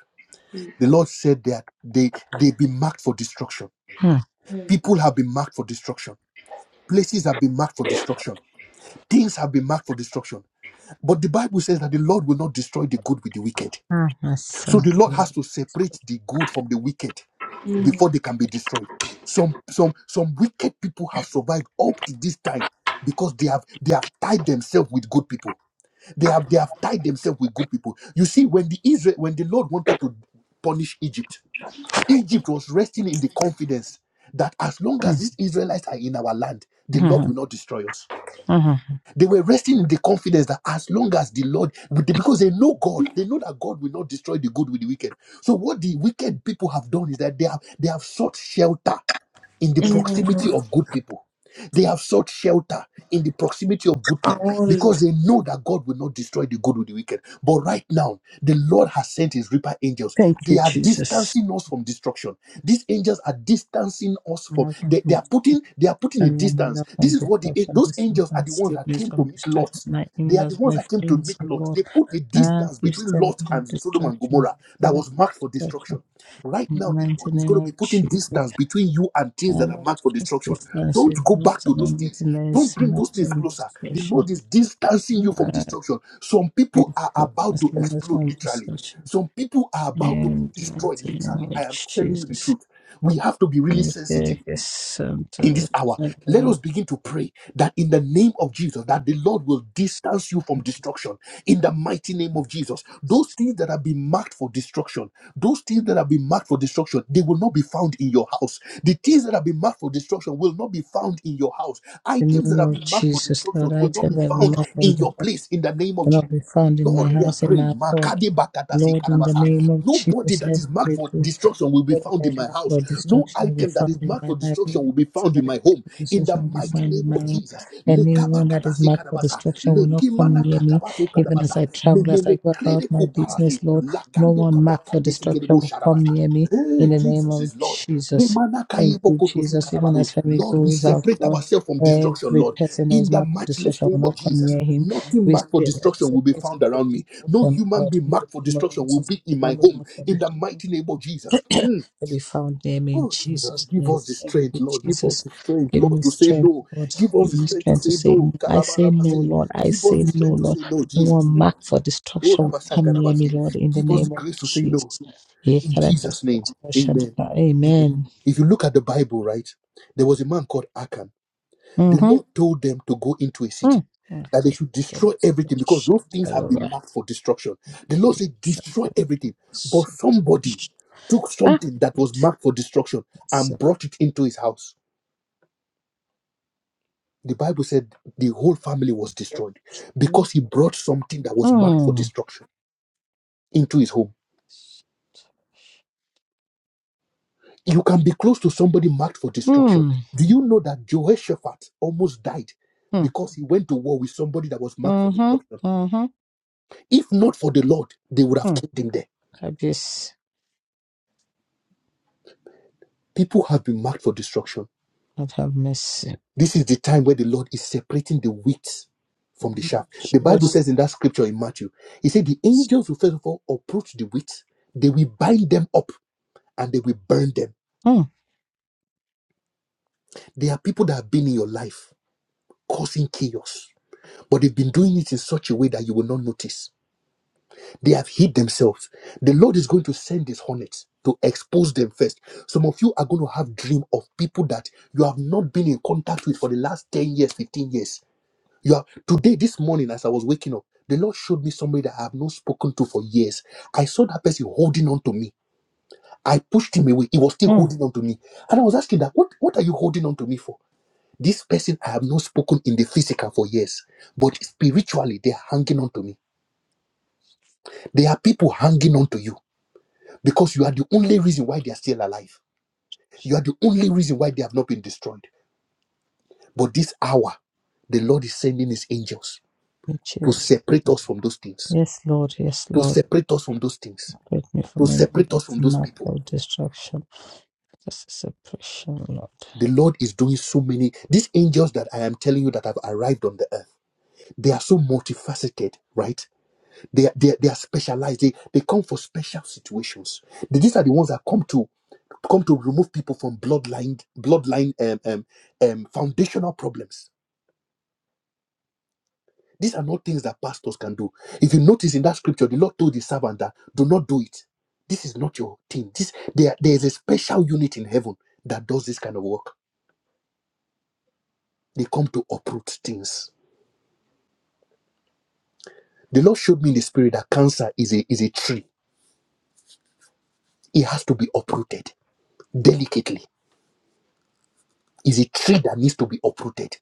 Speaker 1: The Lord said that they they be marked for destruction. People have been marked for destruction. Places have been marked for destruction. Things have been marked for destruction. But the Bible says that the Lord will not destroy the good with the wicked. So the Lord has to separate the good from the wicked before they can be destroyed. Some some some wicked people have survived up to this time because they have they have tied themselves with good people. They have they have tied themselves with good people. You see, when the Israel when the Lord wanted to punish Egypt, Egypt was resting in the confidence that as long as
Speaker 2: Mm,
Speaker 1: these Israelites are in our land, the Lord
Speaker 2: mhm,
Speaker 1: will not destroy us.
Speaker 2: mhm.
Speaker 1: They were resting in the confidence that as long as the Lord, because they know God, they know that God will not destroy the good with the wicked. So what the wicked people have done is that they have they have sought shelter in the proximity of good people. They have sought shelter in the proximity of good people because they know that God will not destroy the good with the wicked. But right now, the Lord has sent his reaper angels.
Speaker 2: Thank
Speaker 1: They
Speaker 2: you,
Speaker 1: are
Speaker 2: Jesus.
Speaker 1: distancing us from destruction. These angels are distancing us
Speaker 2: I
Speaker 1: from
Speaker 2: can
Speaker 1: they, they are putting they are putting a
Speaker 2: understand my
Speaker 1: distance.
Speaker 2: love from
Speaker 1: This is what the a-
Speaker 2: destruction,
Speaker 1: those
Speaker 2: distance
Speaker 1: angels
Speaker 2: my
Speaker 1: are the ones that
Speaker 2: siblings
Speaker 1: came to
Speaker 2: from
Speaker 1: meet
Speaker 2: destruction,
Speaker 1: Lot.
Speaker 2: my
Speaker 1: They are the
Speaker 2: in-laws,
Speaker 1: ones
Speaker 2: my
Speaker 1: that came to
Speaker 2: friends,
Speaker 1: meet
Speaker 2: oh
Speaker 1: Lot.
Speaker 2: Lord.
Speaker 1: They put a
Speaker 2: Ah,
Speaker 1: distance
Speaker 2: you
Speaker 1: between
Speaker 2: still
Speaker 1: Lot
Speaker 2: from
Speaker 1: and Sodom and
Speaker 2: destruction,
Speaker 1: Gomorrah that
Speaker 2: still
Speaker 1: was
Speaker 2: from
Speaker 1: marked for
Speaker 2: destruction.
Speaker 1: destruction. Right
Speaker 2: In the
Speaker 1: now, the
Speaker 2: mighty
Speaker 1: Lord is
Speaker 2: name
Speaker 1: going to be
Speaker 2: of
Speaker 1: putting
Speaker 2: Jesus,
Speaker 1: distance between you and things that are
Speaker 2: Um,
Speaker 1: marked for destruction.
Speaker 2: Sisters, we
Speaker 1: Don't
Speaker 2: do
Speaker 1: go
Speaker 2: not
Speaker 1: back to those
Speaker 2: surrender
Speaker 1: things. Don't
Speaker 2: recognize
Speaker 1: bring those things
Speaker 2: maximum
Speaker 1: closer. The Lord
Speaker 2: discretion.
Speaker 1: is distancing you from
Speaker 2: Uh,
Speaker 1: destruction. Some
Speaker 2: thank
Speaker 1: people
Speaker 2: you
Speaker 1: are
Speaker 2: for
Speaker 1: about to
Speaker 2: canceling us
Speaker 1: explode,
Speaker 2: from
Speaker 1: literally.
Speaker 2: discussion.
Speaker 1: Some people are about to be
Speaker 2: And
Speaker 1: destroyed,
Speaker 2: mighty name
Speaker 1: literally. I
Speaker 2: of
Speaker 1: am telling you the
Speaker 2: Jesus.
Speaker 1: truth. We have to be really
Speaker 2: We
Speaker 1: sensitive
Speaker 2: take a son to
Speaker 1: in this hour
Speaker 2: the
Speaker 1: let us
Speaker 2: table.
Speaker 1: begin to pray that in the name of jesus that the lord will distance you from
Speaker 2: The
Speaker 1: destruction in the mighty name of jesus those things that have been marked for destruction those things that have been marked for destruction they will not be found in your house the things that have been marked for destruction will not be found in your house items that
Speaker 2: name
Speaker 1: have
Speaker 2: of
Speaker 1: been marked for
Speaker 2: Jesus,
Speaker 1: destruction
Speaker 2: Lord, I
Speaker 1: will not be
Speaker 2: tell every
Speaker 1: found
Speaker 2: mouth from
Speaker 1: in
Speaker 2: the
Speaker 1: your
Speaker 2: touch
Speaker 1: place in the name of
Speaker 2: will
Speaker 1: jesus
Speaker 2: not be found in my
Speaker 1: Lord, we are
Speaker 2: house, in my
Speaker 1: praying.
Speaker 2: heart.
Speaker 1: Makadi bakatasi
Speaker 2: Lord, in the
Speaker 1: karabasa.
Speaker 2: name of
Speaker 1: Nobody
Speaker 2: Jesus,
Speaker 1: that is marked for
Speaker 2: everything
Speaker 1: destruction will be
Speaker 2: God,
Speaker 1: found
Speaker 2: there
Speaker 1: in
Speaker 2: is
Speaker 1: my
Speaker 2: lack
Speaker 1: house.
Speaker 2: or
Speaker 1: No
Speaker 2: destruction will be
Speaker 1: item that
Speaker 2: found
Speaker 1: is
Speaker 2: in
Speaker 1: marked
Speaker 2: my
Speaker 1: for
Speaker 2: life.
Speaker 1: destruction will
Speaker 2: No
Speaker 1: be found in
Speaker 2: accident
Speaker 1: my
Speaker 2: or
Speaker 1: home. In the
Speaker 2: destruction will be
Speaker 1: mighty
Speaker 2: found in
Speaker 1: name
Speaker 2: my
Speaker 1: of
Speaker 2: life.
Speaker 1: Jesus. Lekaba
Speaker 2: Anyone that is
Speaker 1: katasi
Speaker 2: marked for
Speaker 1: karabasa.
Speaker 2: destruction will not come
Speaker 1: Lekimana
Speaker 2: near me.
Speaker 1: katabaso
Speaker 2: Even as
Speaker 1: karabasa.
Speaker 2: I travel, as I
Speaker 1: Memene
Speaker 2: go about
Speaker 1: krede
Speaker 2: my
Speaker 1: kuparasi.
Speaker 2: business, Lord, no
Speaker 1: Lakando
Speaker 2: one marked for
Speaker 1: kabakande
Speaker 2: destruction
Speaker 1: sekerebo
Speaker 2: will come
Speaker 1: sharabasa.
Speaker 2: near me. In
Speaker 1: Hey,
Speaker 2: the name
Speaker 1: Jesus
Speaker 2: of
Speaker 1: is Lord.
Speaker 2: Jesus.
Speaker 1: Remanaka
Speaker 2: Thank you,
Speaker 1: yebokoto
Speaker 2: Jesus. Even
Speaker 1: sikarabaru.
Speaker 2: as family
Speaker 1: Lord, we
Speaker 2: goes out,
Speaker 1: separate
Speaker 2: Lord,
Speaker 1: ourselves from destruction,
Speaker 2: every
Speaker 1: Lord,
Speaker 2: person that
Speaker 1: in
Speaker 2: is
Speaker 1: the
Speaker 2: marked for
Speaker 1: matchless
Speaker 2: destruction will
Speaker 1: name of
Speaker 2: not come
Speaker 1: Jesus.
Speaker 2: near him.
Speaker 1: Nothing
Speaker 2: We
Speaker 1: marked for
Speaker 2: still
Speaker 1: destruction will be
Speaker 2: separate
Speaker 1: found
Speaker 2: him from
Speaker 1: around me. No
Speaker 2: destruction,
Speaker 1: human
Speaker 2: Lord,
Speaker 1: being
Speaker 2: in the
Speaker 1: marked for
Speaker 2: name of
Speaker 1: destruction will
Speaker 2: Jesus.
Speaker 1: be in
Speaker 2: No
Speaker 1: my
Speaker 2: one is
Speaker 1: home,
Speaker 2: marked for
Speaker 1: in the
Speaker 2: destruction
Speaker 1: mighty name of Jesus. Mm.
Speaker 2: to be found near me in
Speaker 1: Oh, Jesus,
Speaker 2: Jesus'
Speaker 1: give
Speaker 2: name.
Speaker 1: us the
Speaker 2: Thank you,
Speaker 1: strength, Lord. Give
Speaker 2: Jesus.
Speaker 1: us the strength,
Speaker 2: Give
Speaker 1: Lord,
Speaker 2: me
Speaker 1: to say
Speaker 2: strength,
Speaker 1: no.
Speaker 2: Lord.
Speaker 1: Give us
Speaker 2: Give
Speaker 1: the
Speaker 2: me
Speaker 1: strength to
Speaker 2: strength to
Speaker 1: say
Speaker 2: say no.
Speaker 1: no.
Speaker 2: I say no,
Speaker 1: Karabarabasi.
Speaker 2: Lord. I
Speaker 1: Give us
Speaker 2: say
Speaker 1: the
Speaker 2: no,
Speaker 1: strength to
Speaker 2: Lord.
Speaker 1: say no,
Speaker 2: No one
Speaker 1: Jesus. Mm.
Speaker 2: marked for
Speaker 1: Oh,
Speaker 2: destruction will come near me,
Speaker 1: Rabashakarabasi.
Speaker 2: Lord, in the
Speaker 1: Give us the
Speaker 2: name of
Speaker 1: grace to say no.
Speaker 2: Jesus. Ye
Speaker 1: In
Speaker 2: kara
Speaker 1: Jesus'
Speaker 2: kasto
Speaker 1: name,
Speaker 2: to
Speaker 1: amen. Amen.
Speaker 2: Amen.
Speaker 1: If you look at the Bible, right, there was a man called Achan. The
Speaker 2: Mm-hmm.
Speaker 1: Lord told them to go into a city,
Speaker 2: Mm. Mm.
Speaker 1: that they should
Speaker 2: Kasto
Speaker 1: destroy everything
Speaker 2: to
Speaker 1: because those things have been marked for destruction. The Lord said, destroy everything. But somebody took
Speaker 2: Ah,
Speaker 1: something that was marked for destruction and brought it into his house. The Bible said the whole family was destroyed because he brought something that was marked for
Speaker 2: mm,
Speaker 1: destruction into his home. You can be close to somebody marked for destruction.
Speaker 2: mm,
Speaker 1: Do you know that Jehoshaphat almost died
Speaker 2: mm,
Speaker 1: because he went to war with somebody that was marked for destruction?
Speaker 2: mm-hmm, mm-hmm,
Speaker 1: If not for the Lord, they would have
Speaker 2: mm.
Speaker 1: killed him there.
Speaker 2: Kabis,
Speaker 1: People have been marked for destruction.
Speaker 2: Lord have mercy.
Speaker 1: This is the time where the Lord is separating the wheat from the chaff. The Bible
Speaker 2: Yes.
Speaker 1: says in that scripture in Matthew, he said, The angels will first of all approach the wheat, they will bind them up and they will burn them.
Speaker 2: Mm,
Speaker 1: There are people that have been in your life causing chaos, but they've been doing it in such a way that you will not notice They have hid themselves. The Lord is going to send his hornets to expose them first. Some of you are going to have dream of people that you have not been in contact with for the last 10 years, 15 years. You are today, this morning, as I was waking up, the Lord showed me somebody that I have not spoken to for years. I saw that person holding on to me. I pushed him away. He was still
Speaker 2: mm,
Speaker 1: holding on to me. And I was asking that, what, what are you holding on to me for? This person I have not spoken in the physical for years, but spiritually they're hanging on to me. There are people hanging on to you because you are the only reason why they are still alive. You are the only reason why they have not been destroyed. But this hour, the Lord is sending his angels
Speaker 2: your
Speaker 1: to
Speaker 2: chest.
Speaker 1: separate us from those things,
Speaker 2: Yes, Lord. Yes,
Speaker 1: to
Speaker 2: Lord.
Speaker 1: separate us from those things,
Speaker 2: Protect me
Speaker 1: to
Speaker 2: from anyone
Speaker 1: separate us
Speaker 2: that's
Speaker 1: from those
Speaker 2: not
Speaker 1: people.
Speaker 2: of destruction. That's a suppression, Lord.
Speaker 1: The Lord is doing so many. These angels that I am telling you that have arrived on the earth, they are so multifaceted, right? They are, they are, they are specialized. They, they come for special situations. These are the ones that come to come to remove people from bloodline bloodline um, um, um, foundational problems These are not things that pastors can do. If you notice in that scripture, the Lord told the servant that do not do it. This is not your thing. This there, there is a special unit in heaven that does this kind of work. They come to uproot things. The Lord showed me in the spirit that cancer is a is a tree. It has to be uprooted delicately. Is a tree that needs to be uprooted.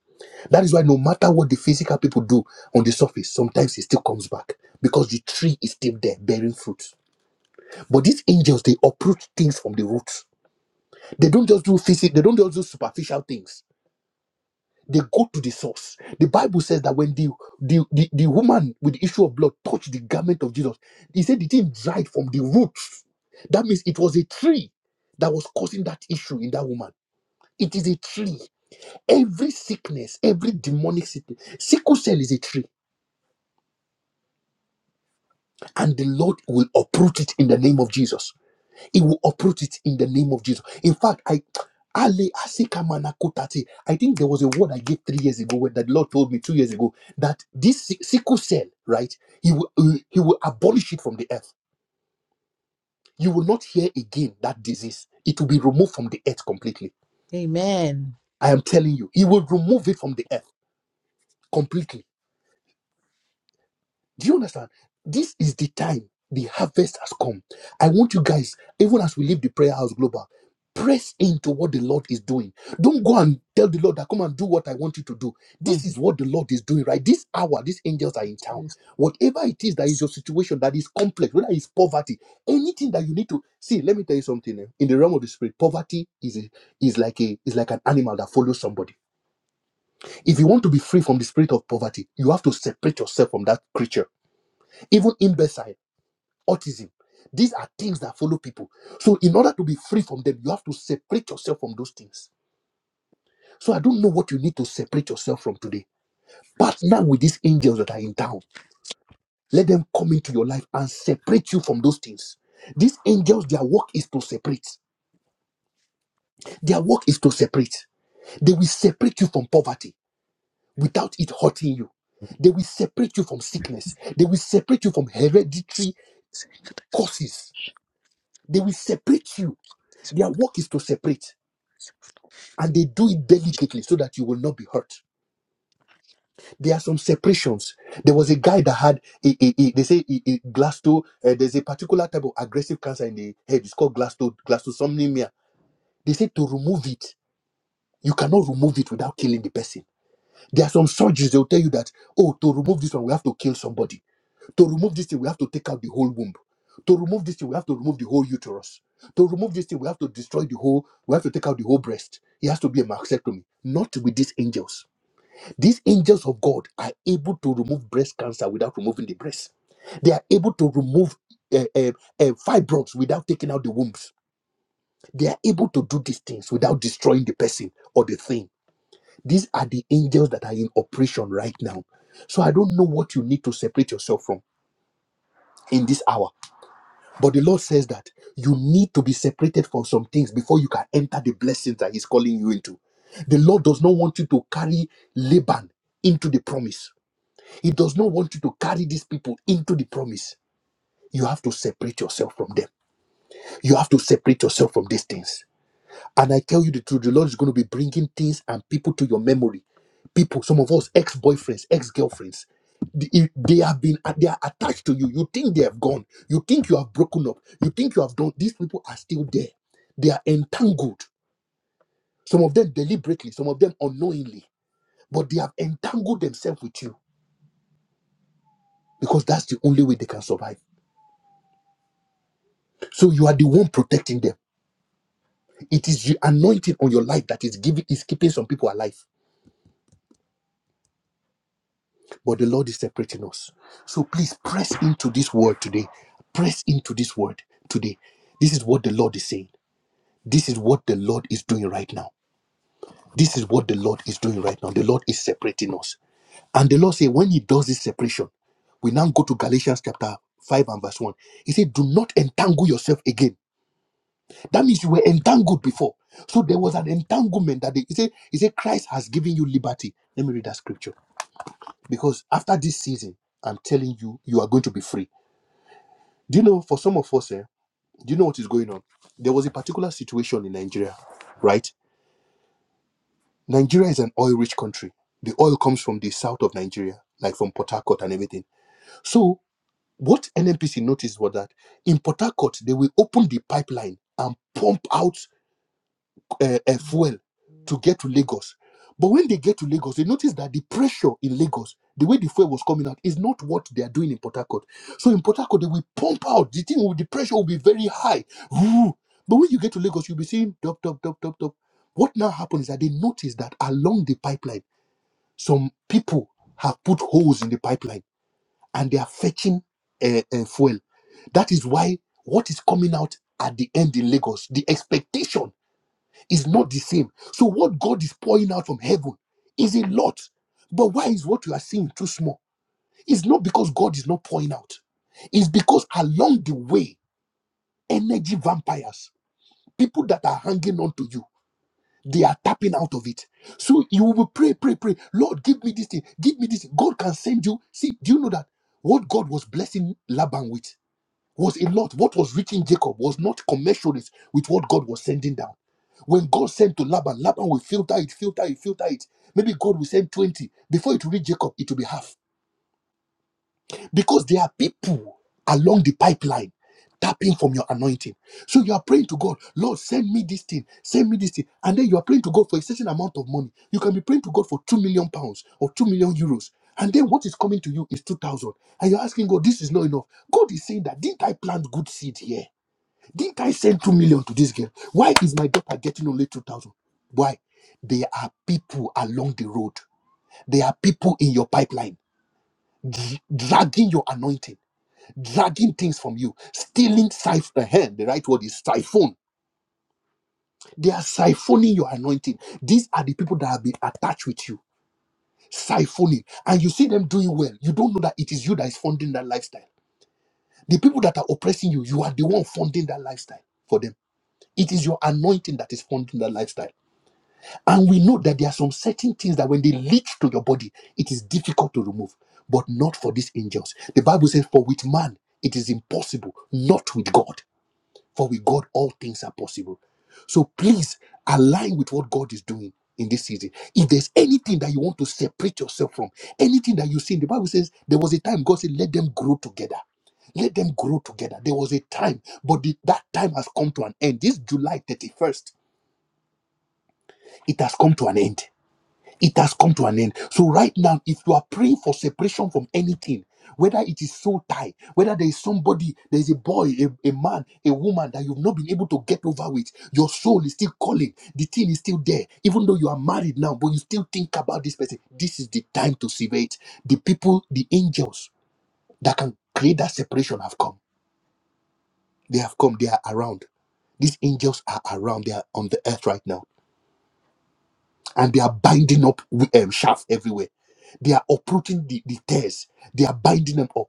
Speaker 1: That is why no matter what the physical people do on the surface, sometimes it still comes back because the tree is still there bearing fruit. But these angels, they uproot things from the root. They don't just do physical, they don't just do superficial things. They go to the source. The Bible says that when the, the, the, the woman with the issue of blood touched the garment of Jesus, he said the thing dried from the roots. That means it was a tree that was causing that issue in that woman. It is a tree. Every sickness, every demonic sickness, sickle cell is a tree, and the Lord will uproot it in the name of Jesus. He will uproot it in the name of Jesus. In fact, I Ale Asika Manakotati. I think there was a word I gave three years ago where that Lord told me two years ago that this si- sickle cell, right? He will uh, he will abolish it from the earth. You will not hear again that disease. It will be removed from the earth completely.
Speaker 2: Amen.
Speaker 1: I am telling you, he will remove it from the earth completely Do you understand? This is the time. The harvest has come. I want you guys, even as we leave the prayer house global, press into what the Lord is doing. Don't go and tell the Lord that come and do what I want you to do.
Speaker 2: Mm.
Speaker 1: This is what the Lord is doing, right? This hour, these angels are in town. Whatever it is that is your situation that is complex, whether it's poverty, anything that you need to see. Let me tell you something. eh, In the realm of the spirit, poverty is a, is like a is like an animal that follows somebody. If you want to be free from the spirit of poverty, you have to separate yourself from that creature even imbecile, autism. These are things that follow people. So, in order to be free from them, you have to separate yourself from those things. So, I don't know what you need to separate yourself from today. Partner with these angels that are in town. Let them come into your life and separate you from those things. These angels, their work is to separate. Their work is to separate. They will separate you from poverty without it hurting you. They will separate you from sickness. They will separate you from hereditary causes. They will separate you. Their work is to separate. and they do it delicately so that you will not be hurt. There are some separations. There was a guy that had, a, a, a- they say, a, a glasto. Uh, there's a particular type of aggressive cancer in the head. It's called glasto glastosomnemia. They say to remove it, you cannot remove it without killing the person. There are some surgeries they will tell you that, oh, to remove this one, we have to kill somebody. To remove this thing, we have to take out the whole womb. To remove this thing, we have to remove the whole uterus. To remove this thing, we have to destroy the whole. We have to take out the whole breast. It has to be a mastectomy. Not with these angels These angels of God are able to remove breast cancer without removing the breast. They are able to remove uh, uh, uh, fibroids without taking out the wombs. They are able to do these things without destroying the person or the thing. These are the angels that are in operation right now. So I don't know what you need to separate yourself from in this hour. But the Lord says that you need to be separated from some things before you can enter the blessings that He's calling you into. The Lord does not want you to carry Laban into the promise. He does not want you to carry these people into the promise. You have to separate yourself from them. You have to separate yourself from these things. And I tell you the truth, the Lord is going to be bringing things and people to your memory. People, some of us, ex boyfriends, ex girlfriends, they they have been, they are attached to you. You think they have gone. You think you have broken up. You think you have done. These people are still there. They are entangled. Some of them deliberately, some of them unknowingly, but they have entangled themselves with you because that's the only way they can survive. So you are the one protecting them. It is the anointing on your life that is giving is keeping some people alive. But the Lord is separating us. So please press into this word today. Press into this word today. This is what the Lord is saying. This is what the Lord is doing right now. This is what the Lord is doing right now. The Lord is separating us. And the Lord say when he does this separation, we now go to Galatians chapter 5 and verse 1. He said, Do not entangle yourself again That means you were entangled before. So there was an entanglement that they, he said, he said, Christ has given you liberty. Let me read that scripture. Because after this season, I'm telling you, you are going to be free. Do you know, for some of us, eh, do you know what is going on? There was a particular situation in Nigeria, right? Nigeria is an oil rich country. The oil comes from the south of Nigeria, like from Port Harcourt and everything. So what NNPC noticed was that in Port Harcourt, they will open the pipeline and pump out uh, uh, fuel to get to Lagos. But when they get to Lagos, they notice that the pressure in Lagos, the way the fuel was coming out, is not what they are doing in Port Harcourt. So in Port Harcourt, they will pump out. The thing, will- the pressure will be very high. Woo! But when you get to Lagos, you'll be seeing top, top, top, top, top. What now happens is that they notice that along the pipeline, some people have put holes in the pipeline and they are fetching uh, uh, fuel. That is why what is coming out at the end in Lagos, the expectation is not the same. So what God is pouring out from heaven is a lot. But why is what you are seeing too small? It's not because God is not pouring out. It's because along the way, energy vampires, people that are hanging on to you, they are tapping out of it. So you will pray, pray, pray. Lord, give me this thing. Give me this. thing." God can send you. See, do you know that what God was blessing Laban with was a lot. What was reaching Jacob was not commensurate with what God was sending down. When God sent to Laban, Laban will filter it, filter it, filter it. Maybe God will send 20. Before it will reach Jacob, it will be half. Because there are people along the pipeline tapping from your anointing. So you are praying to God, Lord, send me this thing, send me this thing. And then you are praying to God for a certain amount of money. You can be praying to God for 2 million pounds or 2 million euros. And then what is coming to you is 2,000. And you're asking God, this is not enough. God is saying that, didn't I plant good seed here? Didn't I send two million to this girl? Why is my daughter getting only two thousand? Why? There are people along the road. There are people in your pipeline dr- dragging your anointing, dragging things from you, stealing siphon. The right word is siphon. They are siphoning your anointing. These are the people that have been attached with you, siphoning, and you see them doing well. You don't know that it is you that is funding that lifestyle. The people that are oppressing you, you are the one funding that lifestyle for them. It is your anointing that is funding that lifestyle. And we know that there are some certain things that when they leach to your body, it is difficult to remove, but not for these angels. The Bible says, For with man it is impossible, not with God. For with God all things are possible. So please align with what God is doing in this season. If there's anything that you want to separate yourself from, anything that you see, the Bible says there was a time God said, Let them grow together let them grow together. There was a time, but the- that time has come to an end. This July 31st, it has come to an end it has come to an end. So right now, if you are praying for separation from anything, whether it is soul tie, whether there is somebody, there is a boy, a, a man, a woman that you've not been able to get over with, your soul is still calling. The thing is still there, even though you are married now, but you still think about this person. This is the time to sever it. The people, the angels that can create that separation have come. They have come. They are around. These angels are around. They are on the earth right now and they are binding up um, shaft everywhere. They are uprooting the, the tears. They are binding them up.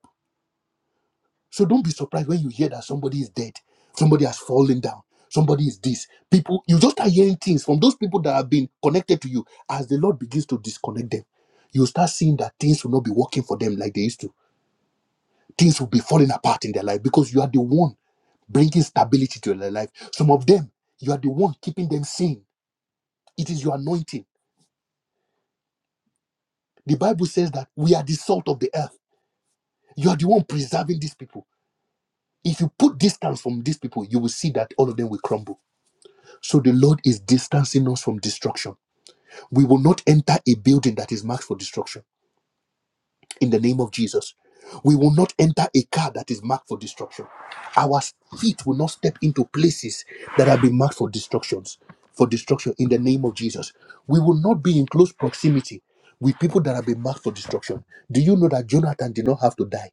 Speaker 1: So don't be surprised when you hear that somebody is dead, somebody has fallen down, somebody is this. People, you just start hearing things from those people that have been connected to you. As the Lord begins to disconnect them, you start seeing that things will not be working for them like they used to. Things will be falling apart in their life because you are the one bringing stability to their life. Some of them, you are the one keeping them sane. It is your anointing. The Bible says that we are the salt of the earth. You are the one preserving these people. If you put distance from these people, you will see that all of them will crumble. So the Lord is distancing us from destruction. We will not enter a building that is marked for destruction in the name of Jesus. We will not enter a car that is marked for destruction. Our feet will not step into places that have been marked for destructions, for destruction in the name of Jesus. We will not be in close proximity with people that have been marked for destruction. Do you know that Jonathan did not have to die?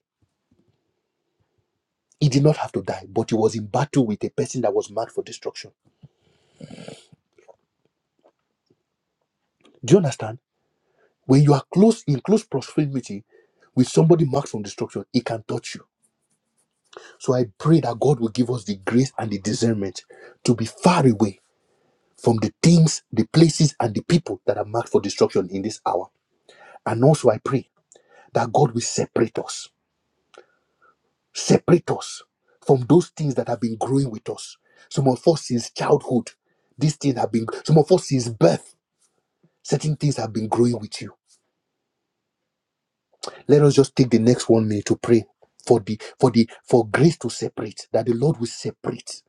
Speaker 1: He did not have to die, but he was in battle with a person that was marked for destruction. Do you understand? When you are close in close proximity with somebody marked for destruction, it can touch you. So I pray that God will give us the grace and the discernment to be far away from the things, the places, and the people that are marked for destruction in this hour. And also I pray that God will separate us, separate us from those things that have been growing with us. Some of us since childhood, these things have been some of us since birth Certain things have been growing with you. Let us just take the next one minute to pray for the for the for grace to separate, that the Lord will separate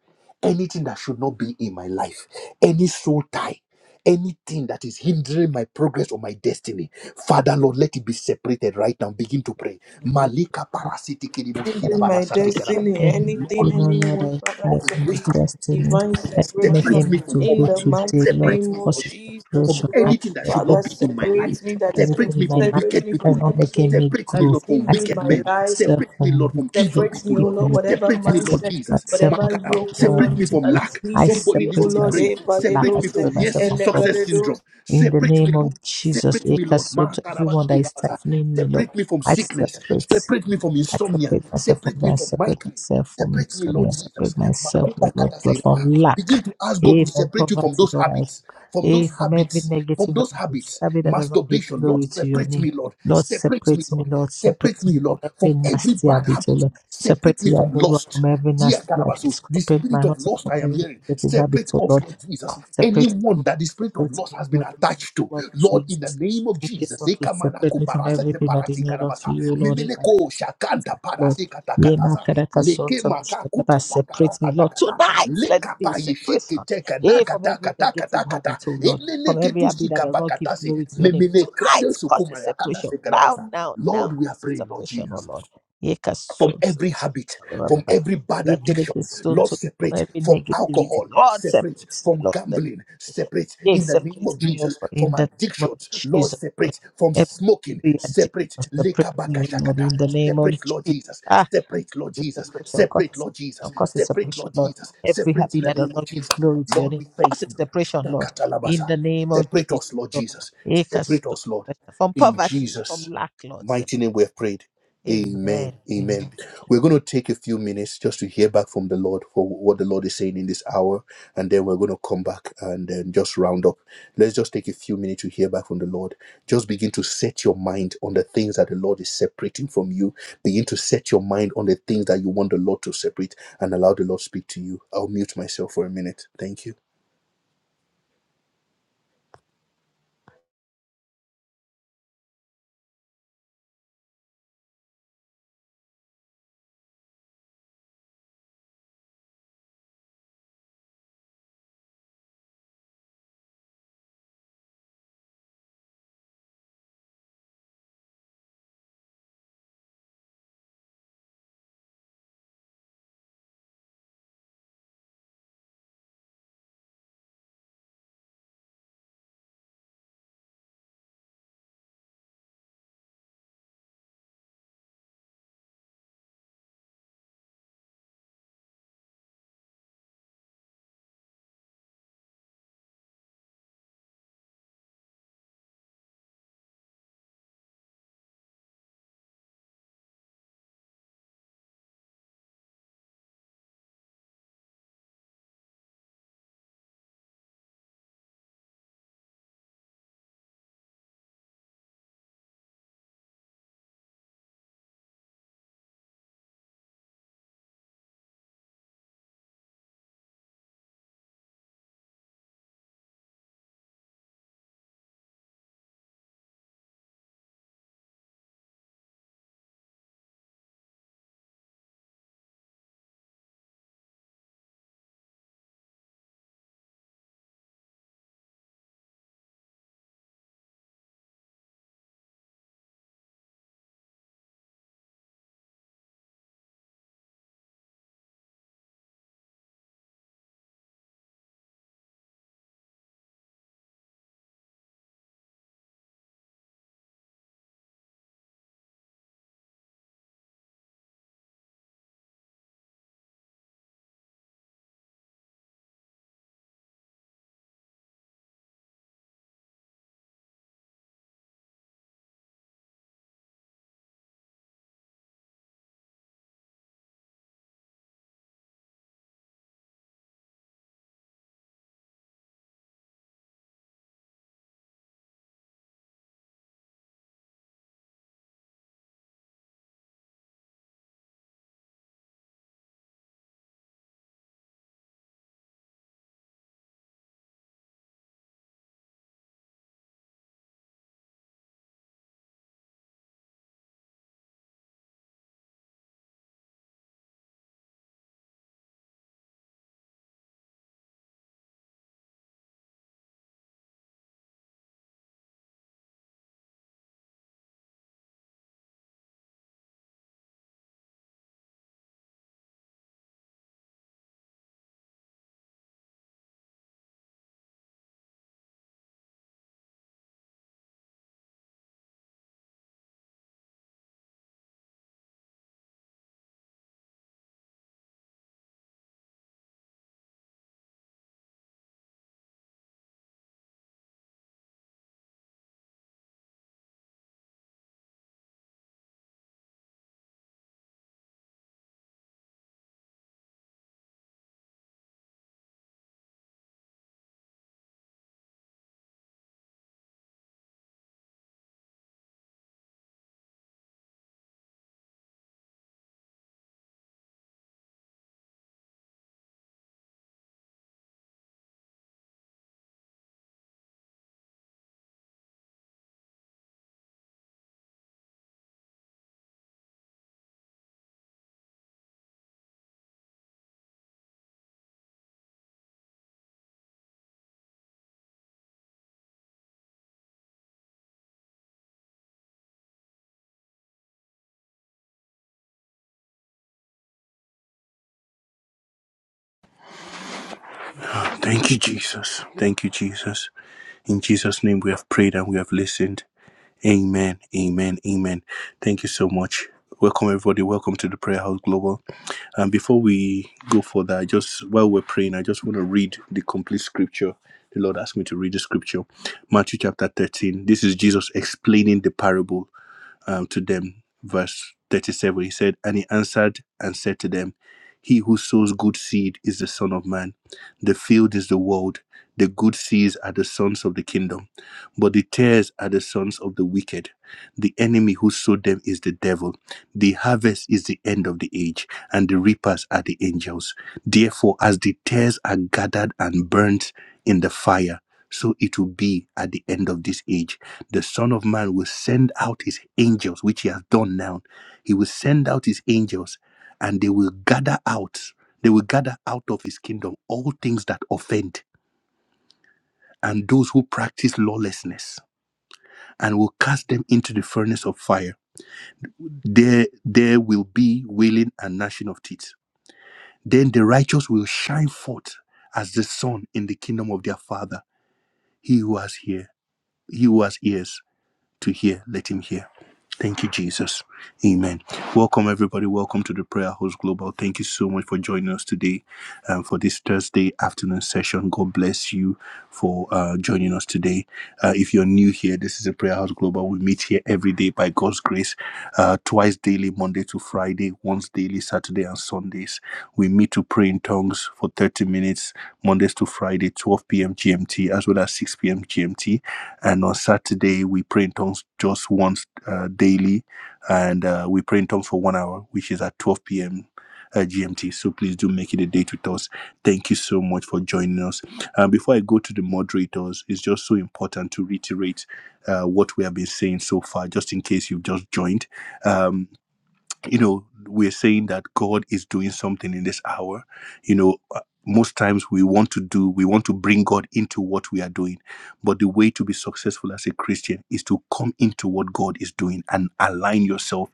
Speaker 1: anything that should not be in my life, any soul tie. Anything that is hindering my progress or my destiny, Father Lord, let it be separated right now. Begin to pray. Malika parasiti kiribo shira
Speaker 3: In my
Speaker 1: barasati karaba.
Speaker 3: destiny,
Speaker 2: And if
Speaker 1: Lord,
Speaker 2: you
Speaker 3: anything,
Speaker 1: we
Speaker 2: know, Lord,
Speaker 3: anyone,
Speaker 2: I
Speaker 3: Father,
Speaker 1: for
Speaker 2: fight
Speaker 3: let
Speaker 1: the
Speaker 3: there
Speaker 2: my
Speaker 1: grace
Speaker 3: be
Speaker 2: destiny
Speaker 3: divine
Speaker 2: and
Speaker 1: to
Speaker 3: separation
Speaker 1: separate
Speaker 2: making
Speaker 1: me
Speaker 2: me
Speaker 1: from
Speaker 2: to
Speaker 3: in
Speaker 2: go
Speaker 3: the
Speaker 1: poverty.
Speaker 2: today,
Speaker 3: mighty
Speaker 2: Lord,
Speaker 1: Separate
Speaker 3: name
Speaker 1: me,
Speaker 3: of
Speaker 2: cause
Speaker 1: Lord,
Speaker 2: it's
Speaker 1: Jesus,
Speaker 3: Jesus,
Speaker 1: from
Speaker 2: separation.
Speaker 3: oh
Speaker 2: I
Speaker 3: Lord.
Speaker 1: anything that should
Speaker 3: Father,
Speaker 1: not
Speaker 2: separate
Speaker 1: be in
Speaker 2: myself
Speaker 1: my
Speaker 3: separate
Speaker 1: life.
Speaker 3: me
Speaker 2: from
Speaker 3: that is
Speaker 1: Separate
Speaker 3: in,
Speaker 2: anything in
Speaker 1: me
Speaker 2: my
Speaker 1: from
Speaker 2: life
Speaker 3: separate
Speaker 1: wicked
Speaker 3: me from
Speaker 2: that's
Speaker 1: people,
Speaker 2: not
Speaker 1: Lord.
Speaker 2: making
Speaker 3: everything
Speaker 2: me
Speaker 1: Separate me,
Speaker 3: that
Speaker 2: grow.
Speaker 3: is
Speaker 1: Lord, from
Speaker 2: I
Speaker 3: hindering
Speaker 1: wicked
Speaker 3: my
Speaker 2: separate
Speaker 1: men.
Speaker 3: life
Speaker 2: myself
Speaker 1: Separate me,
Speaker 2: from
Speaker 1: Lord, from evil
Speaker 2: wicked
Speaker 3: Separates
Speaker 1: people,
Speaker 3: me, O
Speaker 1: Lord.
Speaker 2: people,
Speaker 3: Lord,
Speaker 2: Lord.
Speaker 3: whatever
Speaker 1: Separate
Speaker 2: I
Speaker 1: me, Lord
Speaker 2: separate
Speaker 3: mindset,
Speaker 1: Jesus.
Speaker 2: myself from
Speaker 3: whatever
Speaker 1: Makara.
Speaker 2: people that
Speaker 3: yoke, O
Speaker 2: don't want
Speaker 1: Separate
Speaker 3: Lord,
Speaker 2: me
Speaker 1: me
Speaker 2: to
Speaker 1: from
Speaker 3: that
Speaker 2: grow.
Speaker 3: is
Speaker 1: lack.
Speaker 2: I
Speaker 3: hindering
Speaker 1: Somebody
Speaker 3: me,
Speaker 1: needs
Speaker 3: O
Speaker 1: to
Speaker 2: separate
Speaker 1: be
Speaker 3: Lord,
Speaker 1: praying.
Speaker 2: myself
Speaker 3: eh,
Speaker 2: from lack.
Speaker 1: Separate
Speaker 2: I
Speaker 1: me
Speaker 3: Valedos, eh,
Speaker 2: separate
Speaker 1: from near
Speaker 2: myself
Speaker 1: su-
Speaker 2: from poverty.
Speaker 1: success syndrome.
Speaker 3: Eleberedos.
Speaker 2: In the
Speaker 1: Separate me,
Speaker 2: name
Speaker 1: Lord.
Speaker 2: of Jesus,
Speaker 1: Separate
Speaker 2: I
Speaker 1: me, Lord.
Speaker 2: cast out everyone that
Speaker 1: Makarabasi
Speaker 2: is
Speaker 1: rabasa.
Speaker 2: stifling me, Lord,
Speaker 1: Separate me from
Speaker 2: I
Speaker 1: sickness.
Speaker 2: separate.
Speaker 1: Separate me from
Speaker 2: I
Speaker 1: insomnia.
Speaker 2: separate myself from
Speaker 1: Separate
Speaker 2: there.
Speaker 1: me
Speaker 2: I
Speaker 1: from
Speaker 2: separate
Speaker 1: migraine.
Speaker 2: myself from
Speaker 1: Separate me,
Speaker 2: insomnia. I
Speaker 1: Lord Jesus.
Speaker 2: separate myself, oh
Speaker 1: Makuba
Speaker 2: Lord God, from
Speaker 1: kataseidabaha.
Speaker 2: lack,
Speaker 1: Begin to ask God
Speaker 2: hey,
Speaker 1: to
Speaker 2: from
Speaker 1: separate you from
Speaker 2: poverty,
Speaker 1: those
Speaker 2: Lord. I,
Speaker 1: habits. From
Speaker 2: hey,
Speaker 1: those
Speaker 2: from every
Speaker 1: habits, from
Speaker 2: negative
Speaker 1: those
Speaker 2: habit,
Speaker 1: habits,
Speaker 2: habit that does not give
Speaker 1: masturbation, Lord,
Speaker 2: glory to your
Speaker 1: separate
Speaker 2: name.
Speaker 1: me, Lord,
Speaker 2: Lord,
Speaker 1: separate me,
Speaker 2: separate me,
Speaker 1: Lord,
Speaker 2: Lord, separate
Speaker 1: separate
Speaker 2: me
Speaker 1: me,
Speaker 2: from
Speaker 1: Lord,
Speaker 2: every
Speaker 1: from every
Speaker 2: nasty
Speaker 1: bad
Speaker 2: habit, oh
Speaker 1: habit,
Speaker 2: Lord. Separate
Speaker 1: separate me from
Speaker 2: Yamilua
Speaker 1: lust,
Speaker 2: from every
Speaker 1: Dear
Speaker 2: nasty habit.
Speaker 1: Karabasu, the
Speaker 2: Separate
Speaker 1: spirit
Speaker 2: my
Speaker 1: of
Speaker 2: husband
Speaker 1: lust
Speaker 2: from
Speaker 1: I am
Speaker 2: every
Speaker 1: hearing,
Speaker 2: negative habit,
Speaker 1: separate
Speaker 2: oh
Speaker 1: us,
Speaker 2: Lord.
Speaker 1: Lord Jesus.
Speaker 2: Separate
Speaker 1: Anyone that the
Speaker 2: us,
Speaker 1: spirit of
Speaker 2: separate
Speaker 1: lust
Speaker 2: me,
Speaker 1: has been
Speaker 2: Lord, in the name
Speaker 1: attached to,
Speaker 2: of
Speaker 1: Lord, in the
Speaker 2: Jesus.
Speaker 1: name of
Speaker 2: Make this
Speaker 1: Jesus,
Speaker 2: one to
Speaker 1: Ekamana
Speaker 2: separate me from
Speaker 1: kuparase
Speaker 2: everything that is
Speaker 1: parasi
Speaker 2: not of
Speaker 1: karabasa,
Speaker 2: you, oh Lord.
Speaker 1: memeneko shakanta
Speaker 2: Lord.
Speaker 1: parasi
Speaker 2: Yeah, my
Speaker 1: katakatasa,
Speaker 2: Karaka son,
Speaker 1: leke makakutu
Speaker 2: Separate me,
Speaker 1: pakarasa
Speaker 2: Lord.
Speaker 1: takata,
Speaker 2: Tonight, let there
Speaker 1: leka
Speaker 2: be a
Speaker 1: payeshete
Speaker 2: separation.
Speaker 1: teka
Speaker 2: Yeah, from
Speaker 1: nakata
Speaker 2: every
Speaker 1: kata
Speaker 2: negative
Speaker 1: kata kata,
Speaker 2: habit, oh Lord. From
Speaker 1: emeneke
Speaker 2: every habit that
Speaker 1: tusika
Speaker 2: does not give
Speaker 1: bakatase,
Speaker 2: glory to your name.
Speaker 1: memene
Speaker 2: Tonight,
Speaker 1: krade
Speaker 2: cause a
Speaker 1: sukuma yakada
Speaker 2: separation.
Speaker 1: se
Speaker 2: Now,
Speaker 1: karabasa.
Speaker 2: now, now,
Speaker 1: Lord, we are
Speaker 2: cause a
Speaker 1: praying, Lord
Speaker 2: separation, oh
Speaker 1: Jesus
Speaker 2: Lord. Yeah, ka
Speaker 1: from
Speaker 2: son, son
Speaker 1: every habit,
Speaker 2: of
Speaker 1: from
Speaker 2: Shakata.
Speaker 1: every bad
Speaker 2: Yeah, Karaka
Speaker 1: addiction. Lord,
Speaker 2: from
Speaker 1: separate
Speaker 2: every
Speaker 1: from
Speaker 2: negativity.
Speaker 1: alcohol,
Speaker 2: Lord,
Speaker 1: separate
Speaker 2: separate me,
Speaker 1: from
Speaker 2: Lord.
Speaker 1: gambling, separate
Speaker 2: Yeah,
Speaker 1: in the name
Speaker 2: separate
Speaker 1: of
Speaker 2: me, oh
Speaker 1: Jesus
Speaker 2: Lord,
Speaker 1: from
Speaker 2: in the name of
Speaker 1: addictions. Lord,
Speaker 2: Jesus. Lord.
Speaker 1: separate from smoking,
Speaker 2: Every addiction,
Speaker 1: separate.
Speaker 2: separate me, oh Lord,
Speaker 1: Lekabakashakata.
Speaker 2: in the name of
Speaker 1: Separate, Lord
Speaker 2: Jesus.
Speaker 1: Jesus.
Speaker 2: Ah,
Speaker 1: Separate, Lord
Speaker 2: is
Speaker 1: Jesus.
Speaker 2: separation, pressure. Cause
Speaker 1: Separate, Lord Jesus.
Speaker 2: it's cause it's
Speaker 1: Separate,
Speaker 2: separation,
Speaker 1: Lord
Speaker 2: Lord.
Speaker 1: Jesus.
Speaker 2: Every
Speaker 1: Separate
Speaker 2: happy
Speaker 1: in the
Speaker 2: that does
Speaker 1: name of
Speaker 2: not give
Speaker 1: Jesus.
Speaker 2: glory to your
Speaker 1: Lord,
Speaker 2: name.
Speaker 1: we thank
Speaker 2: Cause it's
Speaker 1: you.
Speaker 2: separation, Lord. In
Speaker 1: Shakatalabasa.
Speaker 2: the name of
Speaker 1: Separate
Speaker 2: Jesus,
Speaker 1: us, Lord
Speaker 2: Lord.
Speaker 1: Jesus.
Speaker 2: Make us
Speaker 1: Separate
Speaker 2: so
Speaker 1: us, Lord.
Speaker 2: From
Speaker 1: In
Speaker 2: poverty, from
Speaker 1: Jesus'
Speaker 2: lack, Lord. separate.
Speaker 1: mighty name we have prayed. Amen.
Speaker 2: Amen. Amen.
Speaker 1: Amen. We're going to take a few minutes just to hear back from the Lord for what the Lord is saying in this hour, and then we're going to come back and um, just round up. Let's just take a few minutes to hear back from the Lord. Just begin to set your mind on the things that the Lord is separating from you. Begin to set your mind on the things that you want the Lord to separate and allow the Lord to speak to you. I'll mute myself for a minute. Thank you. Thank you, Jesus. Thank you, Jesus. In Jesus' name we have prayed and we have listened. Amen. Amen. Amen. Thank you so much. Welcome everybody. Welcome to the Prayer House Global. And before we go further, I just while we're praying, I just want to read the complete scripture. The Lord asked me to read the scripture. Matthew chapter 13. This is Jesus explaining the parable um, to them. Verse 37, he said, And he answered and said to them, He who sows good seed is the Son of Man. The field is the world. The good seeds are the sons of the kingdom, but the tares are the sons of the wicked. The enemy who sowed them is the devil. The harvest is the end of the age, and the reapers are the angels. Therefore, as the tares are gathered and burnt in the fire, so it will be at the end of this age. The Son of Man will send out his angels, which he has done now. He will send out his angels and they will gather out. They will gather out of his kingdom all things that offend and those who practice lawlessness and will cast them into the furnace of fire. There, there will be wailing and gnashing of teeth. Then the righteous will shine forth as the sun in the kingdom of their Father. He who has here, he who has ears. to hear, let him hear. Thank you, Jesus. Amen. Welcome, everybody. Welcome to the Prayer House Global. Thank you so much for joining us today um, for this Thursday afternoon session. God bless you for uh, joining us today. Uh, if you're new here, this is a Prayer House Global. We meet here every day by God's grace, uh, twice daily, Monday to Friday, once daily, Saturday and Sundays. We meet to pray in tongues for 30 minutes, Mondays to Friday, 12 p.m. GMT, as well as 6 p.m. GMT. And on Saturday, we pray in tongues just once uh, daily. And uh, we pray in tongues for one hour, which is at 12 p.m. Uh, GMT. So please do make it a date with us. Thank you so much for joining us. Uh, before I go to the moderators, it's just so important to reiterate uh, what we have been saying so far, just in case you've just joined. Um, you know we're saying that god is doing something in this hour you know uh, most times we want to do we want to bring god into what we are doing but the way to be successful as a christian is to come into what god is doing and align yourself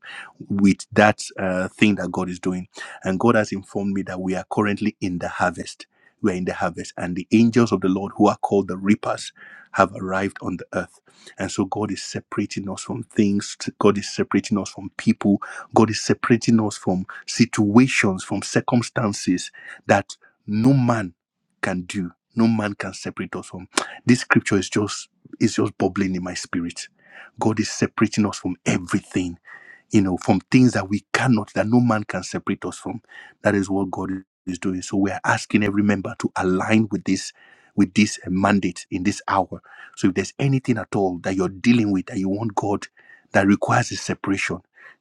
Speaker 1: with that uh, thing that god is doing and god has informed me that we are currently in the harvest we are in the harvest and the angels of the lord who are called the reapers have arrived on the earth and so god is separating us from things god is separating us from people God is separating us from situations, from circumstances that no man can do. No man can separate us from. This scripture is just is just bubbling in my spirit. God is separating us from everything, you know, from things that we cannot, that no man can separate us from. That is what God is doing. So we are asking every member to align with this, with this uh, mandate in this hour. So if there's anything at all that you're dealing with that you want God that requires a separation,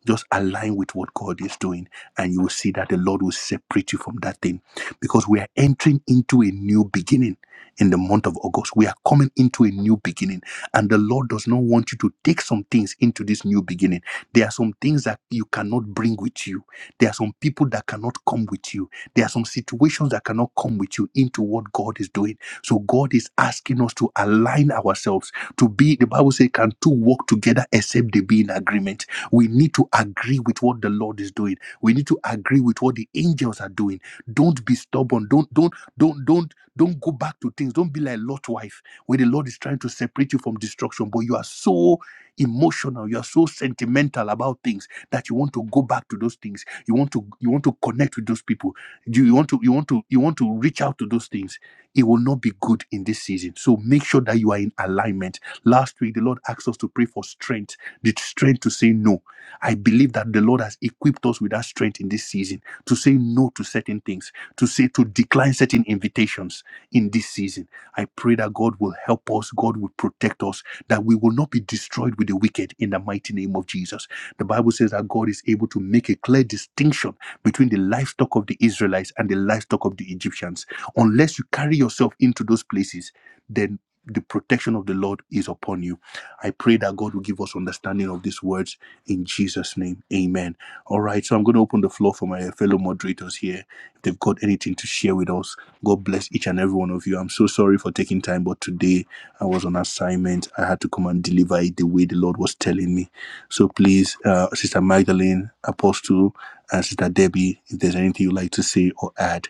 Speaker 1: just align with what God is doing, and you will see that the Lord will separate you from that thing because we are entering into a new beginning in the month of August. We are coming into a new beginning, and the Lord does not want you to take some things into this new beginning. There are some things that you cannot bring with you, there are some people that cannot come with you, there are some situations that cannot come with you into what God is doing. So, God is asking us to align ourselves to be, the Bible says, can two walk together except they be in agreement? We need to agree with what the Lord is doing. We need to agree with what the angels are doing. Don't be stubborn. Don't don't don't don't don't go back to things. Don't be like Lot's wife, where the Lord is trying to separate you from destruction, but you are so emotional, you are so sentimental about things that you want to go back to those things. You want to you want to connect with those people. You, you want to you want to you want to reach out to those things. It will not be good in this season. So make sure that you are in alignment. Last week the Lord asked us to pray for strength, the strength to say no I believe that the Lord has equipped us with that strength in this season to say no to certain things, to say to decline certain invitations in this season. I pray that God will help us, God will protect us, that we will not be destroyed with the wicked in the mighty name of Jesus. The Bible says that God is able to make a clear distinction between the livestock of the Israelites and the livestock of the Egyptians. Unless you carry yourself into those places, then the protection of the Lord is upon you. I pray that God will give us understanding of these words in Jesus' name. Amen. All right, so I'm going to open the floor for my fellow moderators here. If they've got anything to share with us, God bless each and every one of you. I'm so sorry for taking time, but today I was on assignment. I had to come and deliver it the way the Lord was telling me. So please, uh, Sister Magdalene, Apostle, and Sister Debbie, if there's anything you'd like to say or add,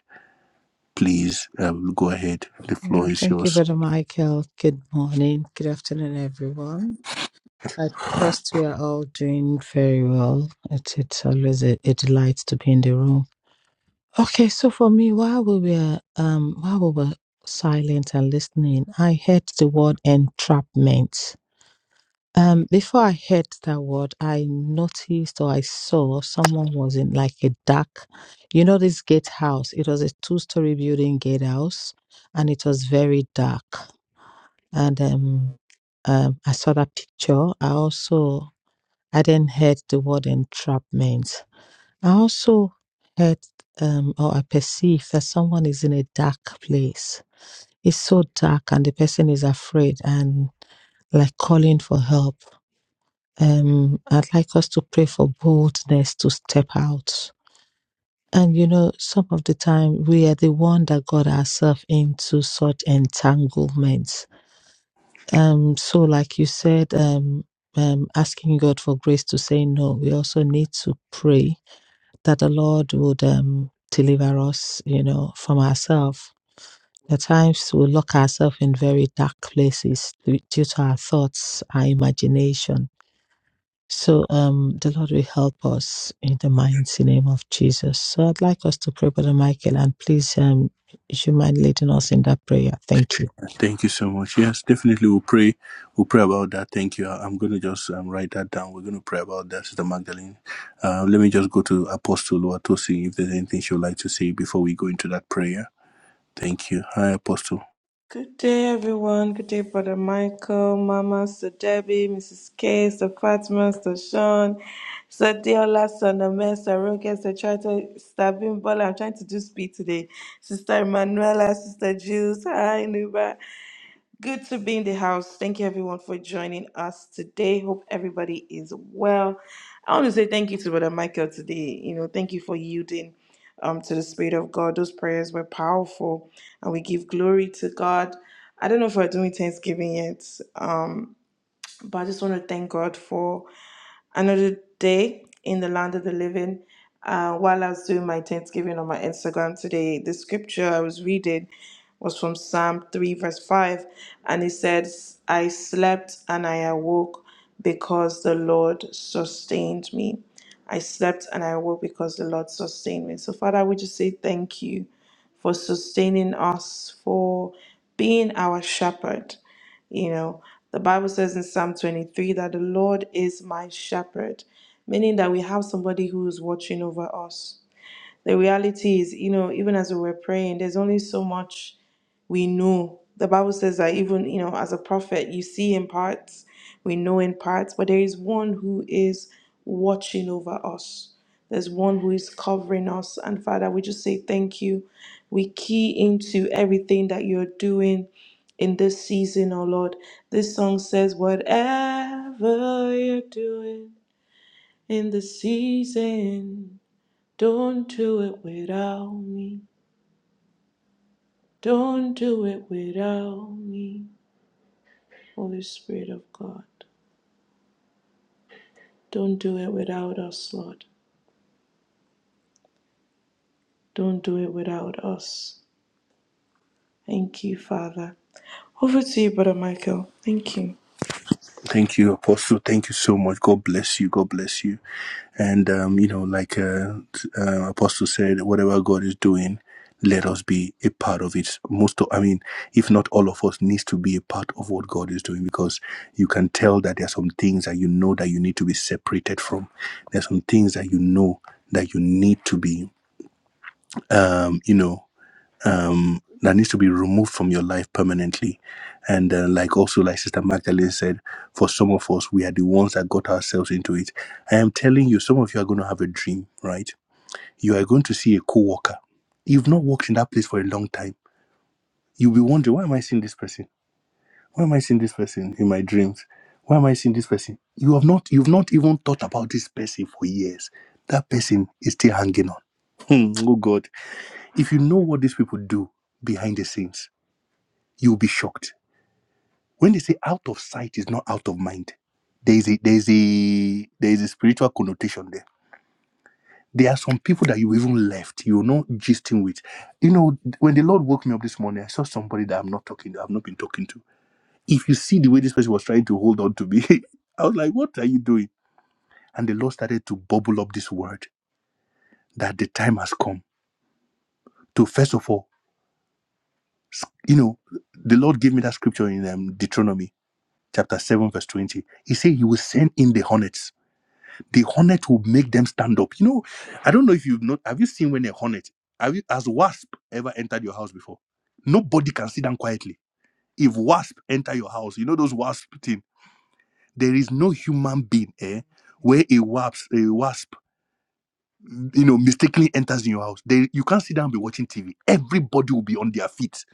Speaker 1: please uh, go ahead. The
Speaker 2: Yeah,
Speaker 1: floor is
Speaker 2: thank you,
Speaker 1: yours.
Speaker 2: Brother Michael. Good morning. Good afternoon, everyone. I trust we are all doing very well. It, it's always a, a delight to be in the room Okay, so for me, while we were um while we were silent and listening, I heard the word entrapment. Um, before I heard that word, I noticed or I saw someone was in like a dark, you know, this gatehouse. It was a two-story building gatehouse, and it was very dark. And um, um, I saw that picture. I also I then heard the word entrapment. I also heard um, or I perceive that someone is in a dark place. It's so dark, and the person is afraid and like calling for help. Um, I'd like us to pray for boldness to step out. And you know, some of the time we are the one that got ourselves into such entanglements. Um, so like you said, um, um, asking God for grace to say no, we also need to pray that the Lord would um, deliver us, you know, from ourselves. At times we lock ourselves in very dark places due due to our thoughts, our imagination. So um, the Lord will help us in the
Speaker 1: Uh,
Speaker 2: mighty name of Jesus. So I'd like us to pray, Brother Michael, and please, um, if you mind leading us in that prayer. Thank you.
Speaker 1: Thank you so much. Yes, definitely we'll pray. We'll pray about that. Thank you. I'm going to just um, write that down. We're going to pray about that, Sister Magdalene. Uh, let me just go to Apostle Watosi if there's anything she would like to say before we go into that prayer. Thank you. Hi, Apostle.
Speaker 3: Good day, everyone. Good day, Brother Michael, Mama, Sir Debbie, Mrs. K, Sir Fatima, Sir Sean, Sir Deola, Sir Namel, Sir Roger, Sir Charter, Sir Bimbola. I'm trying to do speed today. Sister Emanuela, Sister Jules, hi, Nuba. Good to be in the house. Thank you everyone for joining us today. Hope everybody is well. I want to say thank you to Brother Michael today. You know, thank you for yielding um to the Spirit of God. Those prayers were powerful and we give glory to God. I don't know if we're doing Thanksgiving yet. Um but I just want to thank God for another day in the land of the living. Uh, while I was doing my Thanksgiving on my Instagram today, the scripture I was reading was from Psalm 3, verse 5, and it says, I slept and I awoke because the Lord sustained me. I slept and I awoke because the Lord sustained me. So, Father, we just say thank you for sustaining us, for being our shepherd. You know, the Bible says in Psalm 23 that the Lord is my shepherd, meaning that we have somebody who is watching over us. The reality is, you know, even as we were praying, there's only so much we know. The Bible says that even, you know, as a prophet, you see in parts, we know in parts, but there is one who is watching over us. There's one who is covering us. And Father, we just say thank you. We key into everything that you're doing in this season, oh Lord. This song says, Whatever you're doing in the season. Don't do it without me. Don't do it without me. Holy Spirit of God, don't do it without us, Lord. Don't do it without us. Thank you, Father. Over to you, Brother Michael. Thank you.
Speaker 1: Thank you, Apostle. Thank you so much. God bless you. God bless you. And, um, you know, like uh, uh, Apostle said, whatever God is doing, let us be a part of it. Most of, I mean, if not all of us needs to be a part of what God is doing because you can tell that there are some things that you know that you need to be separated from. There are some things that you know that you need to be, um, you know um, that needs to be removed from your life permanently. And uh, like also, like Sister Magdalene said, for some of us, we are the ones that got ourselves into it. I am telling you, some of you are going to have a dream, right? You are going to see a co-worker. You've not worked in that place for a long time. You'll be wondering, why am I seeing this person? Why am I seeing this person in my dreams? Why am I seeing this person? You have not, you've not even thought about this person for years. That person is still hanging on. Hmm, oh God! If you know what these people do behind the scenes You'll be shocked. When they say out of sight is not out of mind, there's a there's a there's a spiritual connotation there. There are some people that you even left, you're not gisting with. You know, when the Lord woke me up this morning, I saw somebody that I'm not talking, I've not been talking to. If you see the way this person was trying to hold on to me, I was like, What are you doing? And the Lord started to bubble up this word that the time has come to first of all, s- you know, the Lord gave me that scripture in um, Deuteronomy chapter 7, verse 20. He said, He will send in the hornets the hornet will make them stand up. You know, I don't know if you've not have you seen when a hornet have you has wasp ever entered your house before? Nobody can sit down quietly. If wasp enter your house, you know those wasp thing. There is no human being eh, where a wasp a wasp you know mistakenly enters in your house. They, you can't sit down and be watching TV. Everybody will be on their feet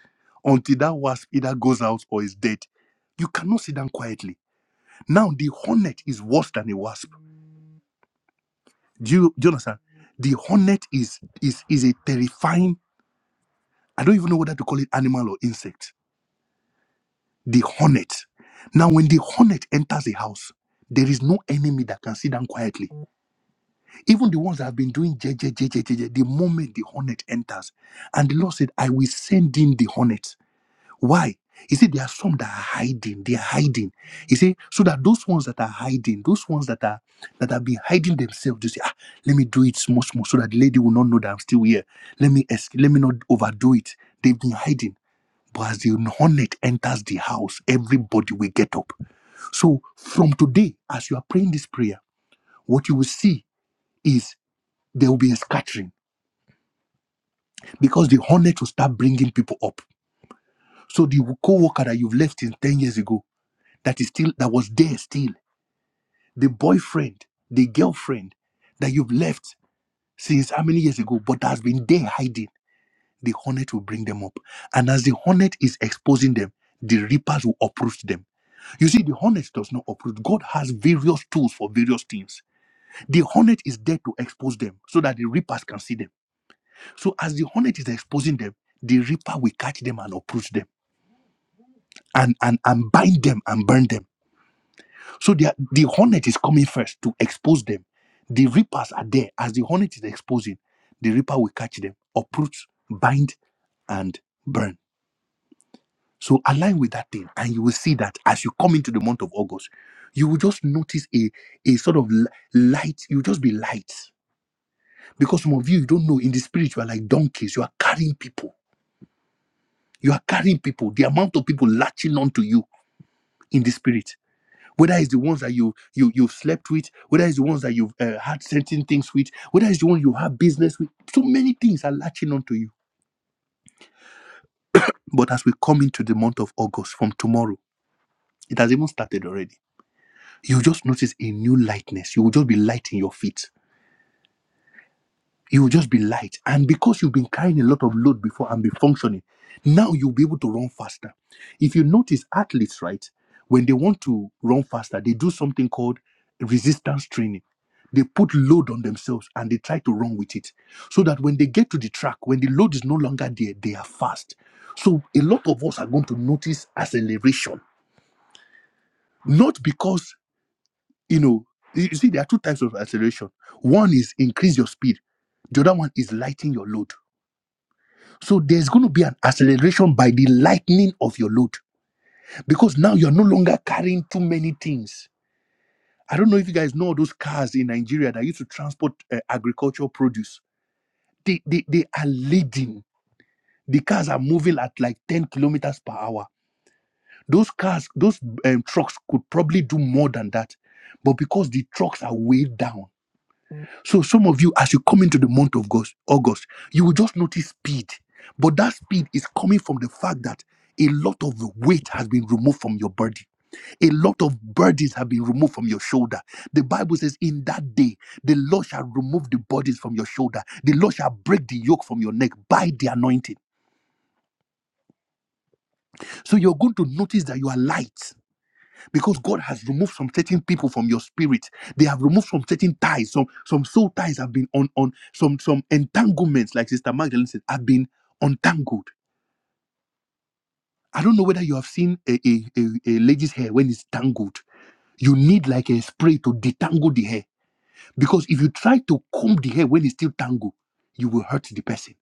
Speaker 1: until that wasp either goes out or is dead. You cannot sit down quietly. Now the hornet is worse than a wasp Do you, do you understand? The hornet is is is a terrifying. I don't even know whether to call it animal or insect. The hornet. Now, when the hornet enters a house, there is no enemy that can sit down quietly. Even the ones that have been doing je, je, je, je, je, je, the moment the hornet enters, and the Lord said, "I will send in the hornet." Why? He said there are some that are hiding. They are hiding. He said so that those ones that are hiding, those ones that are that have been hiding themselves, they say, ah, let me do it small, small, so that the lady will not know that I'm still here. Let me es- let me not overdo it. They've been hiding. But as the hornet enters the house, everybody will get up. So from today, as you are praying this prayer, what you will see is there will be a scattering because the hornet will start bringing people up. So the co-worker that you've left in 10 years ago that is still that was there still the boyfriend the girlfriend that you've left since how many years ago but has been there hiding the hornet will bring them up and as the hornet is exposing them the reapers will uproot them you see the hornet does not uproot god has various tools for various things the hornet is there to expose them so that the reapers can see them so as the hornet is exposing them the reaper will catch them and uproot them and and, and bind them and burn them So they are, the hornet is coming first to expose them. The reapers are there. As the hornet is exposing, the reaper will catch them, uproot, bind, and burn. So align with that thing, and you will see that as you come into the month of August, you will just notice a, a sort of li- light. You'll just be light. Because some of you, you don't know, in the spirit, you are like donkeys. You are carrying people. You are carrying people. The amount of people latching onto you in the spirit whether it's the ones that you you you have slept with, whether it's the ones that you've uh, had certain things with, whether it's the one you have business with, so many things are latching onto you. But as we come into the month of August from tomorrow, it has even started already. You just notice a new lightness. You will just be light in your feet You will just be light. And because you've been carrying a lot of load before and be functioning, now you'll be able to run faster. If you notice athletes, right, when they want to run faster, they do something called resistance training. They put load on themselves and they try to run with it. So that when they get to the track, when the load is no longer there, they are fast. So a lot of us are going to notice acceleration. Not because, you know, you you see, there are two types of acceleration. One is increase your speed. The other one is lighten your load. So there's going to be an acceleration by the lightening of your load because now you're no longer carrying too many things. I don't know if you guys know all those cars in Nigeria that used to transport uh, agricultural produce. They, they, they are leading. The cars are moving at like 10 kilometers per hour. Those cars, those um, trucks could probably do more than that. But because the trucks are weighed down, So some of you, as you come into the month of August, August, you will just notice speed. But that speed is coming from the fact that a lot of weight has been removed from your body. A lot of burdens have been removed from your shoulder. The Bible says, In that day, the Lord shall remove the burdens from your shoulder. The Lord shall break the yoke from your neck by the anointing. So you're going to notice that you are light. because God has removed some certain people from your spirit. They have removed some certain ties. Some some soul ties have been on on some some entanglements, like Sister Magdalene said, have been untangled. I don't know whether you have seen a, a, a, a lady's hair when it's tangled. You need like a spray to detangle the hair because if you try to comb the hair when it's still tangled, you will hurt the person.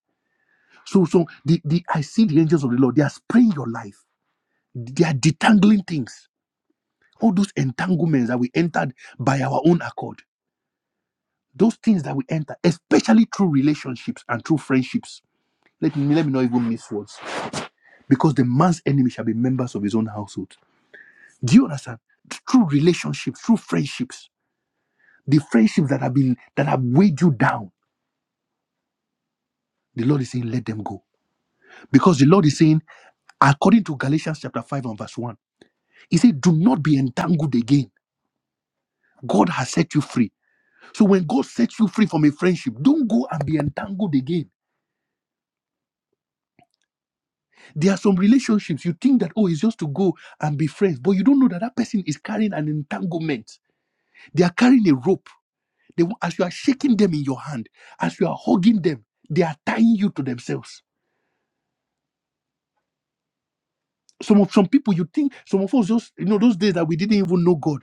Speaker 1: So so the, the I see the angels of the Lord. They are spraying your life. They are detangling things. All those entanglements that we entered by our own accord Those things that we enter, especially through relationships and through friendships. Let me let me not even miss words. Because the man's enemy shall be members of his own household. Do you understand? Through relationships, through friendships, the friendships that have been that have weighed you down. The Lord is saying, let them go. Because the Lord is saying, according to Galatians chapter 5 and verse 1, He said, Do not be entangled again. God has set you free. So when God sets you free from a friendship, don't go and be entangled again There are some relationships you think that, oh, it's just to go and be friends, but you don't know that that person is carrying an entanglement. They are carrying a rope. They, wa- as you are shaking them in your hand, as you are hugging them, they are tying you to themselves. Some of some people you think, some of us just, you know, those days that we didn't even know God.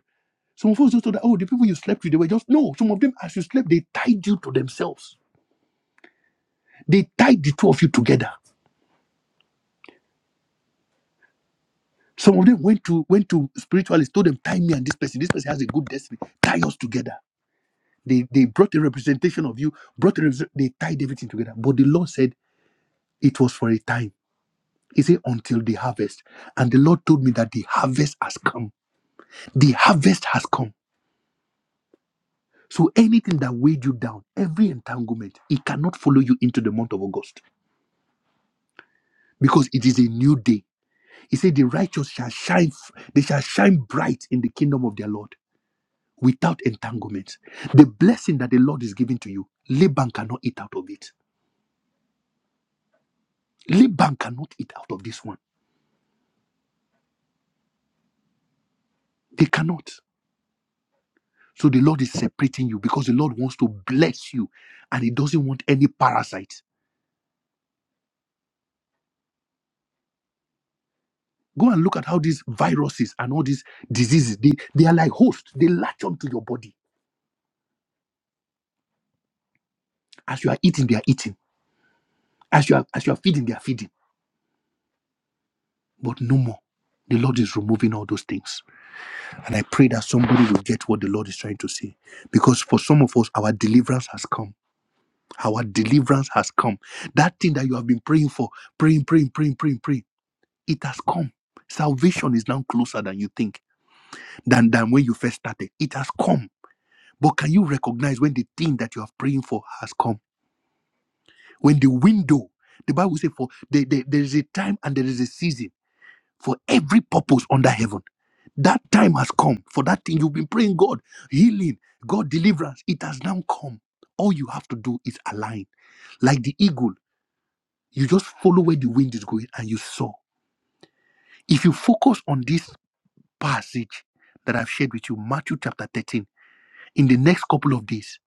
Speaker 1: Some of us just thought that, oh, the people you slept with, they were just, no, some of them, as you slept, they tied you to themselves. They tied the two of you together. Some of them went to went to spiritualists, told them, tie me and this person. This person has a good destiny. Tie us together They, they brought a representation of you, brought a, represent- they tied everything together. But the Lord said it was for a time. He said, until the harvest. And the Lord told me that the harvest has come. The harvest has come. So anything that weighed you down, every entanglement, it cannot follow you into the month of August because it is a new day. He said, the righteous shall shine, f- they shall shine bright in the kingdom of their Lord without entanglements. The blessing that the Lord is giving to you, Laban cannot eat out of it. Laban cannot eat out of this one. They cannot. So the Lord is separating you because the Lord wants to bless you and He doesn't want any parasites. Go and look at how these viruses and all these diseases, they, they are like hosts. They latch onto your body. As you are eating, they are eating. As you are as you are feeding, they are feeding. But no more. The Lord is removing all those things. And I pray that somebody will get what the Lord is trying to say. Because for some of us, our deliverance has come. Our deliverance has come. That thing that you have been praying for, praying, praying, praying, praying, praying. It has come. Salvation is now closer than you think, than, than when you first started. It has come. But can you recognize when the thing that you are praying for has come? When the window, the Bible says, for the, the- there is a time and there is a season for every purpose under heaven. That time has come for that thing you've been praying, God, healing, God, deliverance. It has now come. All you have to do is align. Like the eagle, you just follow where the wind is going and you soar. If you focus on this passage that I've shared with you, Matthew chapter 13, in the next couple of days,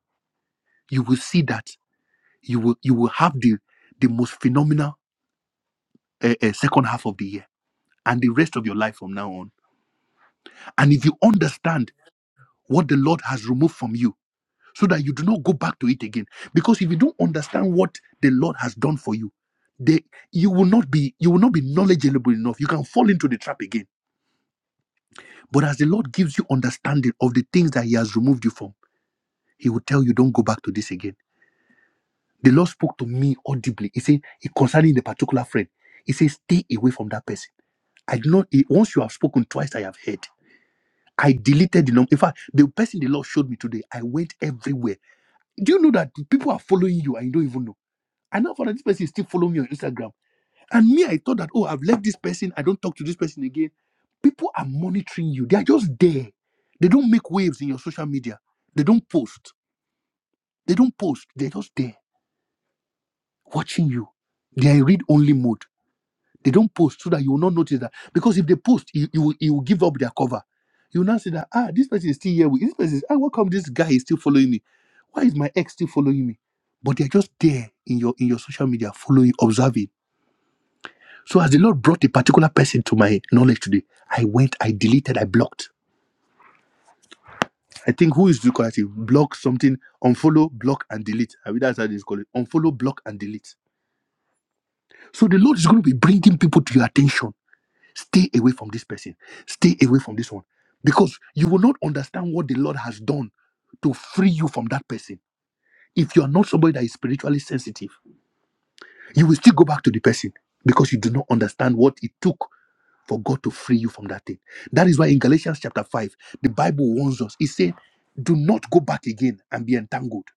Speaker 1: you will see that you will you will have the the most phenomenal uh, uh, second half of the year and the rest of your life from now on. And if you understand what the Lord has removed from you, so that you do not go back to it again, because if you don't understand what the Lord has done for you, they, you will not be you will not be knowledgeable enough. You can fall into the trap again. But as the Lord gives you understanding of the things that He has removed you from, He will tell you, "Don't go back to this again." The Lord spoke to me audibly. He said, concerning the particular friend, He says, stay away from that person. I do not, he- once you have spoken twice, I have heard. I deleted the number. In fact, the person the Lord showed me today, I went everywhere. Do you know that people are following you and you don't even know? I now found out this person is still following me on Instagram. And me, I thought that, oh, I've left this person. I don't talk to this person again. People are monitoring you. They are just there. They don't make waves in your social media. They don't post. They don't post. They're just there watching you. They are in read only mode. They don't post so that you will not notice that. Because if they post, you, you, will, you will give up their cover. You will now say that, ah, this person is still here. With, this person is, ah, how come this guy is still following me? Why is my ex still following me? But they're just there in your in your social media, following, observing. So as the Lord brought a particular person to my knowledge today, I went, I deleted, I blocked. I think who is the correct? Block something, unfollow, block, and delete. I mean, that's how they call it. Unfollow, block, and delete. So the Lord is going to be bringing people to your attention Stay away from this person. Stay away from this one. Because you will not understand what the Lord has done to free you from that person. If you are not somebody that is spiritually sensitive, you will still go back to the person because you do not understand what it took for God to free you from that thing. That is why in Galatians chapter 5, the Bible warns us. It said, Do not go back again and be entangled.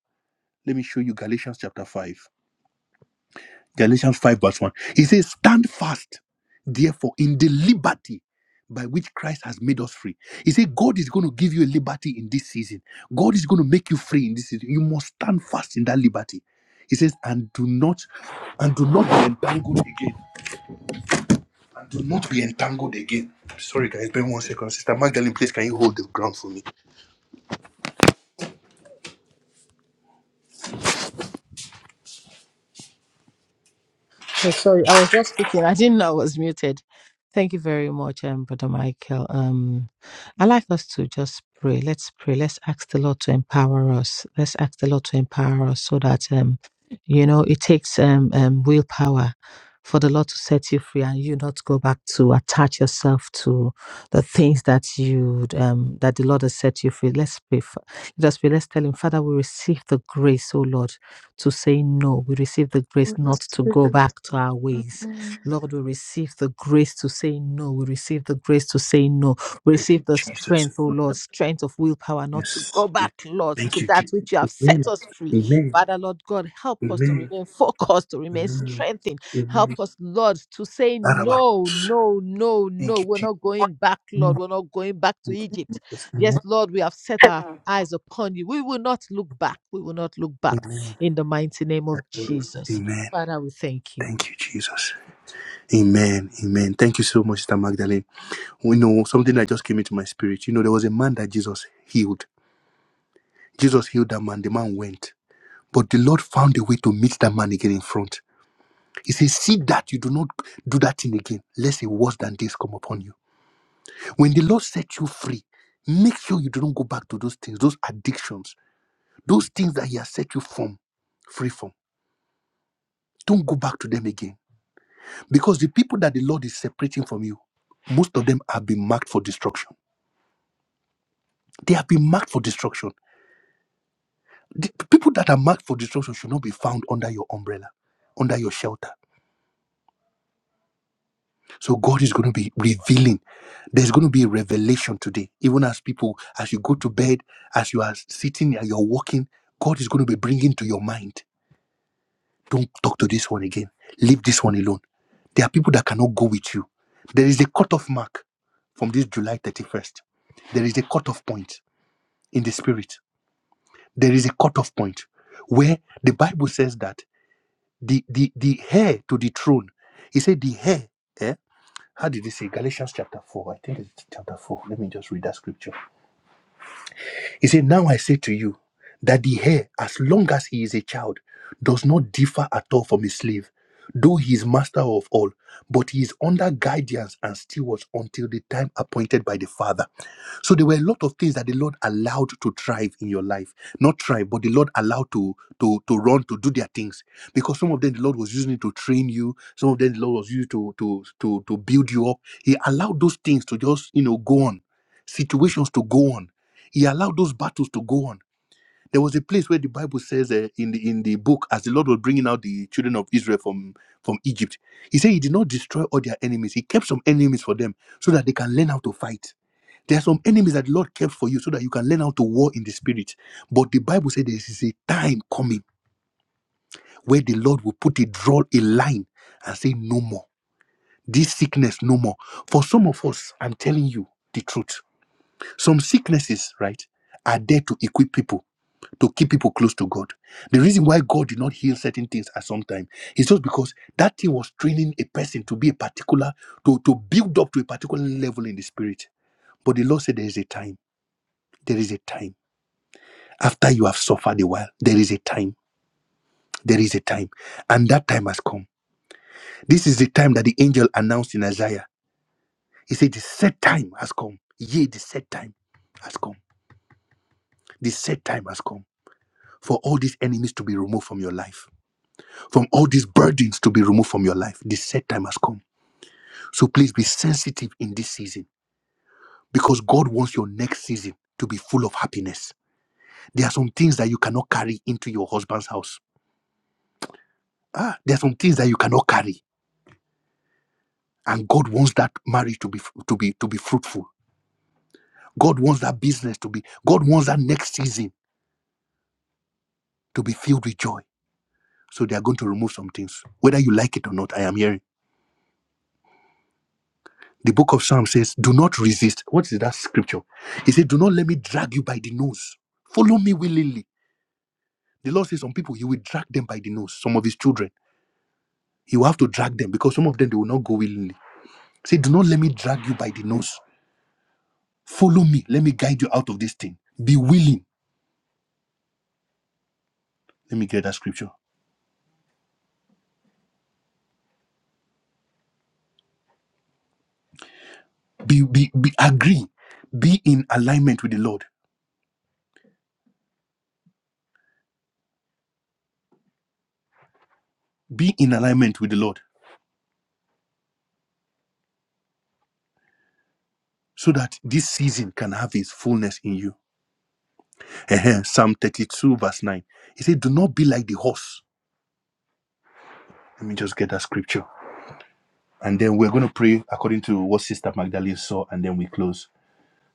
Speaker 1: Let me show you Galatians chapter 5. Galatians 5, verse 1. He says, Stand fast, therefore, in the liberty by which Christ has made us free. He said, God is going to give you a liberty in this season. God is going to make you free in this season. You must stand fast in that liberty. He says, and do not, and do not be entangled again. And do not be entangled again. Sorry, guys, been one second. Sister Magdalene, please can you hold the ground for me?
Speaker 2: Okay, sorry, I was just speaking. I didn't know I was muted. Thank you very much, um, Brother Michael. Um, I like us to just pray. Let's pray. Let's ask the Lord to empower us. Let's ask the Lord to empower us so that um, you know, it takes um, um willpower for the Lord to set you free and you not go back to attach yourself to the things that you um that the Lord has set you free. Let's pray. Fa- Let us pray. Let's tell him, Father, we receive the grace, oh Lord to say no. We receive the grace not to go back to our ways. Lord, we receive the grace to say no. We receive the grace to say no. We receive the
Speaker 1: Jesus.
Speaker 2: strength, oh Lord, strength of willpower not to
Speaker 1: Yes.
Speaker 2: go
Speaker 1: Yes.
Speaker 2: back, Lord, to
Speaker 1: Thank you,
Speaker 2: that
Speaker 1: Jesus.
Speaker 2: which you have set
Speaker 1: Amen.
Speaker 2: us free.
Speaker 1: Amen.
Speaker 2: Father, Lord God, help us to
Speaker 1: Amen.
Speaker 2: remain focused, to remain
Speaker 1: Amen.
Speaker 2: strengthened.
Speaker 1: Amen.
Speaker 2: Help us, Lord, to say
Speaker 1: Arabarus.
Speaker 2: no, no, no, no.
Speaker 1: Thank you,
Speaker 2: We're
Speaker 1: Jesus.
Speaker 2: not going back,
Speaker 1: Amen.
Speaker 2: Lord. We're not going back to
Speaker 1: Thank you,
Speaker 2: Egypt.
Speaker 1: Jesus.
Speaker 2: Yes,
Speaker 1: Amen.
Speaker 2: Lord, we have set our eyes upon you. We will not look back. We will not look back.
Speaker 1: Amen.
Speaker 2: In the mighty name of
Speaker 1: Arabarus.
Speaker 2: Jesus.
Speaker 1: Amen.
Speaker 2: Father, we thank you.
Speaker 1: Thank you, Jesus. Amen. Amen. Thank you so much, Sister Magdalene. You know, something that just came into my spirit. You know, there was a man that Jesus healed. Jesus healed that man. The man went. But the Lord found a way to meet that man again in front. He says, See that you do not do that thing again, lest a worse than this come upon you. When the Lord set you free, make sure you do not go back to those things, those addictions, those things that He has set you from, free from Don't go back to them again. Because the people that the Lord is separating from you, most of them have been marked for destruction. They have been marked for destruction. The people that are marked for destruction should not be found under your umbrella, under your shelter. So God is going to be revealing. There's going to be a revelation today. Even as people, as you go to bed, as you are sitting and you're walking, God is going to be bringing to your mind. Don't talk to this one again. Leave this one alone. There are people that cannot go with you. There is a cutoff mark from this July 31st. There is a cutoff point in the spirit. There is a cutoff point where the Bible says that the the, the heir to the throne, he said the heir, eh? How did he say? Galatians chapter 4. I think it's chapter 4. Let me just read that scripture. He said, Now I say to you that the heir, as long as he is a child, does not differ at all from a slave, though he is master of all, but he is under guidance and stewards until the time appointed by the father. So there were a lot of things that the Lord allowed to thrive in your life. Not thrive, but the Lord allowed to to to run to do their things. Because some of them the Lord was using it to train you, some of them the Lord was using to to to to build you up. He allowed those things to just, you know, go on, situations to go on. He allowed those battles to go on. There was a place where the Bible says uh, in the in the book, as the Lord was bringing out the children of Israel from from Egypt, He said He did not destroy all their enemies. He kept some enemies for them so that they can learn how to fight there are some enemies that the Lord kept for you so that you can learn how to war in the spirit. But the Bible said there is a time coming where the Lord will put a draw a line and say, No more. This sickness, no more. For some of us, I'm telling you the truth. Some sicknesses, right, are there to equip people, to keep people close to God. The reason why God did not heal certain things at some time is just because that thing was training a person to be a particular, to, to build up to a particular level in the spirit. But the Lord said there is a time. There is a time after you have suffered a while, there is a time. There is a time. And that time has come. This is the time that the angel announced in Isaiah. He said, The set time has come. Yea, the set time has come. The set time has come for all these enemies to be removed from your life, from all these burdens to be removed from your life. The set time has come. So please be sensitive in this season because God wants your next season to be full of happiness. There are some things that you cannot carry into your husband's house. Ah, there are some things that you cannot carry and god wants that marriage to be to be to be fruitful god wants that business to be god wants that next season to be filled with joy so they are going to remove some things whether you like it or not i am hearing the book of psalms says do not resist what is that scripture he said do not let me drag you by the nose follow me willingly the lord says some people he will drag them by the nose some of his children he will have to drag them because some of them they will not go willingly say do not let me drag you by the nose follow me let me guide you out of this thing be willing let me get that scripture Be, be, be agree. Be in alignment with the Lord. Be in alignment with the Lord so that this season can have its fullness in you. Ehem, Psalm 32, verse 9. He said, Do not be like the horse. Let me just get that scripture. And then we're going to pray according to what Sister Magdalene saw, and then we close.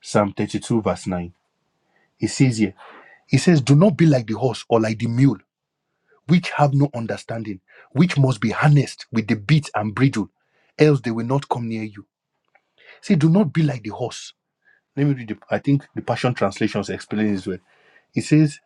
Speaker 1: Psalm 32, verse 9. It says here, He says, Do not be like the horse or like the mule, which have no understanding, which must be harnessed with the bit and bridle, else they will not come near you. Say, Do not be like the horse. Let me read. The, I think the Passion translations explain this well. It says,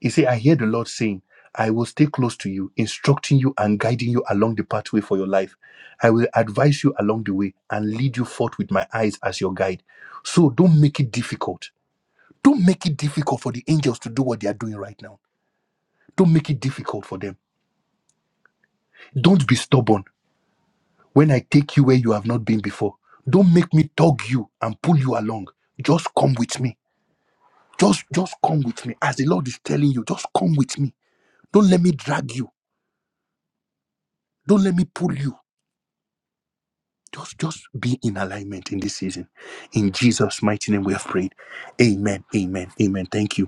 Speaker 1: "He say I hear the Lord saying." I will stay close to you, instructing you and guiding you along the pathway for your life. I will advise you along the way and lead you forth with my eyes as your guide. So don't make it difficult. Don't make it difficult for the angels to do what they are doing right now. Don't make it difficult for them. Don't be stubborn when I take you where you have not been before. Don't make me tug you and pull you along. Just come with me Just, just come with me. As the Lord is telling you, just come with me. Don't let me drag you. Don't let me pull you. Just, just be in alignment in this season. In Jesus' mighty name, we have prayed. Amen. Amen. Amen. Thank you.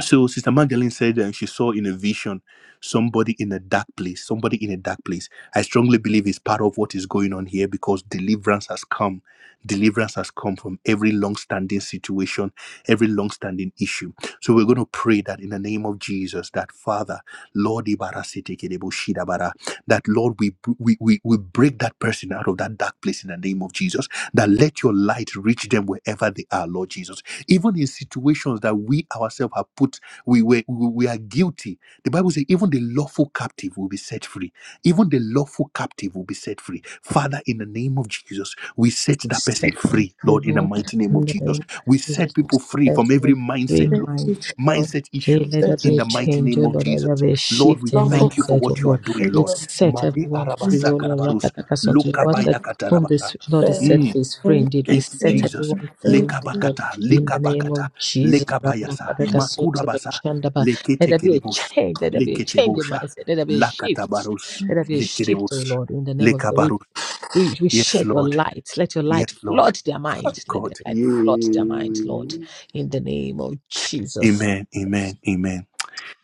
Speaker 1: So Sister Magdalene said uh, she saw in a vision somebody in a dark place, somebody in a dark place. I strongly believe it's part of what is going on here because deliverance has come. Deliverance has come from every long-standing situation, every long-standing issue. So we're going to pray that in the name of Jesus, that Father, Lord, ibara Sete Kedebo Shida bara. that Lord, we, we, we, we break that person out of that dark place in the name of Jesus, that let your light reach them wherever they are, Lord Jesus even in situations that we ourselves have put, we were we, we are guilty. The Bible says, even the lawful captive will be set free. Even the lawful captive will be set free. Father, in the name of Jesus, we set that person
Speaker 2: set one
Speaker 1: free,
Speaker 2: free,
Speaker 1: Lord, in the
Speaker 2: Lord.
Speaker 1: mighty name of Jesus.
Speaker 2: Lord,
Speaker 1: We
Speaker 2: it
Speaker 1: set
Speaker 2: is to
Speaker 1: people free
Speaker 2: set
Speaker 1: from every
Speaker 2: every free
Speaker 1: mindset, Lord.
Speaker 3: Thankful
Speaker 2: mindset, Lord.
Speaker 1: Mindset
Speaker 2: Hey,
Speaker 1: issue
Speaker 2: let there
Speaker 1: in
Speaker 2: be a
Speaker 1: the mighty
Speaker 2: change, oh
Speaker 1: name of
Speaker 2: Lord. Let
Speaker 1: Jesus.
Speaker 2: there be a
Speaker 1: Lord, we
Speaker 2: shift in
Speaker 3: for
Speaker 1: thank you for
Speaker 2: mindset, oh
Speaker 1: what you are
Speaker 2: Lord.
Speaker 1: doing,
Speaker 2: We
Speaker 1: Lord.
Speaker 2: set
Speaker 1: Made
Speaker 2: everyone free,
Speaker 1: arabasa
Speaker 2: oh Lord.
Speaker 1: karabarus,
Speaker 2: Rakatakason to the water.
Speaker 1: lokabaya
Speaker 2: Whom this
Speaker 1: katarabasa.
Speaker 2: Lord is
Speaker 3: prayer.
Speaker 2: set free is free indeed. We
Speaker 1: Thank you,
Speaker 2: set
Speaker 1: Jesus.
Speaker 2: everyone free, oh Lord.
Speaker 1: Lekabakata,
Speaker 2: In the name
Speaker 1: lekabakata,
Speaker 2: of Jesus.
Speaker 1: lekabayasa,
Speaker 2: Rakatakason to the
Speaker 1: makudabasa,
Speaker 2: Shandaba. Let there be a
Speaker 1: leketekelebos,
Speaker 2: change. Let there be a change in
Speaker 1: leketebosha,
Speaker 2: mindset. Let there be a shift.
Speaker 1: lakatabaros,
Speaker 2: Let there be a shift, oh
Speaker 1: lekerebos,
Speaker 2: Lord. In the name of Jesus.
Speaker 1: lekabaros.
Speaker 2: We, we
Speaker 1: Yes,
Speaker 2: shed your
Speaker 1: Lord.
Speaker 2: light. Let your
Speaker 1: Yes,
Speaker 2: light
Speaker 1: Lord.
Speaker 2: flood their
Speaker 1: Oh,
Speaker 2: mind. Let your
Speaker 1: God.
Speaker 2: light
Speaker 1: Yeah.
Speaker 2: flood their mind, Lord, in the name of Jesus.
Speaker 1: Amen. Amen. Amen.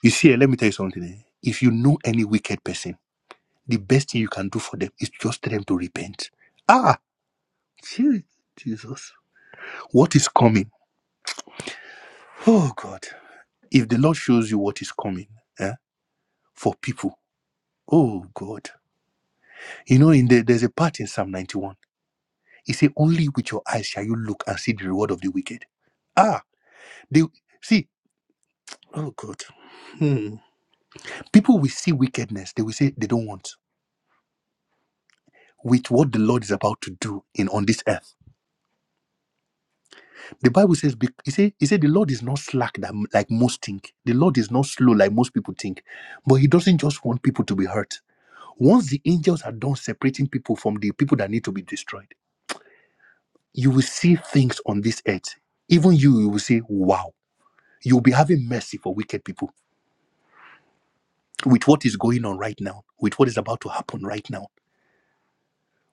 Speaker 1: You see, eh, let me tell you something. eh. If you know any wicked person, the best thing you can do for them is just tell them to repent. Ah, gee, Jesus. What is coming? Oh, God. If the Lord shows you what is coming eh, for people, oh God. You know, in the, there's a part in Psalm 91. It says, Only with your eyes shall you look and see the reward of the wicked. Ah, they see, oh God. Hmm. People will see wickedness, they will say they don't want with what the Lord is about to do in on this earth. The Bible says, "Bec- he said, he said the Lord is not slack that like most think. The Lord is not slow like most people think, but he doesn't just want people to be hurt. Once the angels are done separating people from the people that need to be destroyed you will see things on this earth. Even you, you will say, wow. You'll be having mercy for wicked people with what is going on right now, with what is about to happen right now,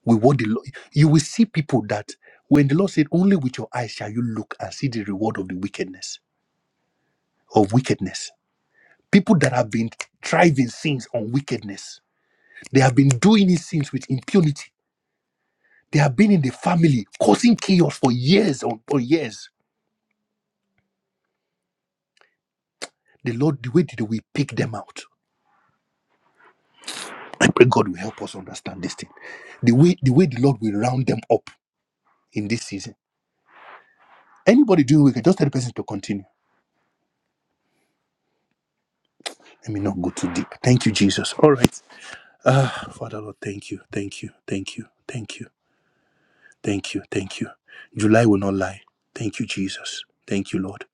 Speaker 1: with what the Lord. You will see people that when the Lord said, only with your eyes shall you look and see the reward of the wickedness, of wickedness. People that have been thriving sins on wickedness, they have been doing these sins with impunity. They have been in the family, causing chaos for years on for years. The Lord, the way did we pick them out? I pray God will help us understand this thing. The way the way the Lord will round them up in this season. Anybody doing wicked, just tell the person to continue. Let me not go too deep. Thank you, Jesus. All right. Ah, Father Lord, thank you, thank you, thank you, thank you, thank you, thank you. July will not lie. Thank you, Jesus. Thank you, Lord.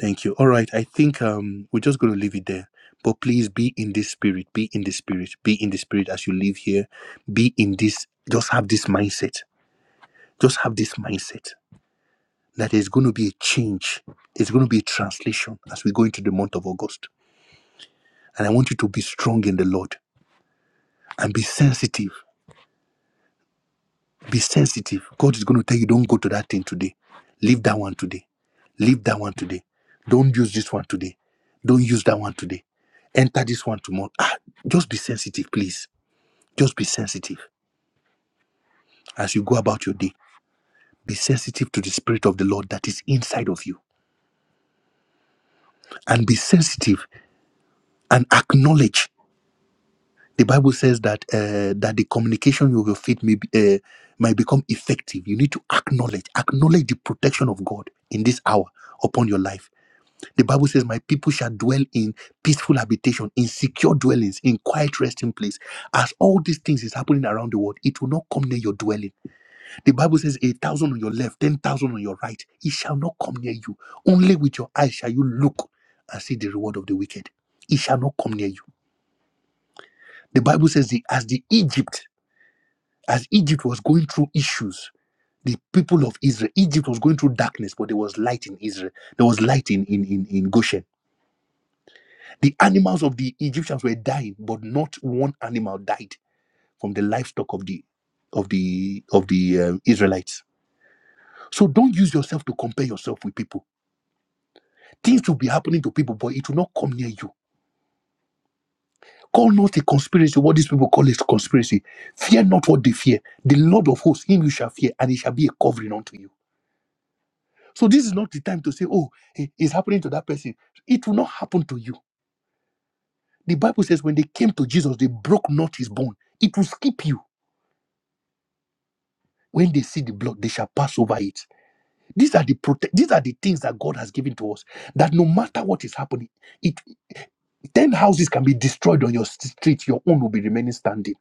Speaker 1: Thank you. All right. I think um we're just gonna leave it there. But please be in this spirit, be in this spirit, be in the spirit as you live here. Be in this, just have this mindset. Just have this mindset that there's going to be a change. There's going to be a translation as we go into the month of August. And I want you to be strong in the Lord and be sensitive. Be sensitive. God is going to tell you, don't go to that thing today. Leave that one today. Leave that one today. Don't use this one today. Don't use that one today. Enter this one tomorrow. Ah, just be sensitive, please. Just be sensitive as you go about your day. Be sensitive to the Spirit of the Lord that is inside of you. And be sensitive and acknowledge the bible says that uh, that the communication of your faith may be, uh, might become effective you need to acknowledge acknowledge the protection of god in this hour upon your life the bible says my people shall dwell in peaceful habitation in secure dwellings in quiet resting place as all these things is happening around the world it will not come near your dwelling the bible says a thousand on your left ten thousand on your right it shall not come near you only with your eyes shall you look and see the reward of the wicked it shall not come near you the bible says the, as the egypt As Egypt was going through issues, the people of Israel, Egypt was going through darkness, but there was light in Israel. There was light in, in, in, in Goshen. The animals of the Egyptians were dying, but not one animal died from the livestock of the of the of the um, Israelites. So don't use yourself to compare yourself with people. Things will be happening to people, but it will not come near you. Call not a conspiracy what these people call a conspiracy. Fear not what they fear. The Lord of hosts, him you shall fear, and it shall be a covering unto you. So this is not the time to say, oh, it- it's happening to that person. It will not happen to you. The Bible says when they came to Jesus, they broke not his bone. It will skip you. When they see the blood, they shall pass over it. These are the prote- these are the things that God has given to us. That no matter what is happening, it ten houses can be destroyed on your st- street, your own will be remaining standing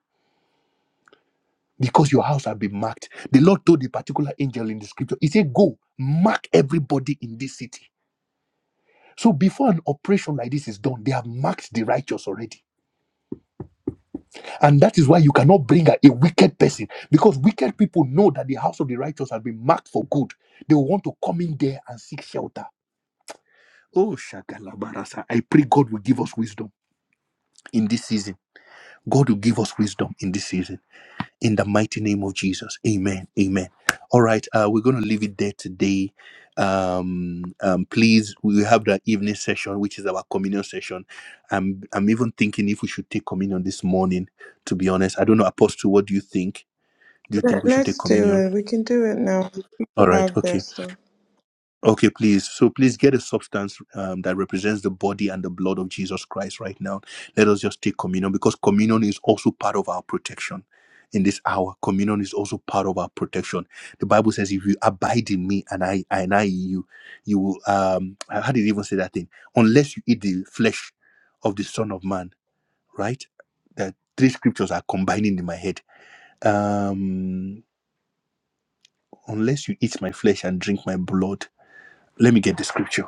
Speaker 1: because your house has been marked. The Lord told the particular angel in the scripture, He said, "Go mark everybody in this city." So before an operation like this is done, they have marked the righteous already And that is why you cannot bring a, a wicked person because wicked people know that the house of the righteous has been marked for good. They will want to come in there and seek shelter. Oh, Shagalabarasa, I pray God will give us wisdom in this season. God will give us wisdom in this season. In the mighty name of Jesus. Amen. Amen. All right. Uh, we're going to leave it there today. Um, um, please, we have the evening session, which is our communion session. I'm, I'm even thinking if we should take communion this morning, to be honest. I don't know, Apostle, what do you think? Do you think
Speaker 3: Let-
Speaker 1: we should take
Speaker 3: Let's do
Speaker 1: communion?
Speaker 3: it. We can do it now. People
Speaker 1: All right,
Speaker 3: have their
Speaker 1: okay.
Speaker 3: stuff.
Speaker 1: Okay, please. So please get a substance um, that represents the body and the blood of Jesus Christ right now. Let us just take communion because communion is also part of our protection. In this hour, communion is also part of our protection. The Bible says, "If you abide in me and I and I in you, you will." Um, how did it even say that thing? Unless you eat the flesh of the Son of Man, right? That three scriptures are combining in my head. Um, unless you eat my flesh and drink my blood, let me get the scripture.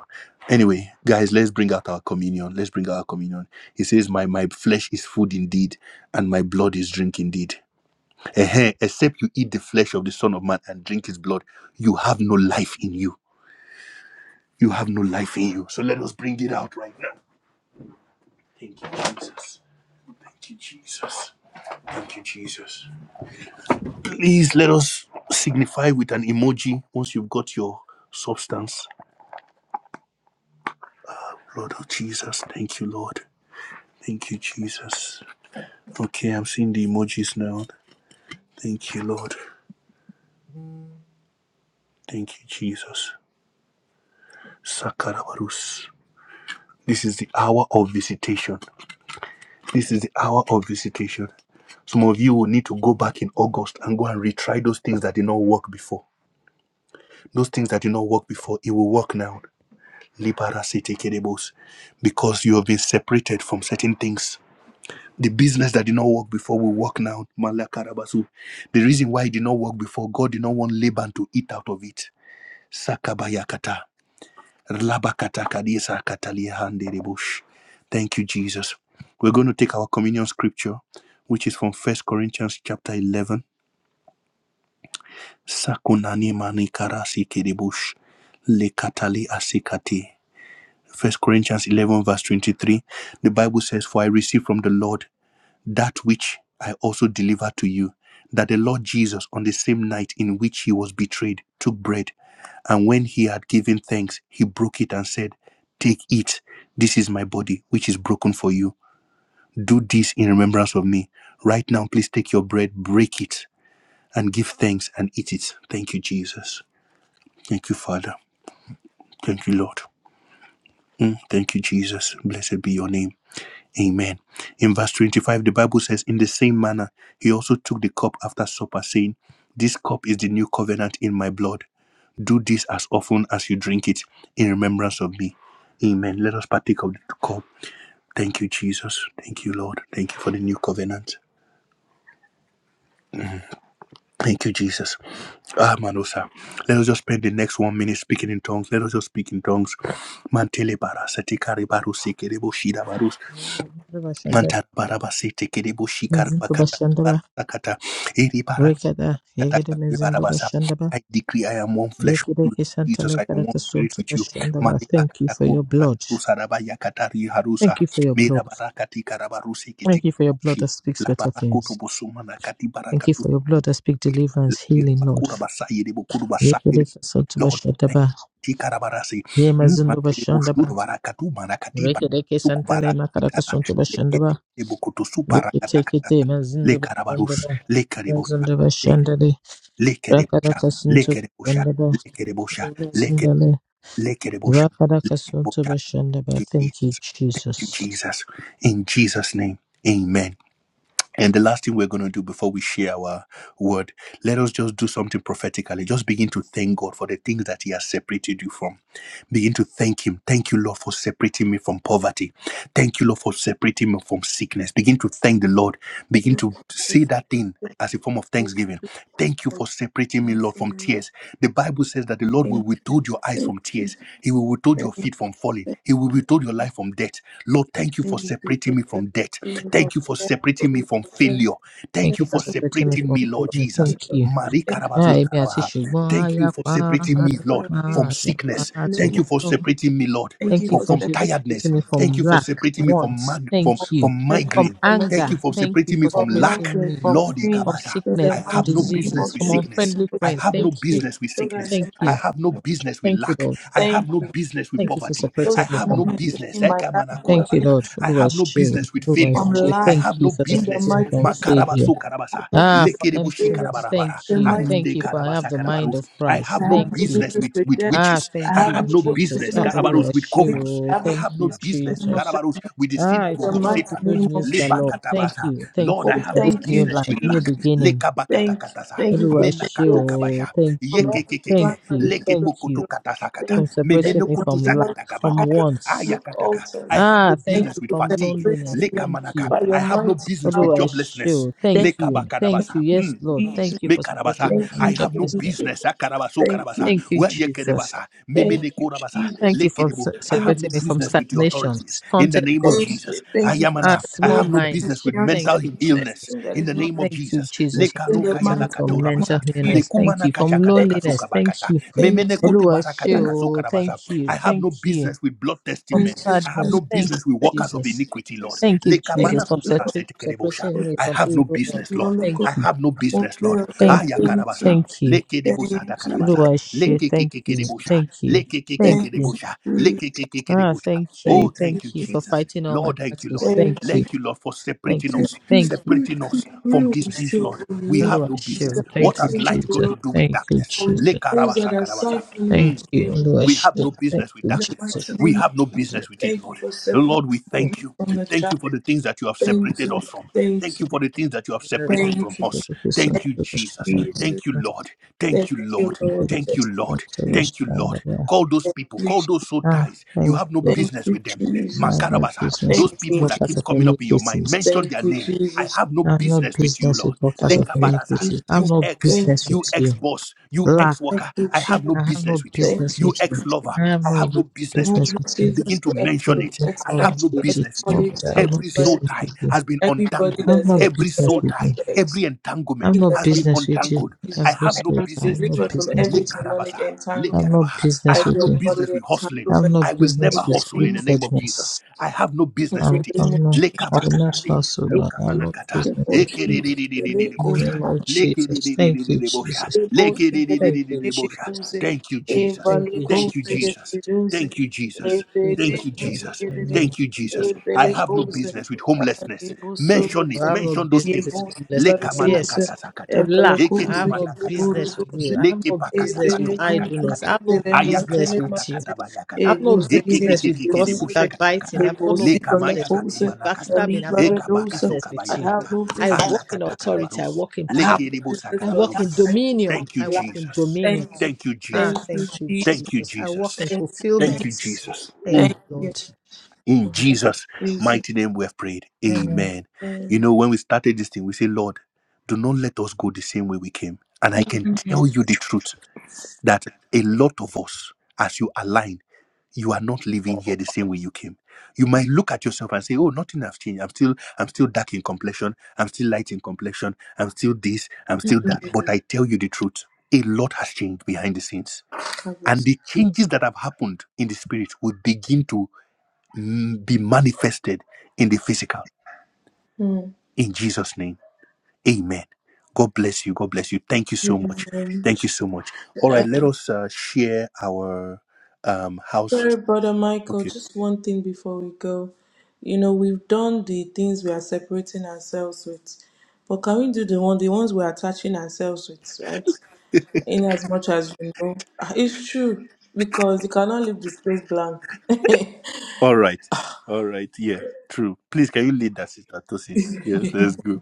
Speaker 1: Anyway, guys, let's bring out our communion. Let's bring out our communion. He says, My my flesh is food indeed, and my blood is drink indeed. Ehen, Except you eat the flesh of the Son of Man and drink his blood, you have no life in you. You have no life in you. So let us bring it out right now. Thank you, Jesus. Thank you, Jesus. Thank you, Jesus. Please let us signify with an emoji once you've got your substance. Lord of Jesus, thank you, Lord. Thank you, Jesus. Okay, I'm seeing the emojis now. Thank you, Lord. Thank you, Jesus. Sakarabarus. This is the hour of visitation. This is the hour of visitation. Some of you will need to go back in August and go and retry those things that did not work before. Those things that did not work before, it will work now. Libara sete Because you have been separated from certain things. The business that did not work before will work now. Malakarabasu. The reason why it did not work before, God did not want Laban to eat out of it. Sakabayakata. Rabakatakadisa kataliahandiribush. Thank you, Jesus. We're going to take our communion scripture, which is from First Corinthians chapter 11. Sakunani manikarasi kiribush. Lekatali asikati. First Corinthians 11, verse 23. The Bible says, For I received from the Lord. that which I also deliver to you, that the Lord Jesus, on the same night in which he was betrayed, took bread, and when he had given thanks, he broke it and said, Take it, this is my body, which is broken for you. Do this in remembrance of me. Right now, please take your bread, break it, and give thanks and eat it. Thank you, Jesus. Thank you, Father. Thank you, Lord. Mm, thank you, Jesus. Blessed be your name. Amen. In verse 25, the Bible says, In the same manner, he also took the cup after supper, saying, This cup is the new covenant in my blood. Do this as often as you drink it in remembrance of me. Amen. Let us partake of the cup. Thank you, Jesus. Thank you, Lord. Thank you for the new covenant. Thank you, Jesus. Ah, Manosa. Let us just spend the next one minute speaking in tongues. Let us just speak in tongues. Mantele bara, setikari baru, sikere bo barus. Manta barabasi tekele karabakata barakata eri barakata barabasa. I decree I am one flesh with you, Lord Jesus. I am one spirit with you. Mari
Speaker 2: Thank you
Speaker 1: bakata
Speaker 2: for
Speaker 1: ku
Speaker 2: your blood.
Speaker 1: barakatu sarabaya katari harusa.
Speaker 2: Thank you for your
Speaker 1: Mira
Speaker 2: blood.
Speaker 1: barakati karabarusi kiti
Speaker 2: Thank you for your blood that speaks
Speaker 1: La
Speaker 2: better
Speaker 1: barakutu
Speaker 2: things.
Speaker 1: busumana kati
Speaker 2: Thank you
Speaker 1: barakatu.
Speaker 2: for your blood that speaks deliverance,
Speaker 1: La
Speaker 2: healing, Lord.
Speaker 1: bakura basa
Speaker 2: Yekede kesantu
Speaker 1: Lord, thank
Speaker 2: bashandaba,
Speaker 1: you. Tikarabarasi. Mm, materebusuru barakatu marakati baratuku barakitara. Lekete bukutu
Speaker 2: Riketekete
Speaker 1: suparakatakataka.
Speaker 2: mazindaba
Speaker 1: Lekarabarus.
Speaker 2: shandaba
Speaker 1: Lekarebusha.
Speaker 2: mazindaba
Speaker 1: Lek-
Speaker 2: shandale
Speaker 1: Lekerebusha.
Speaker 2: rakadaka sunto
Speaker 1: Lekerebusha.
Speaker 2: shandaba
Speaker 1: Lekerebusha. Leker-
Speaker 2: mazindale
Speaker 1: Lekerebusha.
Speaker 2: rakadaka sunto
Speaker 1: Lekerebusha. Thank
Speaker 2: shandaba.
Speaker 1: you,
Speaker 2: Thank you,
Speaker 1: Jesus. Thank you,
Speaker 2: Jesus.
Speaker 1: Jesus. In Jesus' name. Amen. And the last thing we're going to do before we share our word, let us just do something prophetically. Just begin to thank God for the things that He has separated you from. Begin to thank Him. Thank you, Lord, for separating me from poverty. Thank you, Lord, for separating me from sickness. Begin to thank the Lord. Begin to say that thing. As a form of thanksgiving. Thank you for separating me, Lord, from tears. The Bible says that the Lord will withhold your eyes from tears. He will withhold your feet from falling. He will withhold your life from death. Lord, thank you for separating me from death. Thank you for separating me from failure. Thank
Speaker 2: Thank
Speaker 1: you
Speaker 2: you for
Speaker 1: for
Speaker 2: separating me
Speaker 1: separating
Speaker 2: from
Speaker 1: me, Lord
Speaker 2: failure.
Speaker 1: Jesus.
Speaker 2: Thank you.
Speaker 1: Marie Karabazu
Speaker 2: Àìmí àti
Speaker 1: Karabaha.
Speaker 2: ṣùgbọ́n
Speaker 1: Thank you for
Speaker 2: àyàpá
Speaker 1: separating
Speaker 3: That
Speaker 1: me,
Speaker 3: is not
Speaker 1: Lord,
Speaker 3: of
Speaker 2: àyàpá
Speaker 3: you.
Speaker 1: from
Speaker 2: àyàpá
Speaker 1: sickness.
Speaker 2: láti
Speaker 1: Thank
Speaker 2: òní
Speaker 1: you
Speaker 3: Hallelujah.
Speaker 1: for
Speaker 2: lọ.
Speaker 1: separating me, Lord,
Speaker 3: Thank
Speaker 2: Thank
Speaker 3: you
Speaker 2: you
Speaker 1: from,
Speaker 3: for
Speaker 2: for
Speaker 1: from
Speaker 3: separating
Speaker 1: tiredness.
Speaker 2: separating me
Speaker 3: us
Speaker 2: from
Speaker 1: Thank you for
Speaker 2: lack,
Speaker 1: separating me
Speaker 2: want.
Speaker 1: from, mag- from,
Speaker 2: Thank you.
Speaker 1: from
Speaker 2: From
Speaker 1: migraine.
Speaker 3: from
Speaker 1: Thank
Speaker 2: anger,
Speaker 3: sickness.
Speaker 1: you for
Speaker 2: thank you
Speaker 1: separating me
Speaker 2: for
Speaker 1: from
Speaker 3: from
Speaker 2: separating
Speaker 1: lack.
Speaker 3: migraine,
Speaker 2: me
Speaker 3: from
Speaker 1: Lord
Speaker 3: pain,
Speaker 2: from
Speaker 1: Ikabasha,
Speaker 3: in
Speaker 2: sickness,
Speaker 3: the
Speaker 1: I
Speaker 2: from
Speaker 1: have no
Speaker 3: mighty name
Speaker 1: business
Speaker 2: diseases,
Speaker 3: of
Speaker 1: with
Speaker 2: from
Speaker 3: Jesus. Thank
Speaker 1: sickness.
Speaker 2: unfriendly
Speaker 3: you
Speaker 1: I
Speaker 2: friends.
Speaker 3: for
Speaker 1: have
Speaker 3: separating
Speaker 1: no
Speaker 2: Thank
Speaker 1: business
Speaker 2: you.
Speaker 3: these
Speaker 1: business with
Speaker 3: children, in
Speaker 1: sickness.
Speaker 3: the
Speaker 2: Thank
Speaker 1: I
Speaker 2: you.
Speaker 3: mighty.
Speaker 1: have no business with
Speaker 2: Thank you,
Speaker 1: lack.
Speaker 2: Lord.
Speaker 1: I have
Speaker 3: Thank
Speaker 1: no
Speaker 3: you
Speaker 1: business with
Speaker 2: Thank you for
Speaker 3: for
Speaker 1: poverty.
Speaker 3: those
Speaker 1: I
Speaker 2: separating me
Speaker 3: who
Speaker 1: have
Speaker 2: from
Speaker 1: no
Speaker 3: have me
Speaker 2: evil.
Speaker 3: to
Speaker 1: business.
Speaker 3: be my life, O
Speaker 1: Ekamanakora-
Speaker 3: Lord.
Speaker 2: Thank you,
Speaker 3: Thank you
Speaker 2: Lord.
Speaker 1: I
Speaker 2: Lord,
Speaker 1: have no
Speaker 2: shield.
Speaker 1: business with
Speaker 2: Oluwa
Speaker 1: failure.
Speaker 3: from
Speaker 2: shield.
Speaker 1: I
Speaker 3: lack,
Speaker 1: have
Speaker 2: Thank you
Speaker 1: no
Speaker 2: for
Speaker 3: in the
Speaker 1: business.
Speaker 2: separating me
Speaker 3: mighty
Speaker 2: from
Speaker 3: name
Speaker 2: failure.
Speaker 1: Makarabaso
Speaker 3: of
Speaker 1: karabasa,
Speaker 3: Jesus. This
Speaker 2: Ah,
Speaker 3: is
Speaker 2: for
Speaker 3: the
Speaker 1: lekerebushi
Speaker 3: failure,
Speaker 2: emptiness. Thank
Speaker 1: karabarabara,
Speaker 3: in the
Speaker 2: you.
Speaker 3: mighty. name.
Speaker 2: Thank
Speaker 1: ande
Speaker 2: you for I have
Speaker 1: karabasa
Speaker 2: the mind
Speaker 1: karabaros.
Speaker 2: of
Speaker 1: I
Speaker 2: Christ.
Speaker 1: have
Speaker 3: I
Speaker 1: no
Speaker 3: have no
Speaker 2: Thank you.
Speaker 1: business
Speaker 3: business
Speaker 1: with,
Speaker 3: with
Speaker 1: with
Speaker 3: debt.
Speaker 2: Ah,
Speaker 1: witches.
Speaker 2: thank
Speaker 3: I
Speaker 1: I
Speaker 3: have
Speaker 2: you,
Speaker 1: have no
Speaker 3: no
Speaker 2: Jesus.
Speaker 1: business
Speaker 2: Ah,
Speaker 3: business with
Speaker 1: karabaros
Speaker 2: Lord,
Speaker 1: with
Speaker 3: weakness.
Speaker 1: covens.
Speaker 3: I
Speaker 2: shield.
Speaker 3: have
Speaker 1: I
Speaker 3: no
Speaker 2: Thank
Speaker 3: business
Speaker 1: have no
Speaker 2: you,
Speaker 3: with the
Speaker 1: business
Speaker 3: kingdom of
Speaker 2: Jesus.
Speaker 3: God.
Speaker 1: karabaros with the
Speaker 2: Ah,
Speaker 3: In
Speaker 2: it
Speaker 3: the
Speaker 1: synagogue
Speaker 2: should
Speaker 1: of
Speaker 2: just be
Speaker 3: mighty
Speaker 1: Satan.
Speaker 2: good
Speaker 3: name of
Speaker 2: news galore. Thank
Speaker 3: Jesus.
Speaker 1: Lebakatabata.
Speaker 2: you. Thank
Speaker 1: Lord,
Speaker 3: Oh,
Speaker 1: I
Speaker 2: you
Speaker 1: have
Speaker 2: for
Speaker 1: no
Speaker 2: this
Speaker 3: thank
Speaker 2: new
Speaker 3: you,
Speaker 1: business
Speaker 2: life,
Speaker 1: with
Speaker 2: new
Speaker 1: lack.
Speaker 3: Jesus.
Speaker 2: beginning.
Speaker 3: Thank you.
Speaker 1: Lekabakatakatasa,
Speaker 3: Thank you for
Speaker 2: Lord, shield.
Speaker 1: menakatokabasha
Speaker 2: Thank
Speaker 3: Promote
Speaker 2: you. Thank
Speaker 3: everyone
Speaker 1: yekekekeke
Speaker 3: for
Speaker 2: you.
Speaker 3: this
Speaker 2: Thank
Speaker 3: word of
Speaker 2: you.
Speaker 1: lekepokoto
Speaker 3: Lord. Thank
Speaker 1: katasakata
Speaker 2: from
Speaker 3: you. Thank
Speaker 2: separating
Speaker 3: you
Speaker 2: me
Speaker 3: for
Speaker 1: memenokoto
Speaker 2: from lack,
Speaker 3: demonic
Speaker 2: from
Speaker 1: zakatagabakata
Speaker 3: ties,
Speaker 2: wants.
Speaker 3: demonic
Speaker 1: ayakataka i
Speaker 3: altars.
Speaker 1: have
Speaker 2: Ah,
Speaker 1: no
Speaker 2: thank
Speaker 3: Thank
Speaker 1: business
Speaker 2: you
Speaker 1: with
Speaker 3: you for
Speaker 2: from
Speaker 1: fatigue
Speaker 2: loneliness.
Speaker 3: separating me
Speaker 2: Thank
Speaker 1: lekamanaka
Speaker 2: you.
Speaker 3: by
Speaker 1: i
Speaker 3: your
Speaker 1: have no
Speaker 3: mighty
Speaker 1: business with
Speaker 3: power.
Speaker 2: Otherwise,
Speaker 1: joblessness
Speaker 2: show. Thank
Speaker 3: Thank
Speaker 2: you.
Speaker 3: thank
Speaker 2: Thank you.
Speaker 1: lekabakadabasa
Speaker 3: you,
Speaker 2: Yes, Lord.
Speaker 3: Jesus.
Speaker 2: Thank you
Speaker 1: me
Speaker 2: for
Speaker 1: karabasa.
Speaker 2: separating me
Speaker 3: Thank
Speaker 2: from
Speaker 1: I
Speaker 3: you,
Speaker 1: have no
Speaker 2: joblessness.
Speaker 3: Jesus.
Speaker 1: business. ah, karabaso
Speaker 3: Thank
Speaker 1: karabasa.
Speaker 3: you.
Speaker 2: Thank you,
Speaker 1: Where ye
Speaker 2: Jesus.
Speaker 1: kedebasa. Me me
Speaker 3: Thank
Speaker 1: ne
Speaker 3: you,
Speaker 1: korabasa.
Speaker 3: Jesus,
Speaker 2: Thank
Speaker 1: Le
Speaker 2: you
Speaker 3: for
Speaker 2: for
Speaker 1: kedebo.
Speaker 2: se-
Speaker 1: I
Speaker 3: lifting me.
Speaker 1: have no
Speaker 3: be
Speaker 2: separating me from
Speaker 3: saved.
Speaker 1: business with the
Speaker 2: stagnation,
Speaker 1: authorities. In the
Speaker 2: stunted
Speaker 1: name of
Speaker 2: growth,
Speaker 3: Thank you.
Speaker 1: Jesus. I
Speaker 3: Thank you
Speaker 1: am an-
Speaker 2: ah,
Speaker 1: I
Speaker 3: for
Speaker 2: small
Speaker 1: have
Speaker 3: separating
Speaker 1: no
Speaker 2: mind.
Speaker 3: and
Speaker 1: business with
Speaker 3: parents
Speaker 2: Thank
Speaker 1: mental
Speaker 2: you,
Speaker 3: and my
Speaker 1: illness.
Speaker 2: Jesus.
Speaker 3: everything that
Speaker 1: In
Speaker 3: is
Speaker 1: the
Speaker 3: not
Speaker 1: name of
Speaker 2: Thank you,
Speaker 1: Jesus. Le
Speaker 2: Jesus, for
Speaker 3: in
Speaker 1: kano
Speaker 3: the
Speaker 1: kaya
Speaker 2: separating
Speaker 3: mighty
Speaker 1: la
Speaker 2: me
Speaker 3: name
Speaker 1: kato
Speaker 2: from
Speaker 3: of
Speaker 2: mental
Speaker 1: rabasa.
Speaker 3: Jesus.
Speaker 1: Ne
Speaker 2: illness. Thank
Speaker 1: kumana
Speaker 2: you
Speaker 1: kaya
Speaker 2: from
Speaker 1: kata
Speaker 3: Thank
Speaker 1: kaso
Speaker 2: loneliness. Thank
Speaker 1: kabakata.
Speaker 2: you.
Speaker 1: Me me
Speaker 3: thank
Speaker 1: ne
Speaker 3: you.
Speaker 1: koto
Speaker 2: Otherwise,
Speaker 1: barakata
Speaker 3: Thank
Speaker 1: kaso
Speaker 2: show.
Speaker 1: karabasa.
Speaker 2: Thank you.
Speaker 1: I have no
Speaker 2: Thank you.
Speaker 1: business with bloodthirsty
Speaker 2: from
Speaker 3: you,
Speaker 1: men.
Speaker 3: Jesus.
Speaker 1: I have no
Speaker 2: sadness. Thank
Speaker 1: business
Speaker 2: you,
Speaker 1: with
Speaker 3: Thank
Speaker 1: workers of
Speaker 2: Jesus.
Speaker 1: iniquity, Lord.
Speaker 2: Thank you, Jesus,
Speaker 1: Lekamana
Speaker 2: for
Speaker 1: kubara
Speaker 2: separ-
Speaker 1: setekerebosha.
Speaker 2: separating me
Speaker 1: I
Speaker 2: from
Speaker 1: have no
Speaker 2: evil ones.
Speaker 1: business, Lord.
Speaker 2: Thank
Speaker 1: I
Speaker 2: you.
Speaker 1: have no business, Lord.
Speaker 2: Thank
Speaker 1: Aya
Speaker 2: you.
Speaker 1: karabasa.
Speaker 2: Thank you.
Speaker 1: Leke debosa ta karabasa.
Speaker 2: Otherwise, shit.
Speaker 1: Leke
Speaker 2: Thank
Speaker 1: keke
Speaker 2: you.
Speaker 1: kedebosha.
Speaker 2: Thank you.
Speaker 1: Leke keke
Speaker 2: Thank
Speaker 3: thank
Speaker 2: you.
Speaker 1: kedebosha. Leke keke
Speaker 2: Ah,
Speaker 1: kedebosha.
Speaker 2: thank you.
Speaker 1: Oh,
Speaker 2: Thank
Speaker 1: thank you,
Speaker 2: you for
Speaker 1: Jesus.
Speaker 2: fighting all my
Speaker 1: Lord, thank you, Lord.
Speaker 2: battles. Thank you.
Speaker 1: Thank you, Lord, for
Speaker 2: Thank
Speaker 1: separating
Speaker 2: you.
Speaker 1: us,
Speaker 2: Thank you.
Speaker 1: separating us from these things,
Speaker 3: you
Speaker 1: Lord.
Speaker 3: for
Speaker 1: We have
Speaker 2: Otherwise,
Speaker 1: no
Speaker 2: shit.
Speaker 1: business. What
Speaker 2: Thank you,
Speaker 3: separating
Speaker 1: has
Speaker 3: me,
Speaker 1: light got
Speaker 2: Jesus.
Speaker 1: to
Speaker 3: Lord.
Speaker 1: do with
Speaker 2: Thank you,
Speaker 1: darkness?
Speaker 2: Jesus.
Speaker 1: Lekarabasa karabasa. Hmm.
Speaker 2: Thank you. Otherwise,
Speaker 1: We have
Speaker 2: shit.
Speaker 1: no
Speaker 2: Thank
Speaker 1: business with
Speaker 2: you,
Speaker 1: darkness.
Speaker 2: Jesus.
Speaker 3: mighty
Speaker 1: We
Speaker 3: name of-
Speaker 1: have no business with it,
Speaker 3: Thank you
Speaker 1: Lord.
Speaker 3: for
Speaker 1: Lord, we
Speaker 3: separating the
Speaker 2: Thank you.
Speaker 1: thank
Speaker 3: wheat
Speaker 1: you.
Speaker 3: from the
Speaker 1: Thank
Speaker 3: chaff.
Speaker 1: you for the things that you have
Speaker 3: Thank
Speaker 1: separated
Speaker 3: you,
Speaker 1: us from.
Speaker 3: thank
Speaker 1: Thank
Speaker 3: you,
Speaker 1: you for the things that you have
Speaker 2: Lord.
Speaker 1: separated from
Speaker 3: thank you,
Speaker 1: us.
Speaker 2: Thank you so
Speaker 1: Thank you,
Speaker 2: much. Thank
Speaker 1: Jesus.
Speaker 2: you.
Speaker 1: Thank you,
Speaker 2: Lord.
Speaker 1: Lord. Thank you,
Speaker 3: thank you,
Speaker 1: Lord.
Speaker 2: Thank you.
Speaker 3: Lord.
Speaker 1: Thank
Speaker 3: Thank
Speaker 1: you,
Speaker 2: Lord.
Speaker 1: Lord. Thank you,
Speaker 2: Thank you.
Speaker 1: Lord.
Speaker 2: Lord.
Speaker 1: Call those people,
Speaker 3: you,
Speaker 1: call
Speaker 3: Je-
Speaker 1: those soul
Speaker 2: Ah,
Speaker 1: ties. You
Speaker 2: thank
Speaker 1: have no
Speaker 2: you.
Speaker 3: thank
Speaker 1: business
Speaker 3: you,
Speaker 1: with them.
Speaker 2: I
Speaker 3: Jesus.
Speaker 2: have no
Speaker 1: Makarabasa,
Speaker 2: business
Speaker 3: Thank
Speaker 1: those
Speaker 2: with
Speaker 3: you,
Speaker 1: people that
Speaker 2: workers
Speaker 3: Jesus.
Speaker 1: keep
Speaker 2: of
Speaker 1: coming up in your mind,
Speaker 2: iniquities.
Speaker 1: mention their
Speaker 3: Thank you,
Speaker 1: name. I
Speaker 3: Jesus.
Speaker 1: have no
Speaker 2: I have no
Speaker 1: business with you,
Speaker 2: business
Speaker 1: Lord.
Speaker 2: with workers of
Speaker 3: Thank you,
Speaker 1: Lekabaraza,
Speaker 2: iniquities. I have
Speaker 1: you
Speaker 3: Jesus.
Speaker 2: no
Speaker 1: ex.
Speaker 3: Thank
Speaker 2: business
Speaker 3: you,
Speaker 2: with
Speaker 1: You
Speaker 2: you.
Speaker 1: ex boss, you
Speaker 2: Lack.
Speaker 1: ex
Speaker 3: thank
Speaker 1: worker,
Speaker 3: you,
Speaker 1: I have
Speaker 3: Jesus.
Speaker 1: no
Speaker 2: I have
Speaker 1: business
Speaker 2: no
Speaker 1: with you.
Speaker 3: Thank
Speaker 2: business
Speaker 3: you.
Speaker 1: You
Speaker 2: with you.
Speaker 1: ex lover,
Speaker 2: I have
Speaker 1: I
Speaker 2: no
Speaker 1: have no
Speaker 3: I
Speaker 1: business
Speaker 3: have
Speaker 1: with
Speaker 2: business
Speaker 1: you.
Speaker 3: no
Speaker 2: with you.
Speaker 3: business
Speaker 1: Begin to
Speaker 3: to ex
Speaker 1: mention
Speaker 2: In
Speaker 1: it.
Speaker 2: the name
Speaker 1: I
Speaker 2: of
Speaker 1: have
Speaker 3: ex-spouse,
Speaker 1: no
Speaker 2: Jesus.
Speaker 1: business with
Speaker 2: Oh,
Speaker 1: you.
Speaker 2: but
Speaker 3: ex-colleagues,
Speaker 2: I have no
Speaker 1: Every soul
Speaker 3: ex-friends,
Speaker 2: business
Speaker 1: tie
Speaker 2: with you.
Speaker 1: has been
Speaker 3: everybody
Speaker 2: I
Speaker 1: untangled.
Speaker 2: have
Speaker 3: that's
Speaker 2: no
Speaker 1: Every
Speaker 2: business
Speaker 1: soul
Speaker 3: ex-parents,
Speaker 2: with you.
Speaker 1: tie,
Speaker 3: ex
Speaker 1: every
Speaker 2: I have
Speaker 1: entanglement
Speaker 3: in
Speaker 2: no
Speaker 3: the
Speaker 1: has been
Speaker 2: business
Speaker 3: mighty
Speaker 2: with
Speaker 3: name
Speaker 2: you.
Speaker 3: of
Speaker 1: untangled. I
Speaker 3: Jesus.
Speaker 2: Every
Speaker 1: have
Speaker 3: I
Speaker 1: no
Speaker 3: am
Speaker 2: spirit, I have
Speaker 1: business
Speaker 2: no
Speaker 1: with
Speaker 3: delivered
Speaker 1: you.
Speaker 3: from
Speaker 2: business
Speaker 1: Le
Speaker 3: every
Speaker 2: with you.
Speaker 1: karabasa,
Speaker 3: demonic
Speaker 1: le
Speaker 2: I
Speaker 3: entanglement,
Speaker 2: have no
Speaker 1: karabaha. I
Speaker 2: business
Speaker 1: have
Speaker 3: every
Speaker 2: with
Speaker 1: no
Speaker 2: you.
Speaker 1: business
Speaker 3: ungodly
Speaker 1: with hustling.
Speaker 2: I
Speaker 3: entanglement.
Speaker 2: have no
Speaker 1: I will
Speaker 3: In
Speaker 1: never
Speaker 2: business
Speaker 3: the
Speaker 2: with
Speaker 1: hustle in
Speaker 3: name
Speaker 1: the
Speaker 3: of
Speaker 1: name
Speaker 3: Jesus,
Speaker 1: of
Speaker 2: wickedness.
Speaker 1: Jesus. I have no
Speaker 3: in
Speaker 2: I
Speaker 1: business
Speaker 3: the
Speaker 2: will
Speaker 1: with
Speaker 2: I
Speaker 1: it.
Speaker 2: will
Speaker 3: name
Speaker 2: not,
Speaker 1: Le
Speaker 2: I will not
Speaker 1: kabakatase,
Speaker 2: hustle,
Speaker 1: lo
Speaker 2: Lord. I will not
Speaker 3: of Jesus, in
Speaker 1: kamanakata,
Speaker 3: the name
Speaker 2: business
Speaker 3: of
Speaker 2: again.
Speaker 3: Jesus, the
Speaker 2: In the
Speaker 3: Legos,
Speaker 2: name
Speaker 1: ekeredededededebosha.
Speaker 2: of Jesus. Thank you,
Speaker 1: Lickety-dee-dee-dee-dee-dee-bosha.
Speaker 2: Jesus.
Speaker 3: Legos, in the
Speaker 2: Thank you,
Speaker 1: Lickety-dee-dee-dee-dee-dee-bosha.
Speaker 2: Jesus.
Speaker 3: Legos, in the Legos,
Speaker 1: Thank you,
Speaker 3: in
Speaker 1: Jesus.
Speaker 2: Thank you,
Speaker 1: Thank you,
Speaker 2: Jesus.
Speaker 3: the
Speaker 1: Jesus.
Speaker 3: Legos,
Speaker 1: Thank you,
Speaker 3: in
Speaker 1: Jesus.
Speaker 2: Jesus
Speaker 1: Thank
Speaker 3: the
Speaker 1: you,
Speaker 2: name.
Speaker 3: Legos,
Speaker 1: Jesus.
Speaker 2: Amen.
Speaker 1: Thank you, Jesus.
Speaker 3: in the Legos, in the the
Speaker 1: I have no
Speaker 3: Legos, in
Speaker 1: business with homelessness.
Speaker 3: the
Speaker 1: Mention it.
Speaker 2: I have no
Speaker 1: Mention those
Speaker 2: business
Speaker 1: things.
Speaker 2: with homelessness.
Speaker 3: Legos,
Speaker 2: Yes.
Speaker 1: Lekamanakatasakata.
Speaker 2: with
Speaker 3: the Legos, the
Speaker 2: lack. I
Speaker 3: Legos,
Speaker 2: have no business
Speaker 1: Eketomanakatakata.
Speaker 3: the
Speaker 2: with you. I have no business
Speaker 3: Ebele
Speaker 2: with idleness. I
Speaker 1: Lekepakatakatopakatakata.
Speaker 2: have no
Speaker 3: kuzukutele
Speaker 2: business
Speaker 3: mantele
Speaker 2: with you.
Speaker 3: mante.
Speaker 2: I
Speaker 1: Ayakatakatakabayakata.
Speaker 2: have no
Speaker 3: Eguze
Speaker 2: business
Speaker 3: gede
Speaker 2: with gossip,
Speaker 3: gezugude.
Speaker 2: backbiting.
Speaker 1: Ekekekekekebosakatakata.
Speaker 2: I've got no
Speaker 3: Lebosi bala
Speaker 2: business with
Speaker 3: pose.
Speaker 2: you.
Speaker 1: Lekamayakatomanakata.
Speaker 3: Ali
Speaker 2: Backstabbing. I've
Speaker 3: bara
Speaker 2: got no
Speaker 3: dosa.
Speaker 2: business
Speaker 3: I
Speaker 2: with you.
Speaker 3: have
Speaker 1: Ekabakasukabayakata.
Speaker 3: no
Speaker 2: I
Speaker 3: business.
Speaker 2: walk in authority. I walk in
Speaker 3: I
Speaker 2: power.
Speaker 3: have no business
Speaker 2: I
Speaker 3: for
Speaker 2: walk
Speaker 3: that
Speaker 2: in
Speaker 3: I
Speaker 1: Lekidibusakarabarus.
Speaker 2: dominion.
Speaker 1: Thank you,
Speaker 2: I
Speaker 3: of
Speaker 2: walk in
Speaker 1: Jesus.
Speaker 2: dominion.
Speaker 3: Thank you.
Speaker 1: Thank you,
Speaker 2: Ah,
Speaker 3: Thank you,
Speaker 1: Jesus.
Speaker 2: thank you,
Speaker 3: Jesus.
Speaker 1: Thank you,
Speaker 2: Jesus. I walk in
Speaker 1: Jesus.
Speaker 3: Thank you,
Speaker 1: Thank
Speaker 2: fulfillment.
Speaker 1: you,
Speaker 3: Jesus.
Speaker 1: Jesus.
Speaker 2: Thank
Speaker 1: Mm.
Speaker 3: Thank
Speaker 2: you,
Speaker 3: you.
Speaker 2: Lord.
Speaker 1: In
Speaker 2: Mm.
Speaker 3: Thank you,
Speaker 1: Jesus'
Speaker 3: Jesus.
Speaker 1: mighty name we have prayed.
Speaker 2: Amen.
Speaker 1: Amen. You
Speaker 3: And
Speaker 1: know, when we started this thing, we say, Lord, do not let us go the same way we came. And I can tell you the truth that a lot of us, as you align, you are not living here the same way you came. You might look at yourself and say, "Oh, nothing has changed. I'm still, I'm still dark in complexion. I'm still light in complexion. I'm still this. I'm still that." But I tell you the truth: a lot has changed behind the scenes, and
Speaker 3: covers.
Speaker 1: the changes that have happened in the spirit will begin to mm, be manifested in the physical.
Speaker 3: Mm.
Speaker 1: In Jesus' name. Amen. God bless you. God bless you. Thank you so much.
Speaker 3: Amen.
Speaker 1: Thank you so much. All right, let us uh, share our um house.
Speaker 3: Sorry, Brother Michael,
Speaker 1: Okay.
Speaker 3: just one thing before we go. You know, we've done the things we are separating ourselves with, but can we do the one the ones we're attaching ourselves with, right? In as much as you know. It's true, because you cannot leave the space blank.
Speaker 1: All right. All right. Yeah. True. Please, can you lead that, Sister Tosi? Yes. Let's go.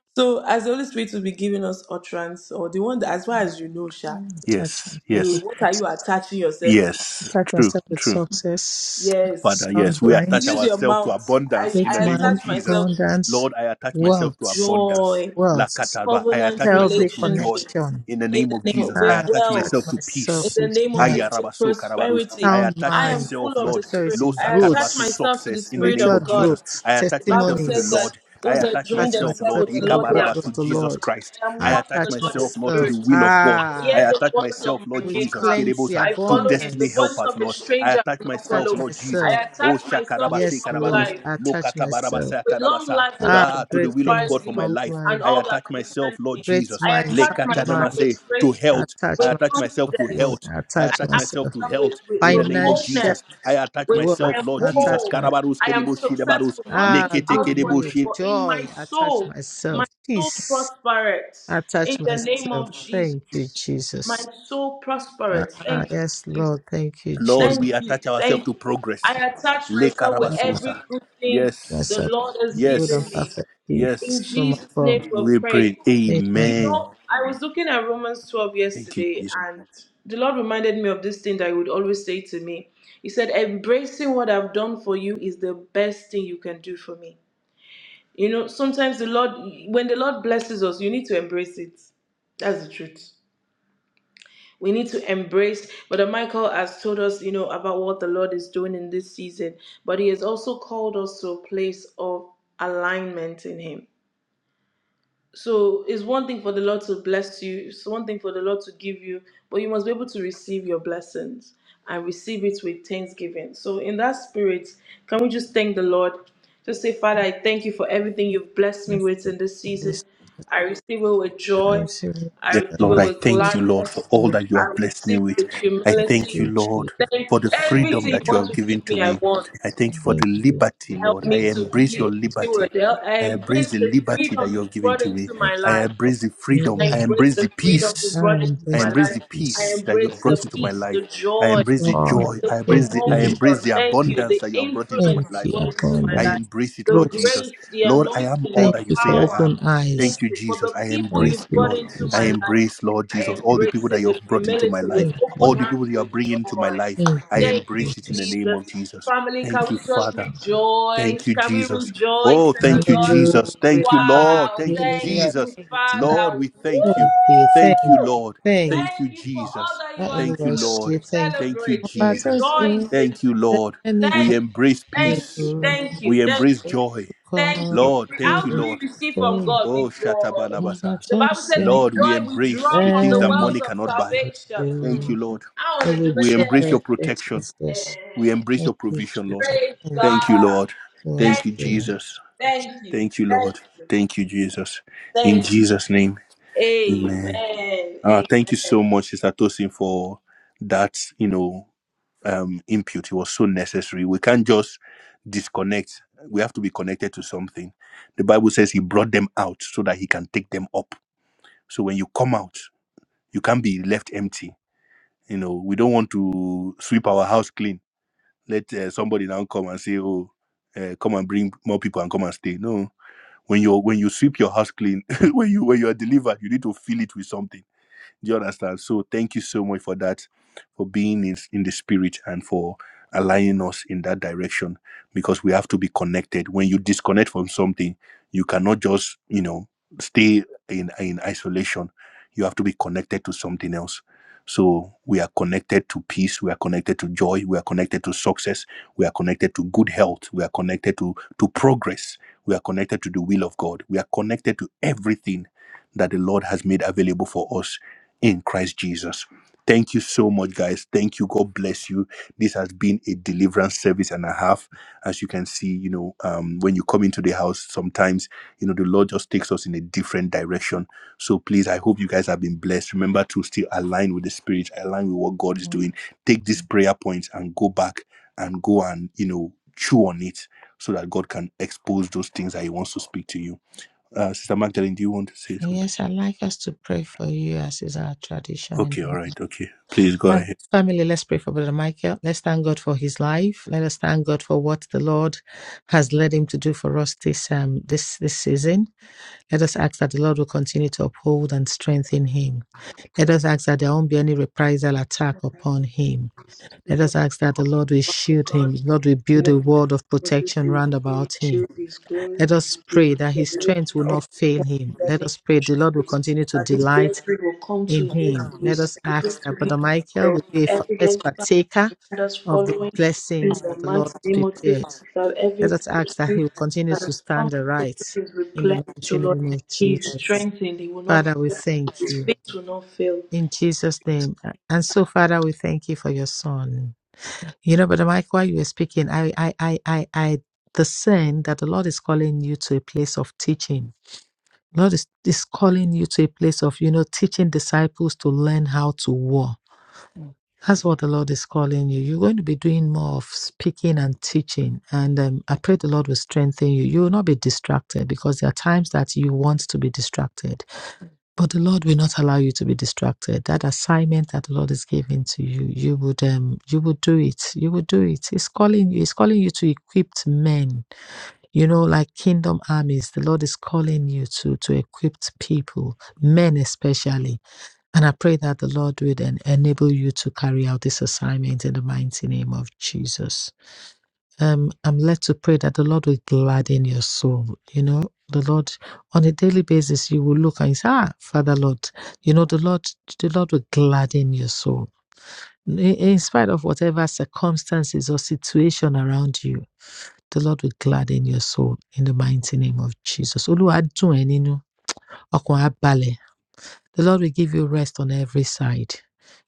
Speaker 3: so as the Holy Spirit will be giving us utterance or the one that as far as you know, Sha,
Speaker 1: Yes.
Speaker 3: you-
Speaker 1: Yes.
Speaker 3: what are you attaching yourself with?
Speaker 1: Yes.
Speaker 2: Attach
Speaker 1: True.
Speaker 2: myself with
Speaker 1: True.
Speaker 2: success,
Speaker 3: Yes.
Speaker 1: Father,
Speaker 2: sound
Speaker 1: yes,
Speaker 3: So
Speaker 1: we
Speaker 2: mind,
Speaker 1: attach
Speaker 3: use your
Speaker 1: ourselves to
Speaker 3: mouth. I,
Speaker 1: abundance in
Speaker 2: great
Speaker 1: the
Speaker 3: I
Speaker 1: name of
Speaker 2: mind,
Speaker 3: attach
Speaker 1: Jesus.
Speaker 3: myself with
Speaker 2: abundance,
Speaker 1: Lord, I attach myself to
Speaker 2: wealth,
Speaker 1: abundance.
Speaker 3: joy.
Speaker 1: la
Speaker 2: wealth,
Speaker 1: kataba. I
Speaker 3: covenant
Speaker 1: attach
Speaker 2: healthy
Speaker 1: myself to joy
Speaker 3: relationships
Speaker 2: connection.
Speaker 1: in the
Speaker 3: in
Speaker 1: name
Speaker 3: the
Speaker 1: of
Speaker 3: name of
Speaker 1: Jesus. I
Speaker 3: with
Speaker 2: Ah,
Speaker 1: attach
Speaker 2: attach
Speaker 1: myself
Speaker 3: wealth
Speaker 1: to
Speaker 3: in
Speaker 2: myself
Speaker 1: peace.
Speaker 3: the
Speaker 2: with
Speaker 3: name of just
Speaker 2: health,
Speaker 3: with
Speaker 1: Ayarabaso karabarus. I
Speaker 3: prosperity
Speaker 2: sound
Speaker 1: attach
Speaker 3: i am
Speaker 2: mind,
Speaker 3: full
Speaker 1: myself,
Speaker 3: of the
Speaker 1: Lord,
Speaker 3: spirit
Speaker 2: prosperity,
Speaker 1: Losa
Speaker 3: i
Speaker 2: growth,
Speaker 1: karaba,
Speaker 3: attach
Speaker 1: to
Speaker 3: myself to the
Speaker 1: success in the
Speaker 3: spirit
Speaker 1: name
Speaker 2: spiritual
Speaker 3: of
Speaker 1: of
Speaker 3: god
Speaker 1: Jesus.
Speaker 2: growth,
Speaker 1: I
Speaker 3: the
Speaker 1: attach
Speaker 3: bible
Speaker 1: myself to the
Speaker 3: says
Speaker 2: testimonies.
Speaker 3: that
Speaker 1: Lord. I
Speaker 3: those that
Speaker 1: attach
Speaker 3: join
Speaker 2: Attach
Speaker 1: myself,
Speaker 3: themselves
Speaker 2: myself
Speaker 1: Lord,
Speaker 3: with the
Speaker 2: with the
Speaker 3: lord they are one
Speaker 2: word
Speaker 1: Ikabaraba,
Speaker 2: of
Speaker 1: to
Speaker 2: the
Speaker 3: with
Speaker 1: Jesus
Speaker 3: the
Speaker 2: Lord.
Speaker 1: Christ.
Speaker 3: lord i am
Speaker 1: I
Speaker 2: I
Speaker 3: one
Speaker 1: attach
Speaker 3: with the
Speaker 2: attach
Speaker 3: lord in
Speaker 1: myself, Lord, to the
Speaker 2: myself.
Speaker 3: spirit
Speaker 1: will of
Speaker 3: i
Speaker 1: God. I
Speaker 3: hear
Speaker 2: Ah,
Speaker 3: the
Speaker 1: attach
Speaker 3: voice of
Speaker 1: myself, Lord
Speaker 3: my
Speaker 2: with
Speaker 1: Jesus,
Speaker 3: maker
Speaker 2: plenty,
Speaker 1: Kerebosa,
Speaker 3: i
Speaker 1: to
Speaker 3: follow him the
Speaker 1: destiny Helpers,
Speaker 3: voice
Speaker 2: abundance.
Speaker 3: of a
Speaker 1: Lord. I
Speaker 3: stranger i
Speaker 1: attach
Speaker 3: will not
Speaker 1: myself,
Speaker 3: follow
Speaker 2: Attach
Speaker 1: Lord Jesus.
Speaker 2: myself.
Speaker 3: i
Speaker 1: Oh,
Speaker 3: attach myself with
Speaker 1: Shakarabase
Speaker 2: Yes,
Speaker 3: one
Speaker 2: Lord.
Speaker 1: Karabarus,
Speaker 3: life
Speaker 2: I Attach myself.
Speaker 1: Lokatabarabasa
Speaker 3: with long
Speaker 1: Tarabasa,
Speaker 3: life, the
Speaker 2: Ah,
Speaker 3: Lord
Speaker 1: ah, to the
Speaker 2: great
Speaker 1: will of
Speaker 2: things.
Speaker 1: God
Speaker 3: satisfies
Speaker 1: for my
Speaker 3: you
Speaker 2: Strong
Speaker 1: life.
Speaker 3: and
Speaker 2: life.
Speaker 1: I
Speaker 3: all that
Speaker 1: attach myself,
Speaker 3: concerns
Speaker 1: Lord
Speaker 3: me.
Speaker 2: Great
Speaker 1: Jesus,
Speaker 3: I
Speaker 2: mind.
Speaker 3: attach
Speaker 2: Sound
Speaker 3: myself
Speaker 2: mind.
Speaker 3: with
Speaker 1: Lekatanamase, to
Speaker 3: breakthrough,
Speaker 2: I
Speaker 1: health.
Speaker 2: Attach
Speaker 1: I
Speaker 3: with
Speaker 1: attach myself
Speaker 2: myself,
Speaker 1: to
Speaker 2: Lord.
Speaker 3: confidence.
Speaker 1: health.
Speaker 2: I
Speaker 1: I
Speaker 3: I
Speaker 2: Attach
Speaker 1: attach
Speaker 3: act
Speaker 1: myself
Speaker 2: myself.
Speaker 1: to
Speaker 3: myself with,
Speaker 1: health
Speaker 3: with,
Speaker 1: in the
Speaker 3: with
Speaker 1: name of
Speaker 2: Financial
Speaker 3: boldness.
Speaker 1: Jesus. I attach
Speaker 3: With,
Speaker 1: myself,
Speaker 3: I
Speaker 2: wealth.
Speaker 3: am
Speaker 1: Lord
Speaker 2: I
Speaker 1: Jesus.
Speaker 2: Attach
Speaker 3: bold.
Speaker 2: myself.
Speaker 1: Karabarus,
Speaker 3: I am
Speaker 1: Keribus, Shidabarus,
Speaker 3: successful, not just
Speaker 2: Ah, good
Speaker 3: outwardly,
Speaker 2: news.
Speaker 1: Lekete,
Speaker 3: but in my
Speaker 2: Joy. I Attach
Speaker 3: soul. My
Speaker 2: myself.
Speaker 3: soul
Speaker 2: Peace.
Speaker 3: prospereth
Speaker 2: I Attach
Speaker 3: in the name
Speaker 2: myself.
Speaker 3: of
Speaker 2: Thank you,
Speaker 3: Jesus. My
Speaker 2: Jesus.
Speaker 3: soul prospereth.
Speaker 2: Ah,
Speaker 3: Thank
Speaker 2: yes,
Speaker 3: you,
Speaker 2: Lord. Thank you,
Speaker 1: Lord,
Speaker 2: Jesus.
Speaker 1: we
Speaker 3: Thank you.
Speaker 1: attach ourselves
Speaker 3: Thank
Speaker 1: to
Speaker 3: you. I
Speaker 1: progress.
Speaker 3: attach
Speaker 1: Le
Speaker 3: myself with
Speaker 2: Ah,
Speaker 1: Karabasosa.
Speaker 3: every good thing
Speaker 2: Bless
Speaker 3: the
Speaker 1: Yes.
Speaker 3: Lord has
Speaker 2: good and
Speaker 3: given
Speaker 1: Yes.
Speaker 3: me.
Speaker 2: perfect
Speaker 3: In
Speaker 2: gift
Speaker 1: Yes.
Speaker 2: from
Speaker 3: Jesus'
Speaker 2: above.
Speaker 3: name we pray.
Speaker 1: We pray.
Speaker 3: You
Speaker 2: Amen.
Speaker 1: Amen.
Speaker 3: know, I was looking at Romans 12
Speaker 1: Thank you,
Speaker 3: yesterday
Speaker 1: Jesus.
Speaker 3: and the Lord reminded me of this thing that He would always say to me. He said, Embracing what I've done for you is the best thing you can do for me. You know, sometimes the Lord, when the Lord blesses us, you need to embrace it. That's the truth. We need to embrace. Brother Michael has told us, you know, about what the Lord is doing in this season, but he has also called us to a place of alignment in him so it's one thing for the Lord to bless you, it's one thing for the Lord to give you, but you must be able to receive your blessings and receive it with thanksgiving. So, in that spirit, can we just thank the Lord? Just say, Father, I thank you for everything you've blessed me
Speaker 2: Bless
Speaker 3: with
Speaker 2: you
Speaker 3: in this
Speaker 2: in
Speaker 3: season.
Speaker 2: this
Speaker 3: I receive it with
Speaker 2: I
Speaker 3: joy,
Speaker 2: receive it.
Speaker 3: I
Speaker 1: Yes,
Speaker 2: I
Speaker 3: receive
Speaker 1: Lord,
Speaker 3: it
Speaker 1: I
Speaker 3: with
Speaker 1: thank
Speaker 2: receive
Speaker 1: you, Lord, for
Speaker 3: gladness,
Speaker 1: all
Speaker 2: it.
Speaker 1: that you
Speaker 3: I
Speaker 1: have blessed me
Speaker 3: receive
Speaker 1: with.
Speaker 3: it with
Speaker 1: I
Speaker 2: Thank
Speaker 1: thank
Speaker 3: humility.
Speaker 1: you,
Speaker 2: you, Jesus.
Speaker 1: Lord,
Speaker 3: Thank
Speaker 1: for the
Speaker 3: you.
Speaker 1: freedom
Speaker 3: Everything you
Speaker 1: that you
Speaker 3: want
Speaker 1: have
Speaker 3: to
Speaker 1: given
Speaker 3: give
Speaker 1: to
Speaker 3: me, I
Speaker 1: me.
Speaker 3: want.
Speaker 1: I thank you for the
Speaker 2: Thank you.
Speaker 1: liberty,
Speaker 2: Thank
Speaker 1: Lord.
Speaker 3: Help
Speaker 2: you,
Speaker 1: I
Speaker 3: me to
Speaker 1: embrace
Speaker 3: be
Speaker 2: Baba.
Speaker 1: your
Speaker 3: a
Speaker 1: liberty.
Speaker 3: steward. Help- I
Speaker 1: I embrace
Speaker 3: embrace
Speaker 1: the
Speaker 3: the
Speaker 1: liberty that
Speaker 3: freedom
Speaker 1: you
Speaker 3: you
Speaker 1: have given
Speaker 3: brought
Speaker 1: to me.
Speaker 3: into my
Speaker 1: I
Speaker 2: Thank
Speaker 3: life.
Speaker 1: embrace the
Speaker 2: you.
Speaker 1: freedom.
Speaker 3: I
Speaker 1: I
Speaker 2: Amen.
Speaker 3: embrace
Speaker 1: embrace the
Speaker 3: the freedom you
Speaker 1: peace.
Speaker 3: brought
Speaker 2: I
Speaker 3: into
Speaker 2: am
Speaker 1: I
Speaker 3: my
Speaker 2: blessed.
Speaker 1: embrace
Speaker 3: life.
Speaker 1: the
Speaker 3: I
Speaker 2: Yes.
Speaker 1: peace that you have
Speaker 3: embrace the
Speaker 1: brought into my
Speaker 2: Thank
Speaker 3: peace,
Speaker 1: life.
Speaker 3: the
Speaker 1: I
Speaker 3: joy,
Speaker 1: embrace
Speaker 2: you.
Speaker 1: the
Speaker 2: All right.
Speaker 1: joy.
Speaker 3: the
Speaker 1: I
Speaker 2: Thank
Speaker 1: embrace the I
Speaker 3: promotion.
Speaker 2: you.
Speaker 1: embrace the
Speaker 3: Thank you.
Speaker 1: abundance
Speaker 3: The
Speaker 1: that you have brought into my
Speaker 2: Thank
Speaker 3: influence you
Speaker 1: life,
Speaker 2: you,
Speaker 3: brought
Speaker 1: Lord.
Speaker 3: into my
Speaker 1: I
Speaker 3: life.
Speaker 2: abundant
Speaker 1: embrace it,
Speaker 3: The
Speaker 1: Lord
Speaker 2: roots.
Speaker 1: Jesus.
Speaker 3: grace, the
Speaker 1: Lord, I am
Speaker 3: anointing,
Speaker 1: all
Speaker 3: the
Speaker 2: Thank
Speaker 1: that you
Speaker 2: you
Speaker 1: say
Speaker 2: for
Speaker 1: I
Speaker 3: power.
Speaker 2: open
Speaker 1: am.
Speaker 3: Thank
Speaker 2: eyes.
Speaker 1: Thank you,
Speaker 3: you for
Speaker 1: Jesus.
Speaker 3: the
Speaker 1: I
Speaker 3: people
Speaker 2: Thank
Speaker 1: embrace
Speaker 3: you've
Speaker 1: it,
Speaker 2: you,
Speaker 3: brought
Speaker 1: Lord.
Speaker 3: into
Speaker 1: I
Speaker 3: my
Speaker 2: Jesus.
Speaker 3: life.
Speaker 1: embrace, Lord
Speaker 3: I
Speaker 1: Jesus, all the people
Speaker 3: embrace
Speaker 1: that
Speaker 3: it
Speaker 1: you
Speaker 3: with
Speaker 1: have brought into my
Speaker 3: humility, with
Speaker 1: life,
Speaker 2: Thank you.
Speaker 1: all
Speaker 3: open
Speaker 1: the
Speaker 3: hands,
Speaker 1: people you are
Speaker 3: with
Speaker 1: bringing into my
Speaker 3: joy.
Speaker 1: life.
Speaker 2: Thank
Speaker 1: I
Speaker 2: you,
Speaker 3: Thank you,
Speaker 1: embrace it in the
Speaker 2: Jesus.
Speaker 1: name
Speaker 3: Jesus.
Speaker 1: of Jesus.
Speaker 3: Family, can
Speaker 1: Thank you,
Speaker 3: we just
Speaker 1: Father. Thank
Speaker 3: rejoice?
Speaker 1: you,
Speaker 3: Can we
Speaker 1: Jesus.
Speaker 3: rejoice
Speaker 1: Oh,
Speaker 3: in the
Speaker 1: thank you,
Speaker 3: Lord?
Speaker 2: Hallelujah.
Speaker 1: Jesus. Thank you, Lord.
Speaker 3: Wow.
Speaker 1: Thank you,
Speaker 3: Thank
Speaker 2: Hallelujah.
Speaker 3: you,
Speaker 1: Jesus.
Speaker 2: Thank you.
Speaker 1: Lord,
Speaker 3: Father.
Speaker 1: we thank
Speaker 2: Thank
Speaker 1: you.
Speaker 2: you. Thank
Speaker 1: Thank
Speaker 2: you.
Speaker 1: you,
Speaker 3: Woo!
Speaker 1: Lord.
Speaker 2: Thank you.
Speaker 1: Thank you,
Speaker 3: Thank you for all
Speaker 1: Jesus.
Speaker 3: that you
Speaker 2: I
Speaker 3: are
Speaker 2: only
Speaker 1: Thank you,
Speaker 2: wish
Speaker 3: doing.
Speaker 1: Lord.
Speaker 2: you thank you.
Speaker 1: Thank you,
Speaker 3: Celebrate. We
Speaker 2: But thank
Speaker 1: Jesus.
Speaker 2: you.
Speaker 3: rejoice in
Speaker 1: Thank you,
Speaker 3: it.
Speaker 1: Lord.
Speaker 2: Then you
Speaker 1: We
Speaker 3: Thank you.
Speaker 1: embrace
Speaker 2: can
Speaker 3: Thank you.
Speaker 1: peace.
Speaker 2: do
Speaker 3: Thank you.
Speaker 1: We
Speaker 3: Thank
Speaker 1: embrace
Speaker 3: you.
Speaker 1: joy.
Speaker 3: Thank you.
Speaker 2: for
Speaker 1: Lord, thank
Speaker 3: How
Speaker 1: you,
Speaker 3: do
Speaker 2: the
Speaker 3: we
Speaker 1: Lord.
Speaker 3: receive from
Speaker 2: so
Speaker 3: God? With
Speaker 1: Oh,
Speaker 3: joy.
Speaker 2: I'm
Speaker 1: Shatabalabasa.
Speaker 2: not
Speaker 3: The
Speaker 2: so
Speaker 3: Bible says,
Speaker 2: sad.
Speaker 3: with
Speaker 1: Lord, we
Speaker 3: joy we
Speaker 1: embrace
Speaker 3: draw
Speaker 1: the
Speaker 3: from
Speaker 1: things
Speaker 3: the
Speaker 1: that
Speaker 2: Then
Speaker 3: wells
Speaker 1: money
Speaker 3: of
Speaker 1: cannot
Speaker 2: you
Speaker 1: buy.
Speaker 2: can
Speaker 3: salvation. Hmm.
Speaker 1: Thank
Speaker 2: do.
Speaker 1: you, Lord.
Speaker 3: I
Speaker 2: Oh,
Speaker 3: want to
Speaker 2: we
Speaker 3: do
Speaker 1: We
Speaker 2: draw
Speaker 1: embrace
Speaker 3: it
Speaker 2: that.
Speaker 1: your
Speaker 2: Yes,
Speaker 1: protection.
Speaker 2: yes, yes.
Speaker 1: We
Speaker 3: there.
Speaker 1: embrace
Speaker 2: Thank
Speaker 1: your
Speaker 2: you,
Speaker 1: provision, Lord.
Speaker 2: Jesus.
Speaker 3: Praise
Speaker 2: Thank you.
Speaker 1: Thank you,
Speaker 3: God.
Speaker 1: Lord.
Speaker 2: Oh, I
Speaker 1: Thank
Speaker 3: Thank
Speaker 1: you,
Speaker 3: you.
Speaker 2: still.
Speaker 1: Jesus.
Speaker 3: Thank you.
Speaker 1: Thank you,
Speaker 3: Thank
Speaker 1: Lord.
Speaker 3: you.
Speaker 1: Thank you, Jesus. In
Speaker 3: Thank you.
Speaker 1: Jesus' name, Amen.
Speaker 3: Amen.
Speaker 1: Uh,
Speaker 3: Amen.
Speaker 1: thank you so much, Sister Tosin, for that. You know, um, input. It was so necessary. We can't just disconnect. We have to be connected to something. The Bible says He brought them out so that He can take them up. So when you come out, you can't be left empty. You know, we don't want to sweep our house clean. Let uh, somebody now come and say, "Oh, uh, come and bring more people and come and stay." No, When you when you sweep your house clean, when you when you are delivered, you need to fill it with something. Do you understand? So thank you so much for that, for being in, in the spirit and for aligning us in that direction because we have to be connected. When you disconnect from something, you cannot just, you know, stay in, in isolation. You have to be connected to something else. So we are connected to peace, we are connected to joy, we are connected to success, we are connected to good health, we are connected to, to progress, we are connected to the will of God, we are connected to everything that the Lord has made available for us in Christ Jesus. Thank you so much, guys. Thank you. God bless you. This has been a deliverance service and a half. As you can see, you know, um, when you come into the house, sometimes, you know, the Lord just takes us in a different direction. So please, I hope you guys have been blessed. Remember to still align with the Spirit, align with what God is doing. Take these prayer points and go back and go and, you know, chew on it so that God can expose those things that He wants to speak to you. Uh, Sister Magdalene, do you want to say
Speaker 2: And
Speaker 1: something?
Speaker 2: yes, I'd like us to pray for you as is our tradition
Speaker 1: Okay,
Speaker 2: in
Speaker 1: all right, okay. Please go ahead.
Speaker 2: Um, family, let's pray for Brother Michael. Let's thank God for his life. Let us thank God for what the Lord has led him to do for us this um this this season. Let us ask that the Lord will continue to uphold and strengthen him. Let us ask that there won't be any reprisal attack upon him. Let us ask that the Lord will shield
Speaker 3: God,
Speaker 2: him. The Lord will build a wall of protection round about him. Let us pray that
Speaker 3: the
Speaker 2: his
Speaker 3: Lord,
Speaker 2: strength will not fail him.
Speaker 3: the
Speaker 2: Let
Speaker 3: name
Speaker 2: us pray the Lord will continue to delight in
Speaker 3: of Jesus,
Speaker 2: him,
Speaker 3: we
Speaker 2: let us ask
Speaker 3: speak to
Speaker 2: that Brother
Speaker 3: him
Speaker 2: Michael would be a f-
Speaker 3: every
Speaker 2: first partaker of the blessings that the Lord has prepared.
Speaker 3: for every
Speaker 2: Let us ask that he will continue to stand the right in the
Speaker 3: replenished, O
Speaker 2: mighty
Speaker 3: Lord.
Speaker 2: name of
Speaker 3: He is
Speaker 2: Jesus.
Speaker 3: strengthened. He will not,
Speaker 2: Father, we thank
Speaker 3: his
Speaker 2: you.
Speaker 3: faith will not fail.
Speaker 2: In Jesus' name. And so, Father, we thank you for your son. You know, Brother Michael, while you were speaking, I, I, I, I, I discern that the Lord is calling you to a place of teaching. Lord is, is calling you to a place of, you know, teaching disciples to learn how to war. That's what the Lord is calling you. You're going to be doing more of speaking and teaching. And um, I pray the Lord will strengthen you. You will not be distracted because there are times that you want to be distracted, but the Lord will not allow you to be distracted. That assignment that the Lord is giving to you, you would um, you would do it. You would do it. He's calling you. He's calling you to equip men. You know, like kingdom armies. The Lord is calling you to to equip people, men especially and I pray that the Lord would en- enable you to carry out this assignment in the mighty name of Jesus. Um, I'm led to pray that the Lord will gladden your soul. You know, the Lord on a daily basis, you will look and say, Ah, Father Lord, you know, the Lord, the Lord will gladden your soul. In in spite of whatever circumstances or situation around you, the Lord will gladden your soul in the mighty name of Jesus. Olúwa á dùn ẹ́ nínú, ọkàn á balẹ̀. The Lord will give you rest on every side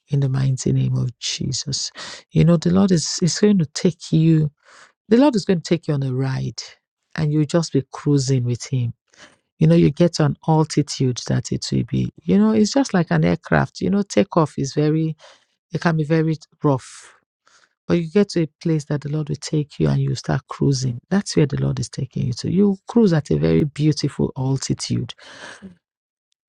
Speaker 2: in the mighty name of Jesus. You know, the Lord is, is going to take you, the Lord is going to take you on a ride and you'll just be cruising with Him. You know, you get to an altitude that it will be, you know, it's just like an aircraft. You know, takeoff is very, it can be very rough. But you get to a place that the Lord will take you and you start cruising. That's where the Lord is taking you to. You cruise at a very beautiful altitude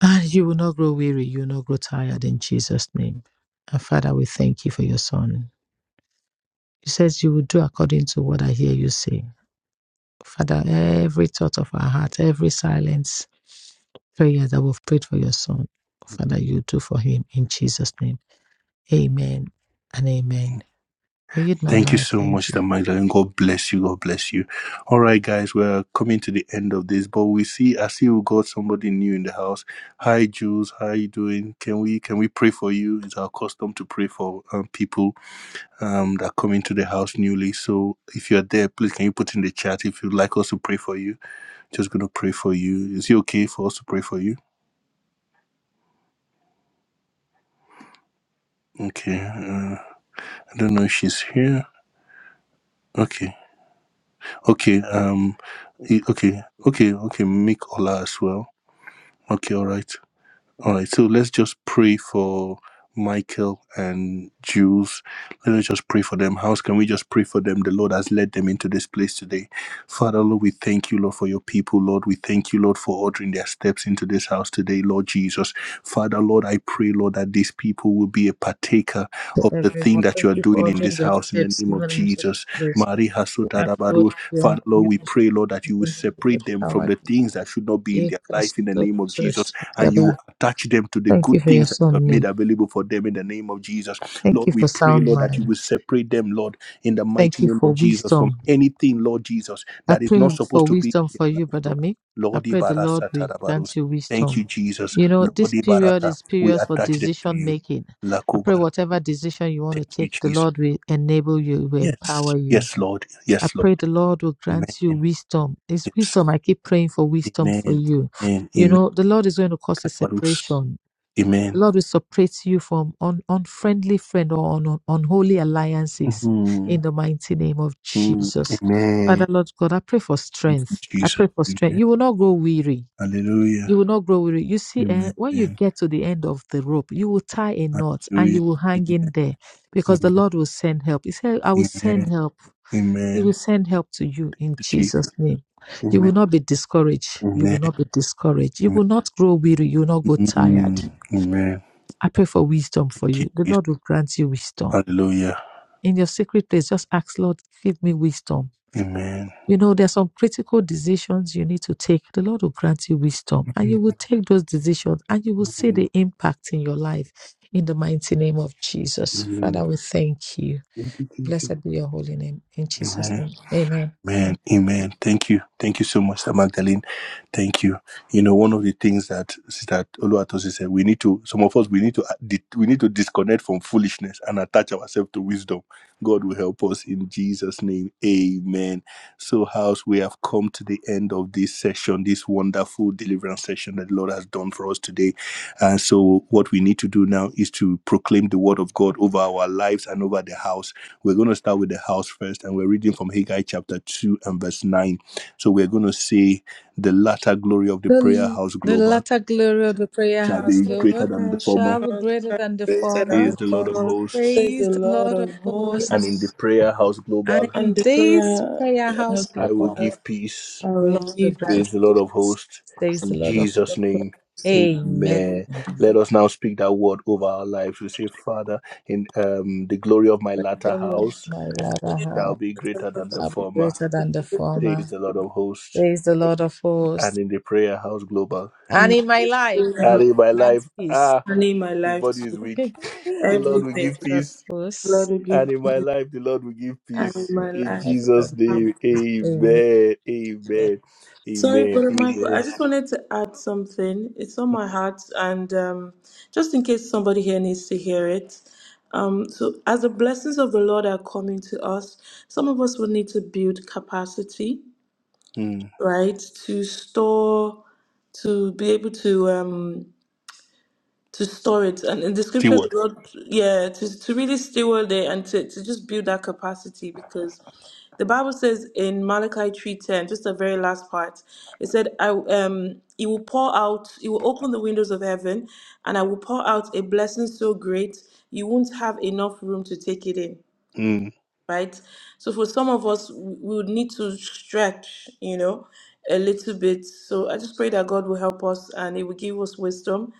Speaker 2: and you will not grow weary. You will not grow tired in Jesus' name. And Father, we thank you for your son. He says, You will do according to what I hear you say. Father, every thought of our heart, every silence prayer that we've prayed for your son, Father, you do for him in Jesus' name. Amen and amen. I yield my
Speaker 1: Thank you
Speaker 2: mic.
Speaker 1: so much,
Speaker 2: Thank you.
Speaker 1: Sister Magdalene. God bless you. God bless you. All right, guys, we're coming to the end of this, but we see, I see we got somebody new in the house. Hi, Jules. How are you doing? Can we can we pray for you? It's our custom to pray for um, people um, that come into the house newly. So if you're there, please can you put in the chat if you'd like us to pray for you? Just gonna pray for you. Is it okay for us to pray for you? Okay. Uh, I don't know if she's here. Okay. Okay. Um. i- Okay. Okay. Okay. Make Ola as well. Okay, all right. All right, so let's just pray for Michael and Jules. Let us just pray for them. How can we just pray for them? The Lord has led them into this place today. Father, Lord, we thank you, Lord, for your people, Lord. We thank you, Lord, for ordering their steps into this house today, Lord Jesus. Father, Lord, I pray, Lord, that these people will be a partaker
Speaker 2: To
Speaker 1: of the thing
Speaker 2: everyone,
Speaker 1: that
Speaker 2: thank
Speaker 1: you are
Speaker 2: you for
Speaker 1: doing in
Speaker 2: ordering
Speaker 1: this
Speaker 2: your
Speaker 1: house in the
Speaker 2: steps
Speaker 1: name of
Speaker 2: even into
Speaker 1: Jesus.
Speaker 2: this place.
Speaker 1: Marie
Speaker 2: We ask Lord
Speaker 1: Hasotarabarus. Father,
Speaker 2: and
Speaker 1: Lord,
Speaker 2: you
Speaker 1: we
Speaker 2: to
Speaker 1: pray, Lord, that you will
Speaker 2: strengthen
Speaker 1: separate them from
Speaker 2: power
Speaker 1: the
Speaker 2: to
Speaker 1: things that should not be in
Speaker 2: make
Speaker 1: their
Speaker 2: us
Speaker 1: life in the
Speaker 2: so
Speaker 1: name of
Speaker 2: to
Speaker 1: Jesus and you
Speaker 2: shake.
Speaker 1: will Touch them to the
Speaker 2: Thank
Speaker 1: good
Speaker 2: you for your
Speaker 1: things that you have
Speaker 2: son,
Speaker 1: made
Speaker 2: Nick.
Speaker 1: available for them in the name of Jesus.
Speaker 2: Thank
Speaker 1: Lord,
Speaker 2: you
Speaker 1: we
Speaker 2: for
Speaker 1: pray,
Speaker 2: sound
Speaker 1: Lord, that you
Speaker 2: mind.
Speaker 1: will separate them, Lord, in the
Speaker 2: Thank
Speaker 1: mighty
Speaker 2: you
Speaker 1: name
Speaker 2: for
Speaker 1: of Jesus from
Speaker 2: wisdom
Speaker 1: anything, Lord Jesus,
Speaker 2: I
Speaker 1: that is
Speaker 2: pray
Speaker 1: not supposed
Speaker 2: for
Speaker 1: to be in
Speaker 2: wisdom
Speaker 1: their
Speaker 2: for you,
Speaker 1: life,
Speaker 2: Brother
Speaker 1: Lord.
Speaker 2: Mick. I
Speaker 1: Lord,
Speaker 2: pray the Lord
Speaker 1: Ibarasa
Speaker 2: will grant
Speaker 1: Tarabarus.
Speaker 2: you
Speaker 1: Thank
Speaker 2: wisdom.
Speaker 1: you, Jesus.
Speaker 2: You know, this
Speaker 1: Lord,
Speaker 2: period
Speaker 1: Ibarasa,
Speaker 2: is
Speaker 1: we
Speaker 2: period for
Speaker 1: attach them to
Speaker 2: decision
Speaker 1: you.
Speaker 2: making. I pray
Speaker 1: Lakubara.
Speaker 2: whatever decision you want to
Speaker 1: Thank you,
Speaker 2: take, the
Speaker 1: Jesus.
Speaker 2: Lord will enable you, will empower
Speaker 1: Yes,
Speaker 2: you.
Speaker 1: yes, Lord.
Speaker 2: I
Speaker 1: Yes, Lord.
Speaker 2: pray the Lord will grant you
Speaker 1: Amen.
Speaker 2: wisdom. It's
Speaker 1: Yes.
Speaker 2: wisdom. I keep praying for wisdom for
Speaker 1: Amen.
Speaker 2: you.
Speaker 1: Amen.
Speaker 2: You
Speaker 1: Amen.
Speaker 2: know, the Lord is going to cause a
Speaker 1: Tarabarus.
Speaker 2: separation the
Speaker 1: Amen.
Speaker 2: Lord will separate you from un- unfriendly friend or un- un- unholy alliances in
Speaker 1: Mhm.
Speaker 2: the mighty name of
Speaker 1: Mm.
Speaker 2: Jesus.
Speaker 1: Amen.
Speaker 2: Father, Lord God, I pray for
Speaker 1: Thank you,
Speaker 2: strength. I
Speaker 1: Jesus.
Speaker 2: pray for strength.
Speaker 1: Amen.
Speaker 2: You will not grow weary.
Speaker 1: Hallelujah.
Speaker 2: You will not grow weary. You see, eh,
Speaker 1: Amen.
Speaker 2: when you get to the end of the rope, you will tie a knot and
Speaker 1: Hallelujah.
Speaker 2: you will hang in
Speaker 1: Amen.
Speaker 2: there because the
Speaker 1: Amen.
Speaker 2: Lord will send help. He said, I will send
Speaker 1: Amen.
Speaker 2: help. He
Speaker 1: Amen.
Speaker 2: will send help to you in
Speaker 1: Thank you,
Speaker 2: Jesus'
Speaker 1: Jesus.
Speaker 2: name. You will
Speaker 1: Amen.
Speaker 2: not be discouraged. You will
Speaker 1: Amen.
Speaker 2: not be discouraged. You will
Speaker 1: Amen.
Speaker 2: not grow weary. You will not go tired
Speaker 1: Mm. Amen.
Speaker 2: I pray for wisdom for
Speaker 1: Thank you,
Speaker 2: you. The
Speaker 1: Jesus.
Speaker 2: Lord will grant you wisdom.
Speaker 1: Hallelujah.
Speaker 2: In your secret place, just ask, Lord, give me wisdom.
Speaker 1: Amen.
Speaker 2: You know, there are some critical decisions you need to take. The Lord will grant you wisdom, and you will take those decisions, and you will see
Speaker 1: Amen.
Speaker 2: the impact in your life. In the mighty name of Jesus,
Speaker 1: Amen.
Speaker 2: Father, we thank you
Speaker 1: Thank you,
Speaker 2: bless
Speaker 1: Jesus.
Speaker 2: your name.
Speaker 1: Amen.
Speaker 2: Amen.
Speaker 1: Man, amen. Thank you. Thank you so much, Sister Magdalene. Thank you. You know, one of the things that Sister Oluwatosi said, we need to, some of us, we need to, we need to disconnect from foolishness and attach ourselves to wisdom. God will help us in Jesus' name. Amen. So, house, we have come to the end of this session, this wonderful deliverance session that the Lord has done for us today. And so, what we need to do now is to proclaim the word of God over our lives and over the house we're going to start with the house first, and we're reading from Haggai chapter 2 and verse 9. So we're going to say, The latter glory of the prayer
Speaker 2: The,
Speaker 1: house
Speaker 2: the
Speaker 1: global
Speaker 2: latter glory of the prayer
Speaker 1: shall
Speaker 2: house,
Speaker 1: be greater
Speaker 2: Lover,
Speaker 1: than the
Speaker 3: house
Speaker 1: former,
Speaker 2: shall be greater than the
Speaker 3: created and
Speaker 2: former.
Speaker 3: the
Speaker 1: says the Lord of
Speaker 3: former,
Speaker 1: hosts.
Speaker 3: says the
Speaker 2: Praise the
Speaker 3: Lord
Speaker 2: Lord of
Speaker 3: of
Speaker 1: And
Speaker 2: hosts.
Speaker 1: in
Speaker 3: hosts,
Speaker 1: the prayer house
Speaker 2: And
Speaker 1: global,
Speaker 3: and the
Speaker 2: indeed,
Speaker 3: prayer
Speaker 2: prayer house,
Speaker 3: has
Speaker 1: I
Speaker 2: Glover.
Speaker 1: will
Speaker 3: God,
Speaker 1: give peace,
Speaker 3: I will
Speaker 2: Lord, you
Speaker 3: give
Speaker 2: grant,
Speaker 1: says the
Speaker 2: us,
Speaker 1: Lord
Speaker 3: peace
Speaker 1: of hosts,
Speaker 2: says the
Speaker 1: in
Speaker 2: Lord of
Speaker 1: Jesus' name.
Speaker 2: hey,
Speaker 1: Amen. Let us now speak that word over our lives. We say, Father, in um, the glory of my latter
Speaker 2: glory of
Speaker 1: house
Speaker 2: my latter
Speaker 1: shall
Speaker 2: house,
Speaker 1: be greater than the
Speaker 2: I'll be
Speaker 1: former,
Speaker 2: greater than the former,
Speaker 1: says the Lord of hosts.
Speaker 2: says the Lord of hosts.
Speaker 1: and in the prayer house global.
Speaker 2: And
Speaker 3: and
Speaker 2: in my
Speaker 3: the
Speaker 2: life,
Speaker 3: prayer
Speaker 2: the
Speaker 3: I
Speaker 1: And
Speaker 3: have
Speaker 2: Lord
Speaker 1: in
Speaker 2: will
Speaker 1: my
Speaker 2: grant
Speaker 1: life,
Speaker 2: peace,
Speaker 1: ah,
Speaker 3: turning my
Speaker 1: the
Speaker 3: life
Speaker 1: body is
Speaker 3: to
Speaker 1: weak. the Lord will
Speaker 3: everything.
Speaker 1: give
Speaker 2: the Lord
Speaker 1: peace.
Speaker 2: of
Speaker 3: Lord
Speaker 2: hosts.
Speaker 3: will give
Speaker 1: And in
Speaker 3: peace
Speaker 1: my life, the Lord will give
Speaker 3: and in
Speaker 1: peace.
Speaker 3: my
Speaker 2: May
Speaker 1: In
Speaker 2: I
Speaker 3: life.
Speaker 1: Jesus'
Speaker 2: grant
Speaker 3: I
Speaker 2: you
Speaker 1: name,
Speaker 2: peace. Amen.
Speaker 1: amen, amen,
Speaker 3: Sorry,
Speaker 1: amen,
Speaker 3: Brother Michael. I
Speaker 1: amen.
Speaker 3: just wanted to add something. It's on my heart, and um, just in case somebody here needs to hear it. Um, so, as the blessings of the Lord are coming to us, some of us will need to build capacity,
Speaker 1: Mm.
Speaker 3: right, to store, to be able to. Um, to store it. And in the
Speaker 1: T
Speaker 3: scripture, the
Speaker 1: word.
Speaker 3: Lord, yeah, to, to really steward it and to, to just build that capacity because the Bible says in Malachi 3.10, just the very last part, it said, I, um, it will pour out, it will open the windows of heaven and I will pour out a blessing so great you won't have enough room to take it in
Speaker 1: Mm.
Speaker 3: right? So for some of us, we we would need to stretch, you know, a little bit. So I just pray that God will help us and He will give us wisdom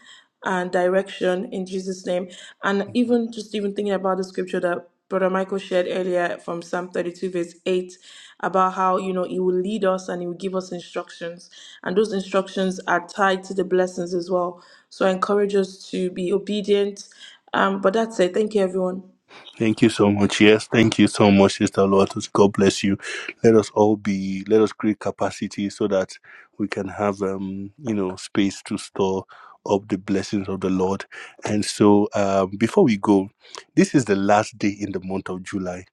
Speaker 3: and direction in Jesus' name. And even just even thinking about the scripture that Brother Michael shared earlier from Psalm 32, verse 8, about how, you know, He will lead us and He will give us instructions. And those instructions are tied to the blessings as well. So I encourage us to be obedient. Um, but that's it. Thank you, everyone.
Speaker 1: Thank you so much. Yes, thank you so much, Sister Lotus. God bless you. Let us all be, let us create capacity so that we can have, um, you know, space to store up the blessings of the Lord. And so, um, before we go, this is the last day in the month of July.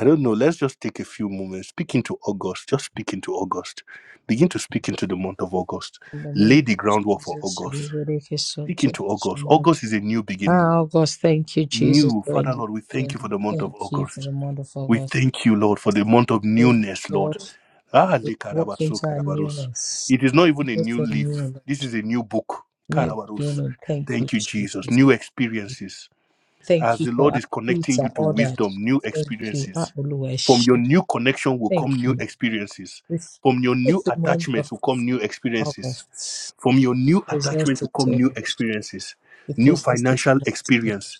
Speaker 1: I don't know. Let's just take a few moments. Speak into August. Just speak into August. Begin to speak into the month of August.
Speaker 2: In the name
Speaker 1: Lay the
Speaker 2: of
Speaker 1: groundwork for
Speaker 2: Jesus, we
Speaker 1: August.
Speaker 2: will take his soul
Speaker 1: Speak
Speaker 2: to the
Speaker 1: into August.
Speaker 2: kingdom.
Speaker 1: August is a new beginning.
Speaker 2: Ah, Oh, God, thank you, Jesus,
Speaker 1: New.
Speaker 2: for
Speaker 1: Father
Speaker 2: in
Speaker 1: Lord, we thank you for the month of
Speaker 2: Thank you for
Speaker 1: August.
Speaker 2: the wonderful
Speaker 1: We
Speaker 2: God.
Speaker 1: thank you, Lord, for the month of
Speaker 2: Praise
Speaker 1: newness, Lord.
Speaker 2: God,
Speaker 1: Ah,
Speaker 2: we
Speaker 1: le
Speaker 2: walk
Speaker 1: karabaso
Speaker 2: into our
Speaker 1: karabarus.
Speaker 2: newness.
Speaker 1: It is not even a new
Speaker 2: Everything new,
Speaker 1: leaf. This
Speaker 2: Lord.
Speaker 1: is a new book,
Speaker 2: new
Speaker 1: karabarus.
Speaker 2: beginning. Thank you,
Speaker 1: Thank you, Jesus.
Speaker 2: Jesus.
Speaker 1: New experiences.
Speaker 2: Thank
Speaker 1: As
Speaker 2: you
Speaker 1: the
Speaker 2: for
Speaker 1: Lord
Speaker 2: our
Speaker 1: is
Speaker 2: feet
Speaker 1: connecting
Speaker 2: are
Speaker 1: you to
Speaker 2: ordered.
Speaker 1: wisdom, new
Speaker 2: Thank you, our
Speaker 1: experiences. From your
Speaker 2: Oluwaseun.
Speaker 1: new connection will come
Speaker 2: Thank
Speaker 1: new
Speaker 2: you.
Speaker 1: experiences.
Speaker 2: With
Speaker 1: From your
Speaker 2: with
Speaker 1: new
Speaker 2: the month of
Speaker 1: attachments will come new experiences
Speaker 2: August,
Speaker 1: from your new
Speaker 2: possess
Speaker 1: attachment
Speaker 2: the
Speaker 1: will come new
Speaker 2: Lord.
Speaker 1: experiences,
Speaker 2: We
Speaker 1: new
Speaker 2: possess this
Speaker 1: financial
Speaker 2: month, Lord.
Speaker 1: experience,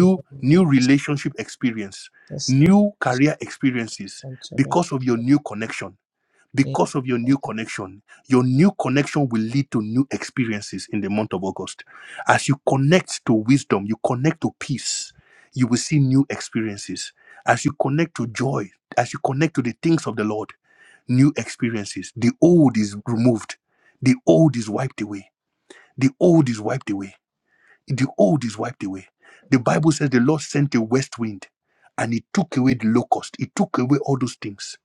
Speaker 2: In the name of
Speaker 1: new relationship experience,
Speaker 2: Jesus Christ,
Speaker 1: new
Speaker 2: we
Speaker 1: career experiences
Speaker 2: shall survive
Speaker 1: because of
Speaker 2: in
Speaker 1: your
Speaker 2: the
Speaker 1: new connection.
Speaker 2: name
Speaker 1: Because of your
Speaker 2: of
Speaker 1: new connection, your new connection will lead to new experiences in the month of August. As you connect to wisdom, you connect to peace, you will see new experiences. As you connect to joy, as you connect to the things of the Lord, new experiences. The old is removed. The old is wiped away. The old is wiped away. The old is wiped away. The Bible says the Lord sent a west wind and it took away the locust. It took away all those things.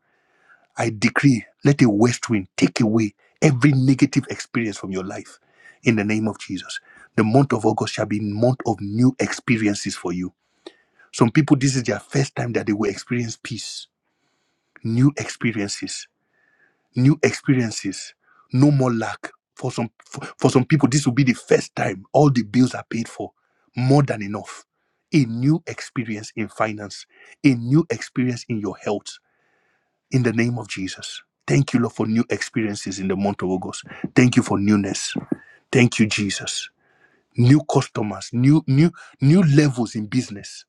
Speaker 1: I decree, let a west wind take away every negative experience from your life in the name of Jesus. The month of August shall be a month of new experiences for you. Some people, this is their first time that they will experience peace, new experiences new experiences, no more lack. For some for, for some people, this will be the first time all the bills are paid for, more than enough. A new experience in finance, a new experience in your health, in the name of Jesus. Thank you, Lord, for new experiences in the month of August. Thank you for newness. Thank you, Jesus. New customers, new, new, new levels in business.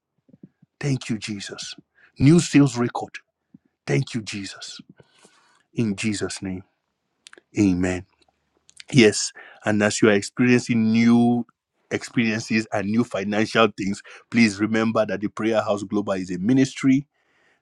Speaker 1: Thank you, Jesus. New sales record. Thank you, Jesus. In Jesus' name. Amen. Yes. And as you are experiencing new experiences and new financial things, please remember that the Prayer House Global is a ministry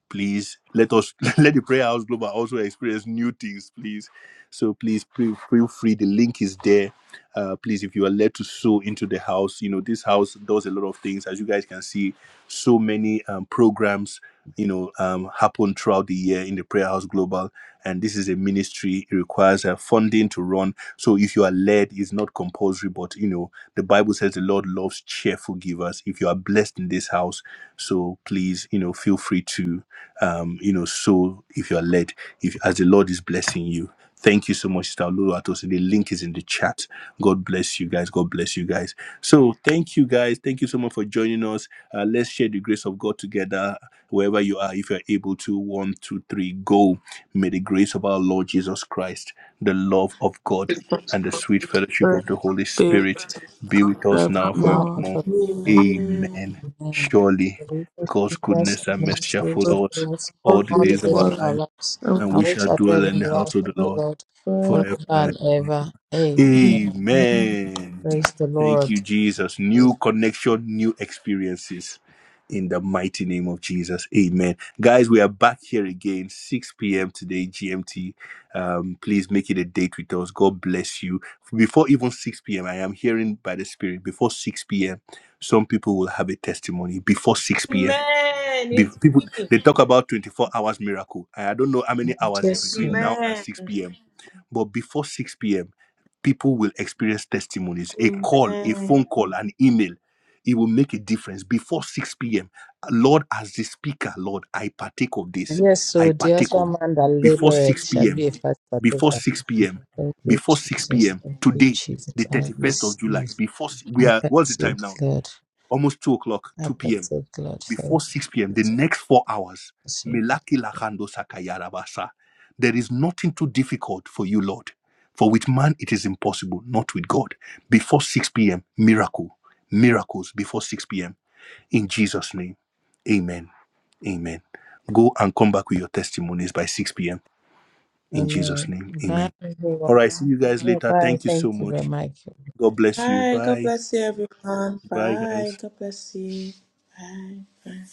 Speaker 1: please let us let the prayer house global also experience new things please so please pre- feel free the link is there uh please if you are led to sow into the house you know this house does a lot of things as you guys can see so many um, programs you know um happen throughout the year in the prayer house global and this is a ministry it requires uh, funding to run so if you are led it's not compulsory but you know the bible says the lord loves cheerful givers if you are blessed in this house so please you know feel free to um, you know, so if you are led, if as the Lord is blessing you. Thank you so much, Sister Lulu Atosi. The link is in the chat. God bless you guys. God bless you guys. So thank you guys. Thank you so much for joining us. Uh, let's share the grace of God together wherever you are. If you are able to, one, two, three, go. May the grace of our Lord Jesus Christ, the love of God,
Speaker 3: because
Speaker 1: and the
Speaker 3: of the
Speaker 1: sweet
Speaker 3: Holy
Speaker 1: fellowship
Speaker 3: Spirit
Speaker 1: of the Holy
Speaker 3: be with
Speaker 1: Spirit
Speaker 3: us
Speaker 1: be with
Speaker 3: now
Speaker 1: us
Speaker 3: and
Speaker 1: now
Speaker 2: God.
Speaker 1: and
Speaker 2: Now
Speaker 3: forevermore.
Speaker 2: and
Speaker 1: forevermore.
Speaker 2: forever.
Speaker 3: Amen.
Speaker 1: Amen.
Speaker 2: Amen.
Speaker 1: Surely
Speaker 2: day,
Speaker 1: God's
Speaker 2: goodness
Speaker 1: goodness
Speaker 2: and
Speaker 1: and mercy shall
Speaker 2: mercy
Speaker 3: But
Speaker 2: shall
Speaker 1: follow us
Speaker 2: follow us
Speaker 1: all
Speaker 3: all
Speaker 1: the
Speaker 2: all the
Speaker 1: days
Speaker 3: these
Speaker 1: of
Speaker 2: days of
Speaker 1: our
Speaker 3: love
Speaker 2: our
Speaker 1: life,
Speaker 2: lives,
Speaker 3: and
Speaker 1: and
Speaker 3: we
Speaker 2: and
Speaker 1: we
Speaker 2: we
Speaker 1: shall
Speaker 2: shall
Speaker 1: dwell
Speaker 2: dwell
Speaker 1: in
Speaker 2: in
Speaker 1: the
Speaker 2: the
Speaker 1: house
Speaker 2: house
Speaker 1: of the
Speaker 2: of the
Speaker 1: Lord
Speaker 2: Lord forever
Speaker 1: forever. and
Speaker 2: and
Speaker 1: ever.
Speaker 2: ever. Amen.
Speaker 1: Amen.
Speaker 2: Praise the
Speaker 1: Thank
Speaker 2: Lord.
Speaker 1: you, Jesus. New connection, new experiences in the mighty name of Jesus. Amen. Guys, we are back here again, 6 p.m. today, GMT. Um, please make it a date with us. God bless you. Before even 6 p.m., I am hearing by the Spirit, before 6 p.m., some people will have a testimony. Before 6 p.m.,
Speaker 3: Amen.
Speaker 1: the
Speaker 3: It's
Speaker 1: people
Speaker 3: me.
Speaker 1: they talk about 24 hours miracle. I I don't know how many hours is
Speaker 2: Jesus.
Speaker 1: between now and
Speaker 3: Amen.
Speaker 1: 6 p.m. But before 6 p.m., people will experience testimonies, a call, a
Speaker 3: Amen.
Speaker 1: phone call, an email. It will make a difference before 6 p.m. Lord, as the speaker, Lord, I partake of this.
Speaker 2: Yes,
Speaker 1: I
Speaker 2: so the
Speaker 1: partake of
Speaker 2: husbandman man that
Speaker 1: before
Speaker 2: laboreth
Speaker 1: 6
Speaker 2: shall be a
Speaker 1: p.m.
Speaker 2: first
Speaker 1: Before
Speaker 2: partaker.
Speaker 1: 6 p.m.
Speaker 2: Thank you,
Speaker 1: Before 6
Speaker 2: Jesus.
Speaker 1: p.m.
Speaker 2: Thank you,
Speaker 1: Today,
Speaker 2: Jesus.
Speaker 1: the
Speaker 2: I
Speaker 1: 31st of July.
Speaker 2: receive.
Speaker 1: Before s- we
Speaker 2: I
Speaker 1: are what's the
Speaker 2: perceive,
Speaker 1: time now?
Speaker 2: Lord.
Speaker 1: Almost two o'clock,
Speaker 2: I
Speaker 1: 2 p.m before 6 p.m., the next four hours,
Speaker 2: perceive.
Speaker 1: Melaki Lakando Sakayarabasa. There is nothing too difficult for you, Lord. For with man it is impossible, not with God. Before 6 p.m., miracle. Miracles before 6 p.m. In Jesus' name. Amen. Amen. Go and come back with your testimonies by 6 p.m. In Jesus'
Speaker 2: Amen.
Speaker 1: name.
Speaker 2: Bye.
Speaker 1: Amen. All right. See you guys later. Thank you so much. God bless you.
Speaker 3: Bye. God
Speaker 1: Bye.
Speaker 3: bless you, everyone.
Speaker 1: Bye,
Speaker 3: Bye.
Speaker 1: guys.
Speaker 3: God bless you. Bye. Bye.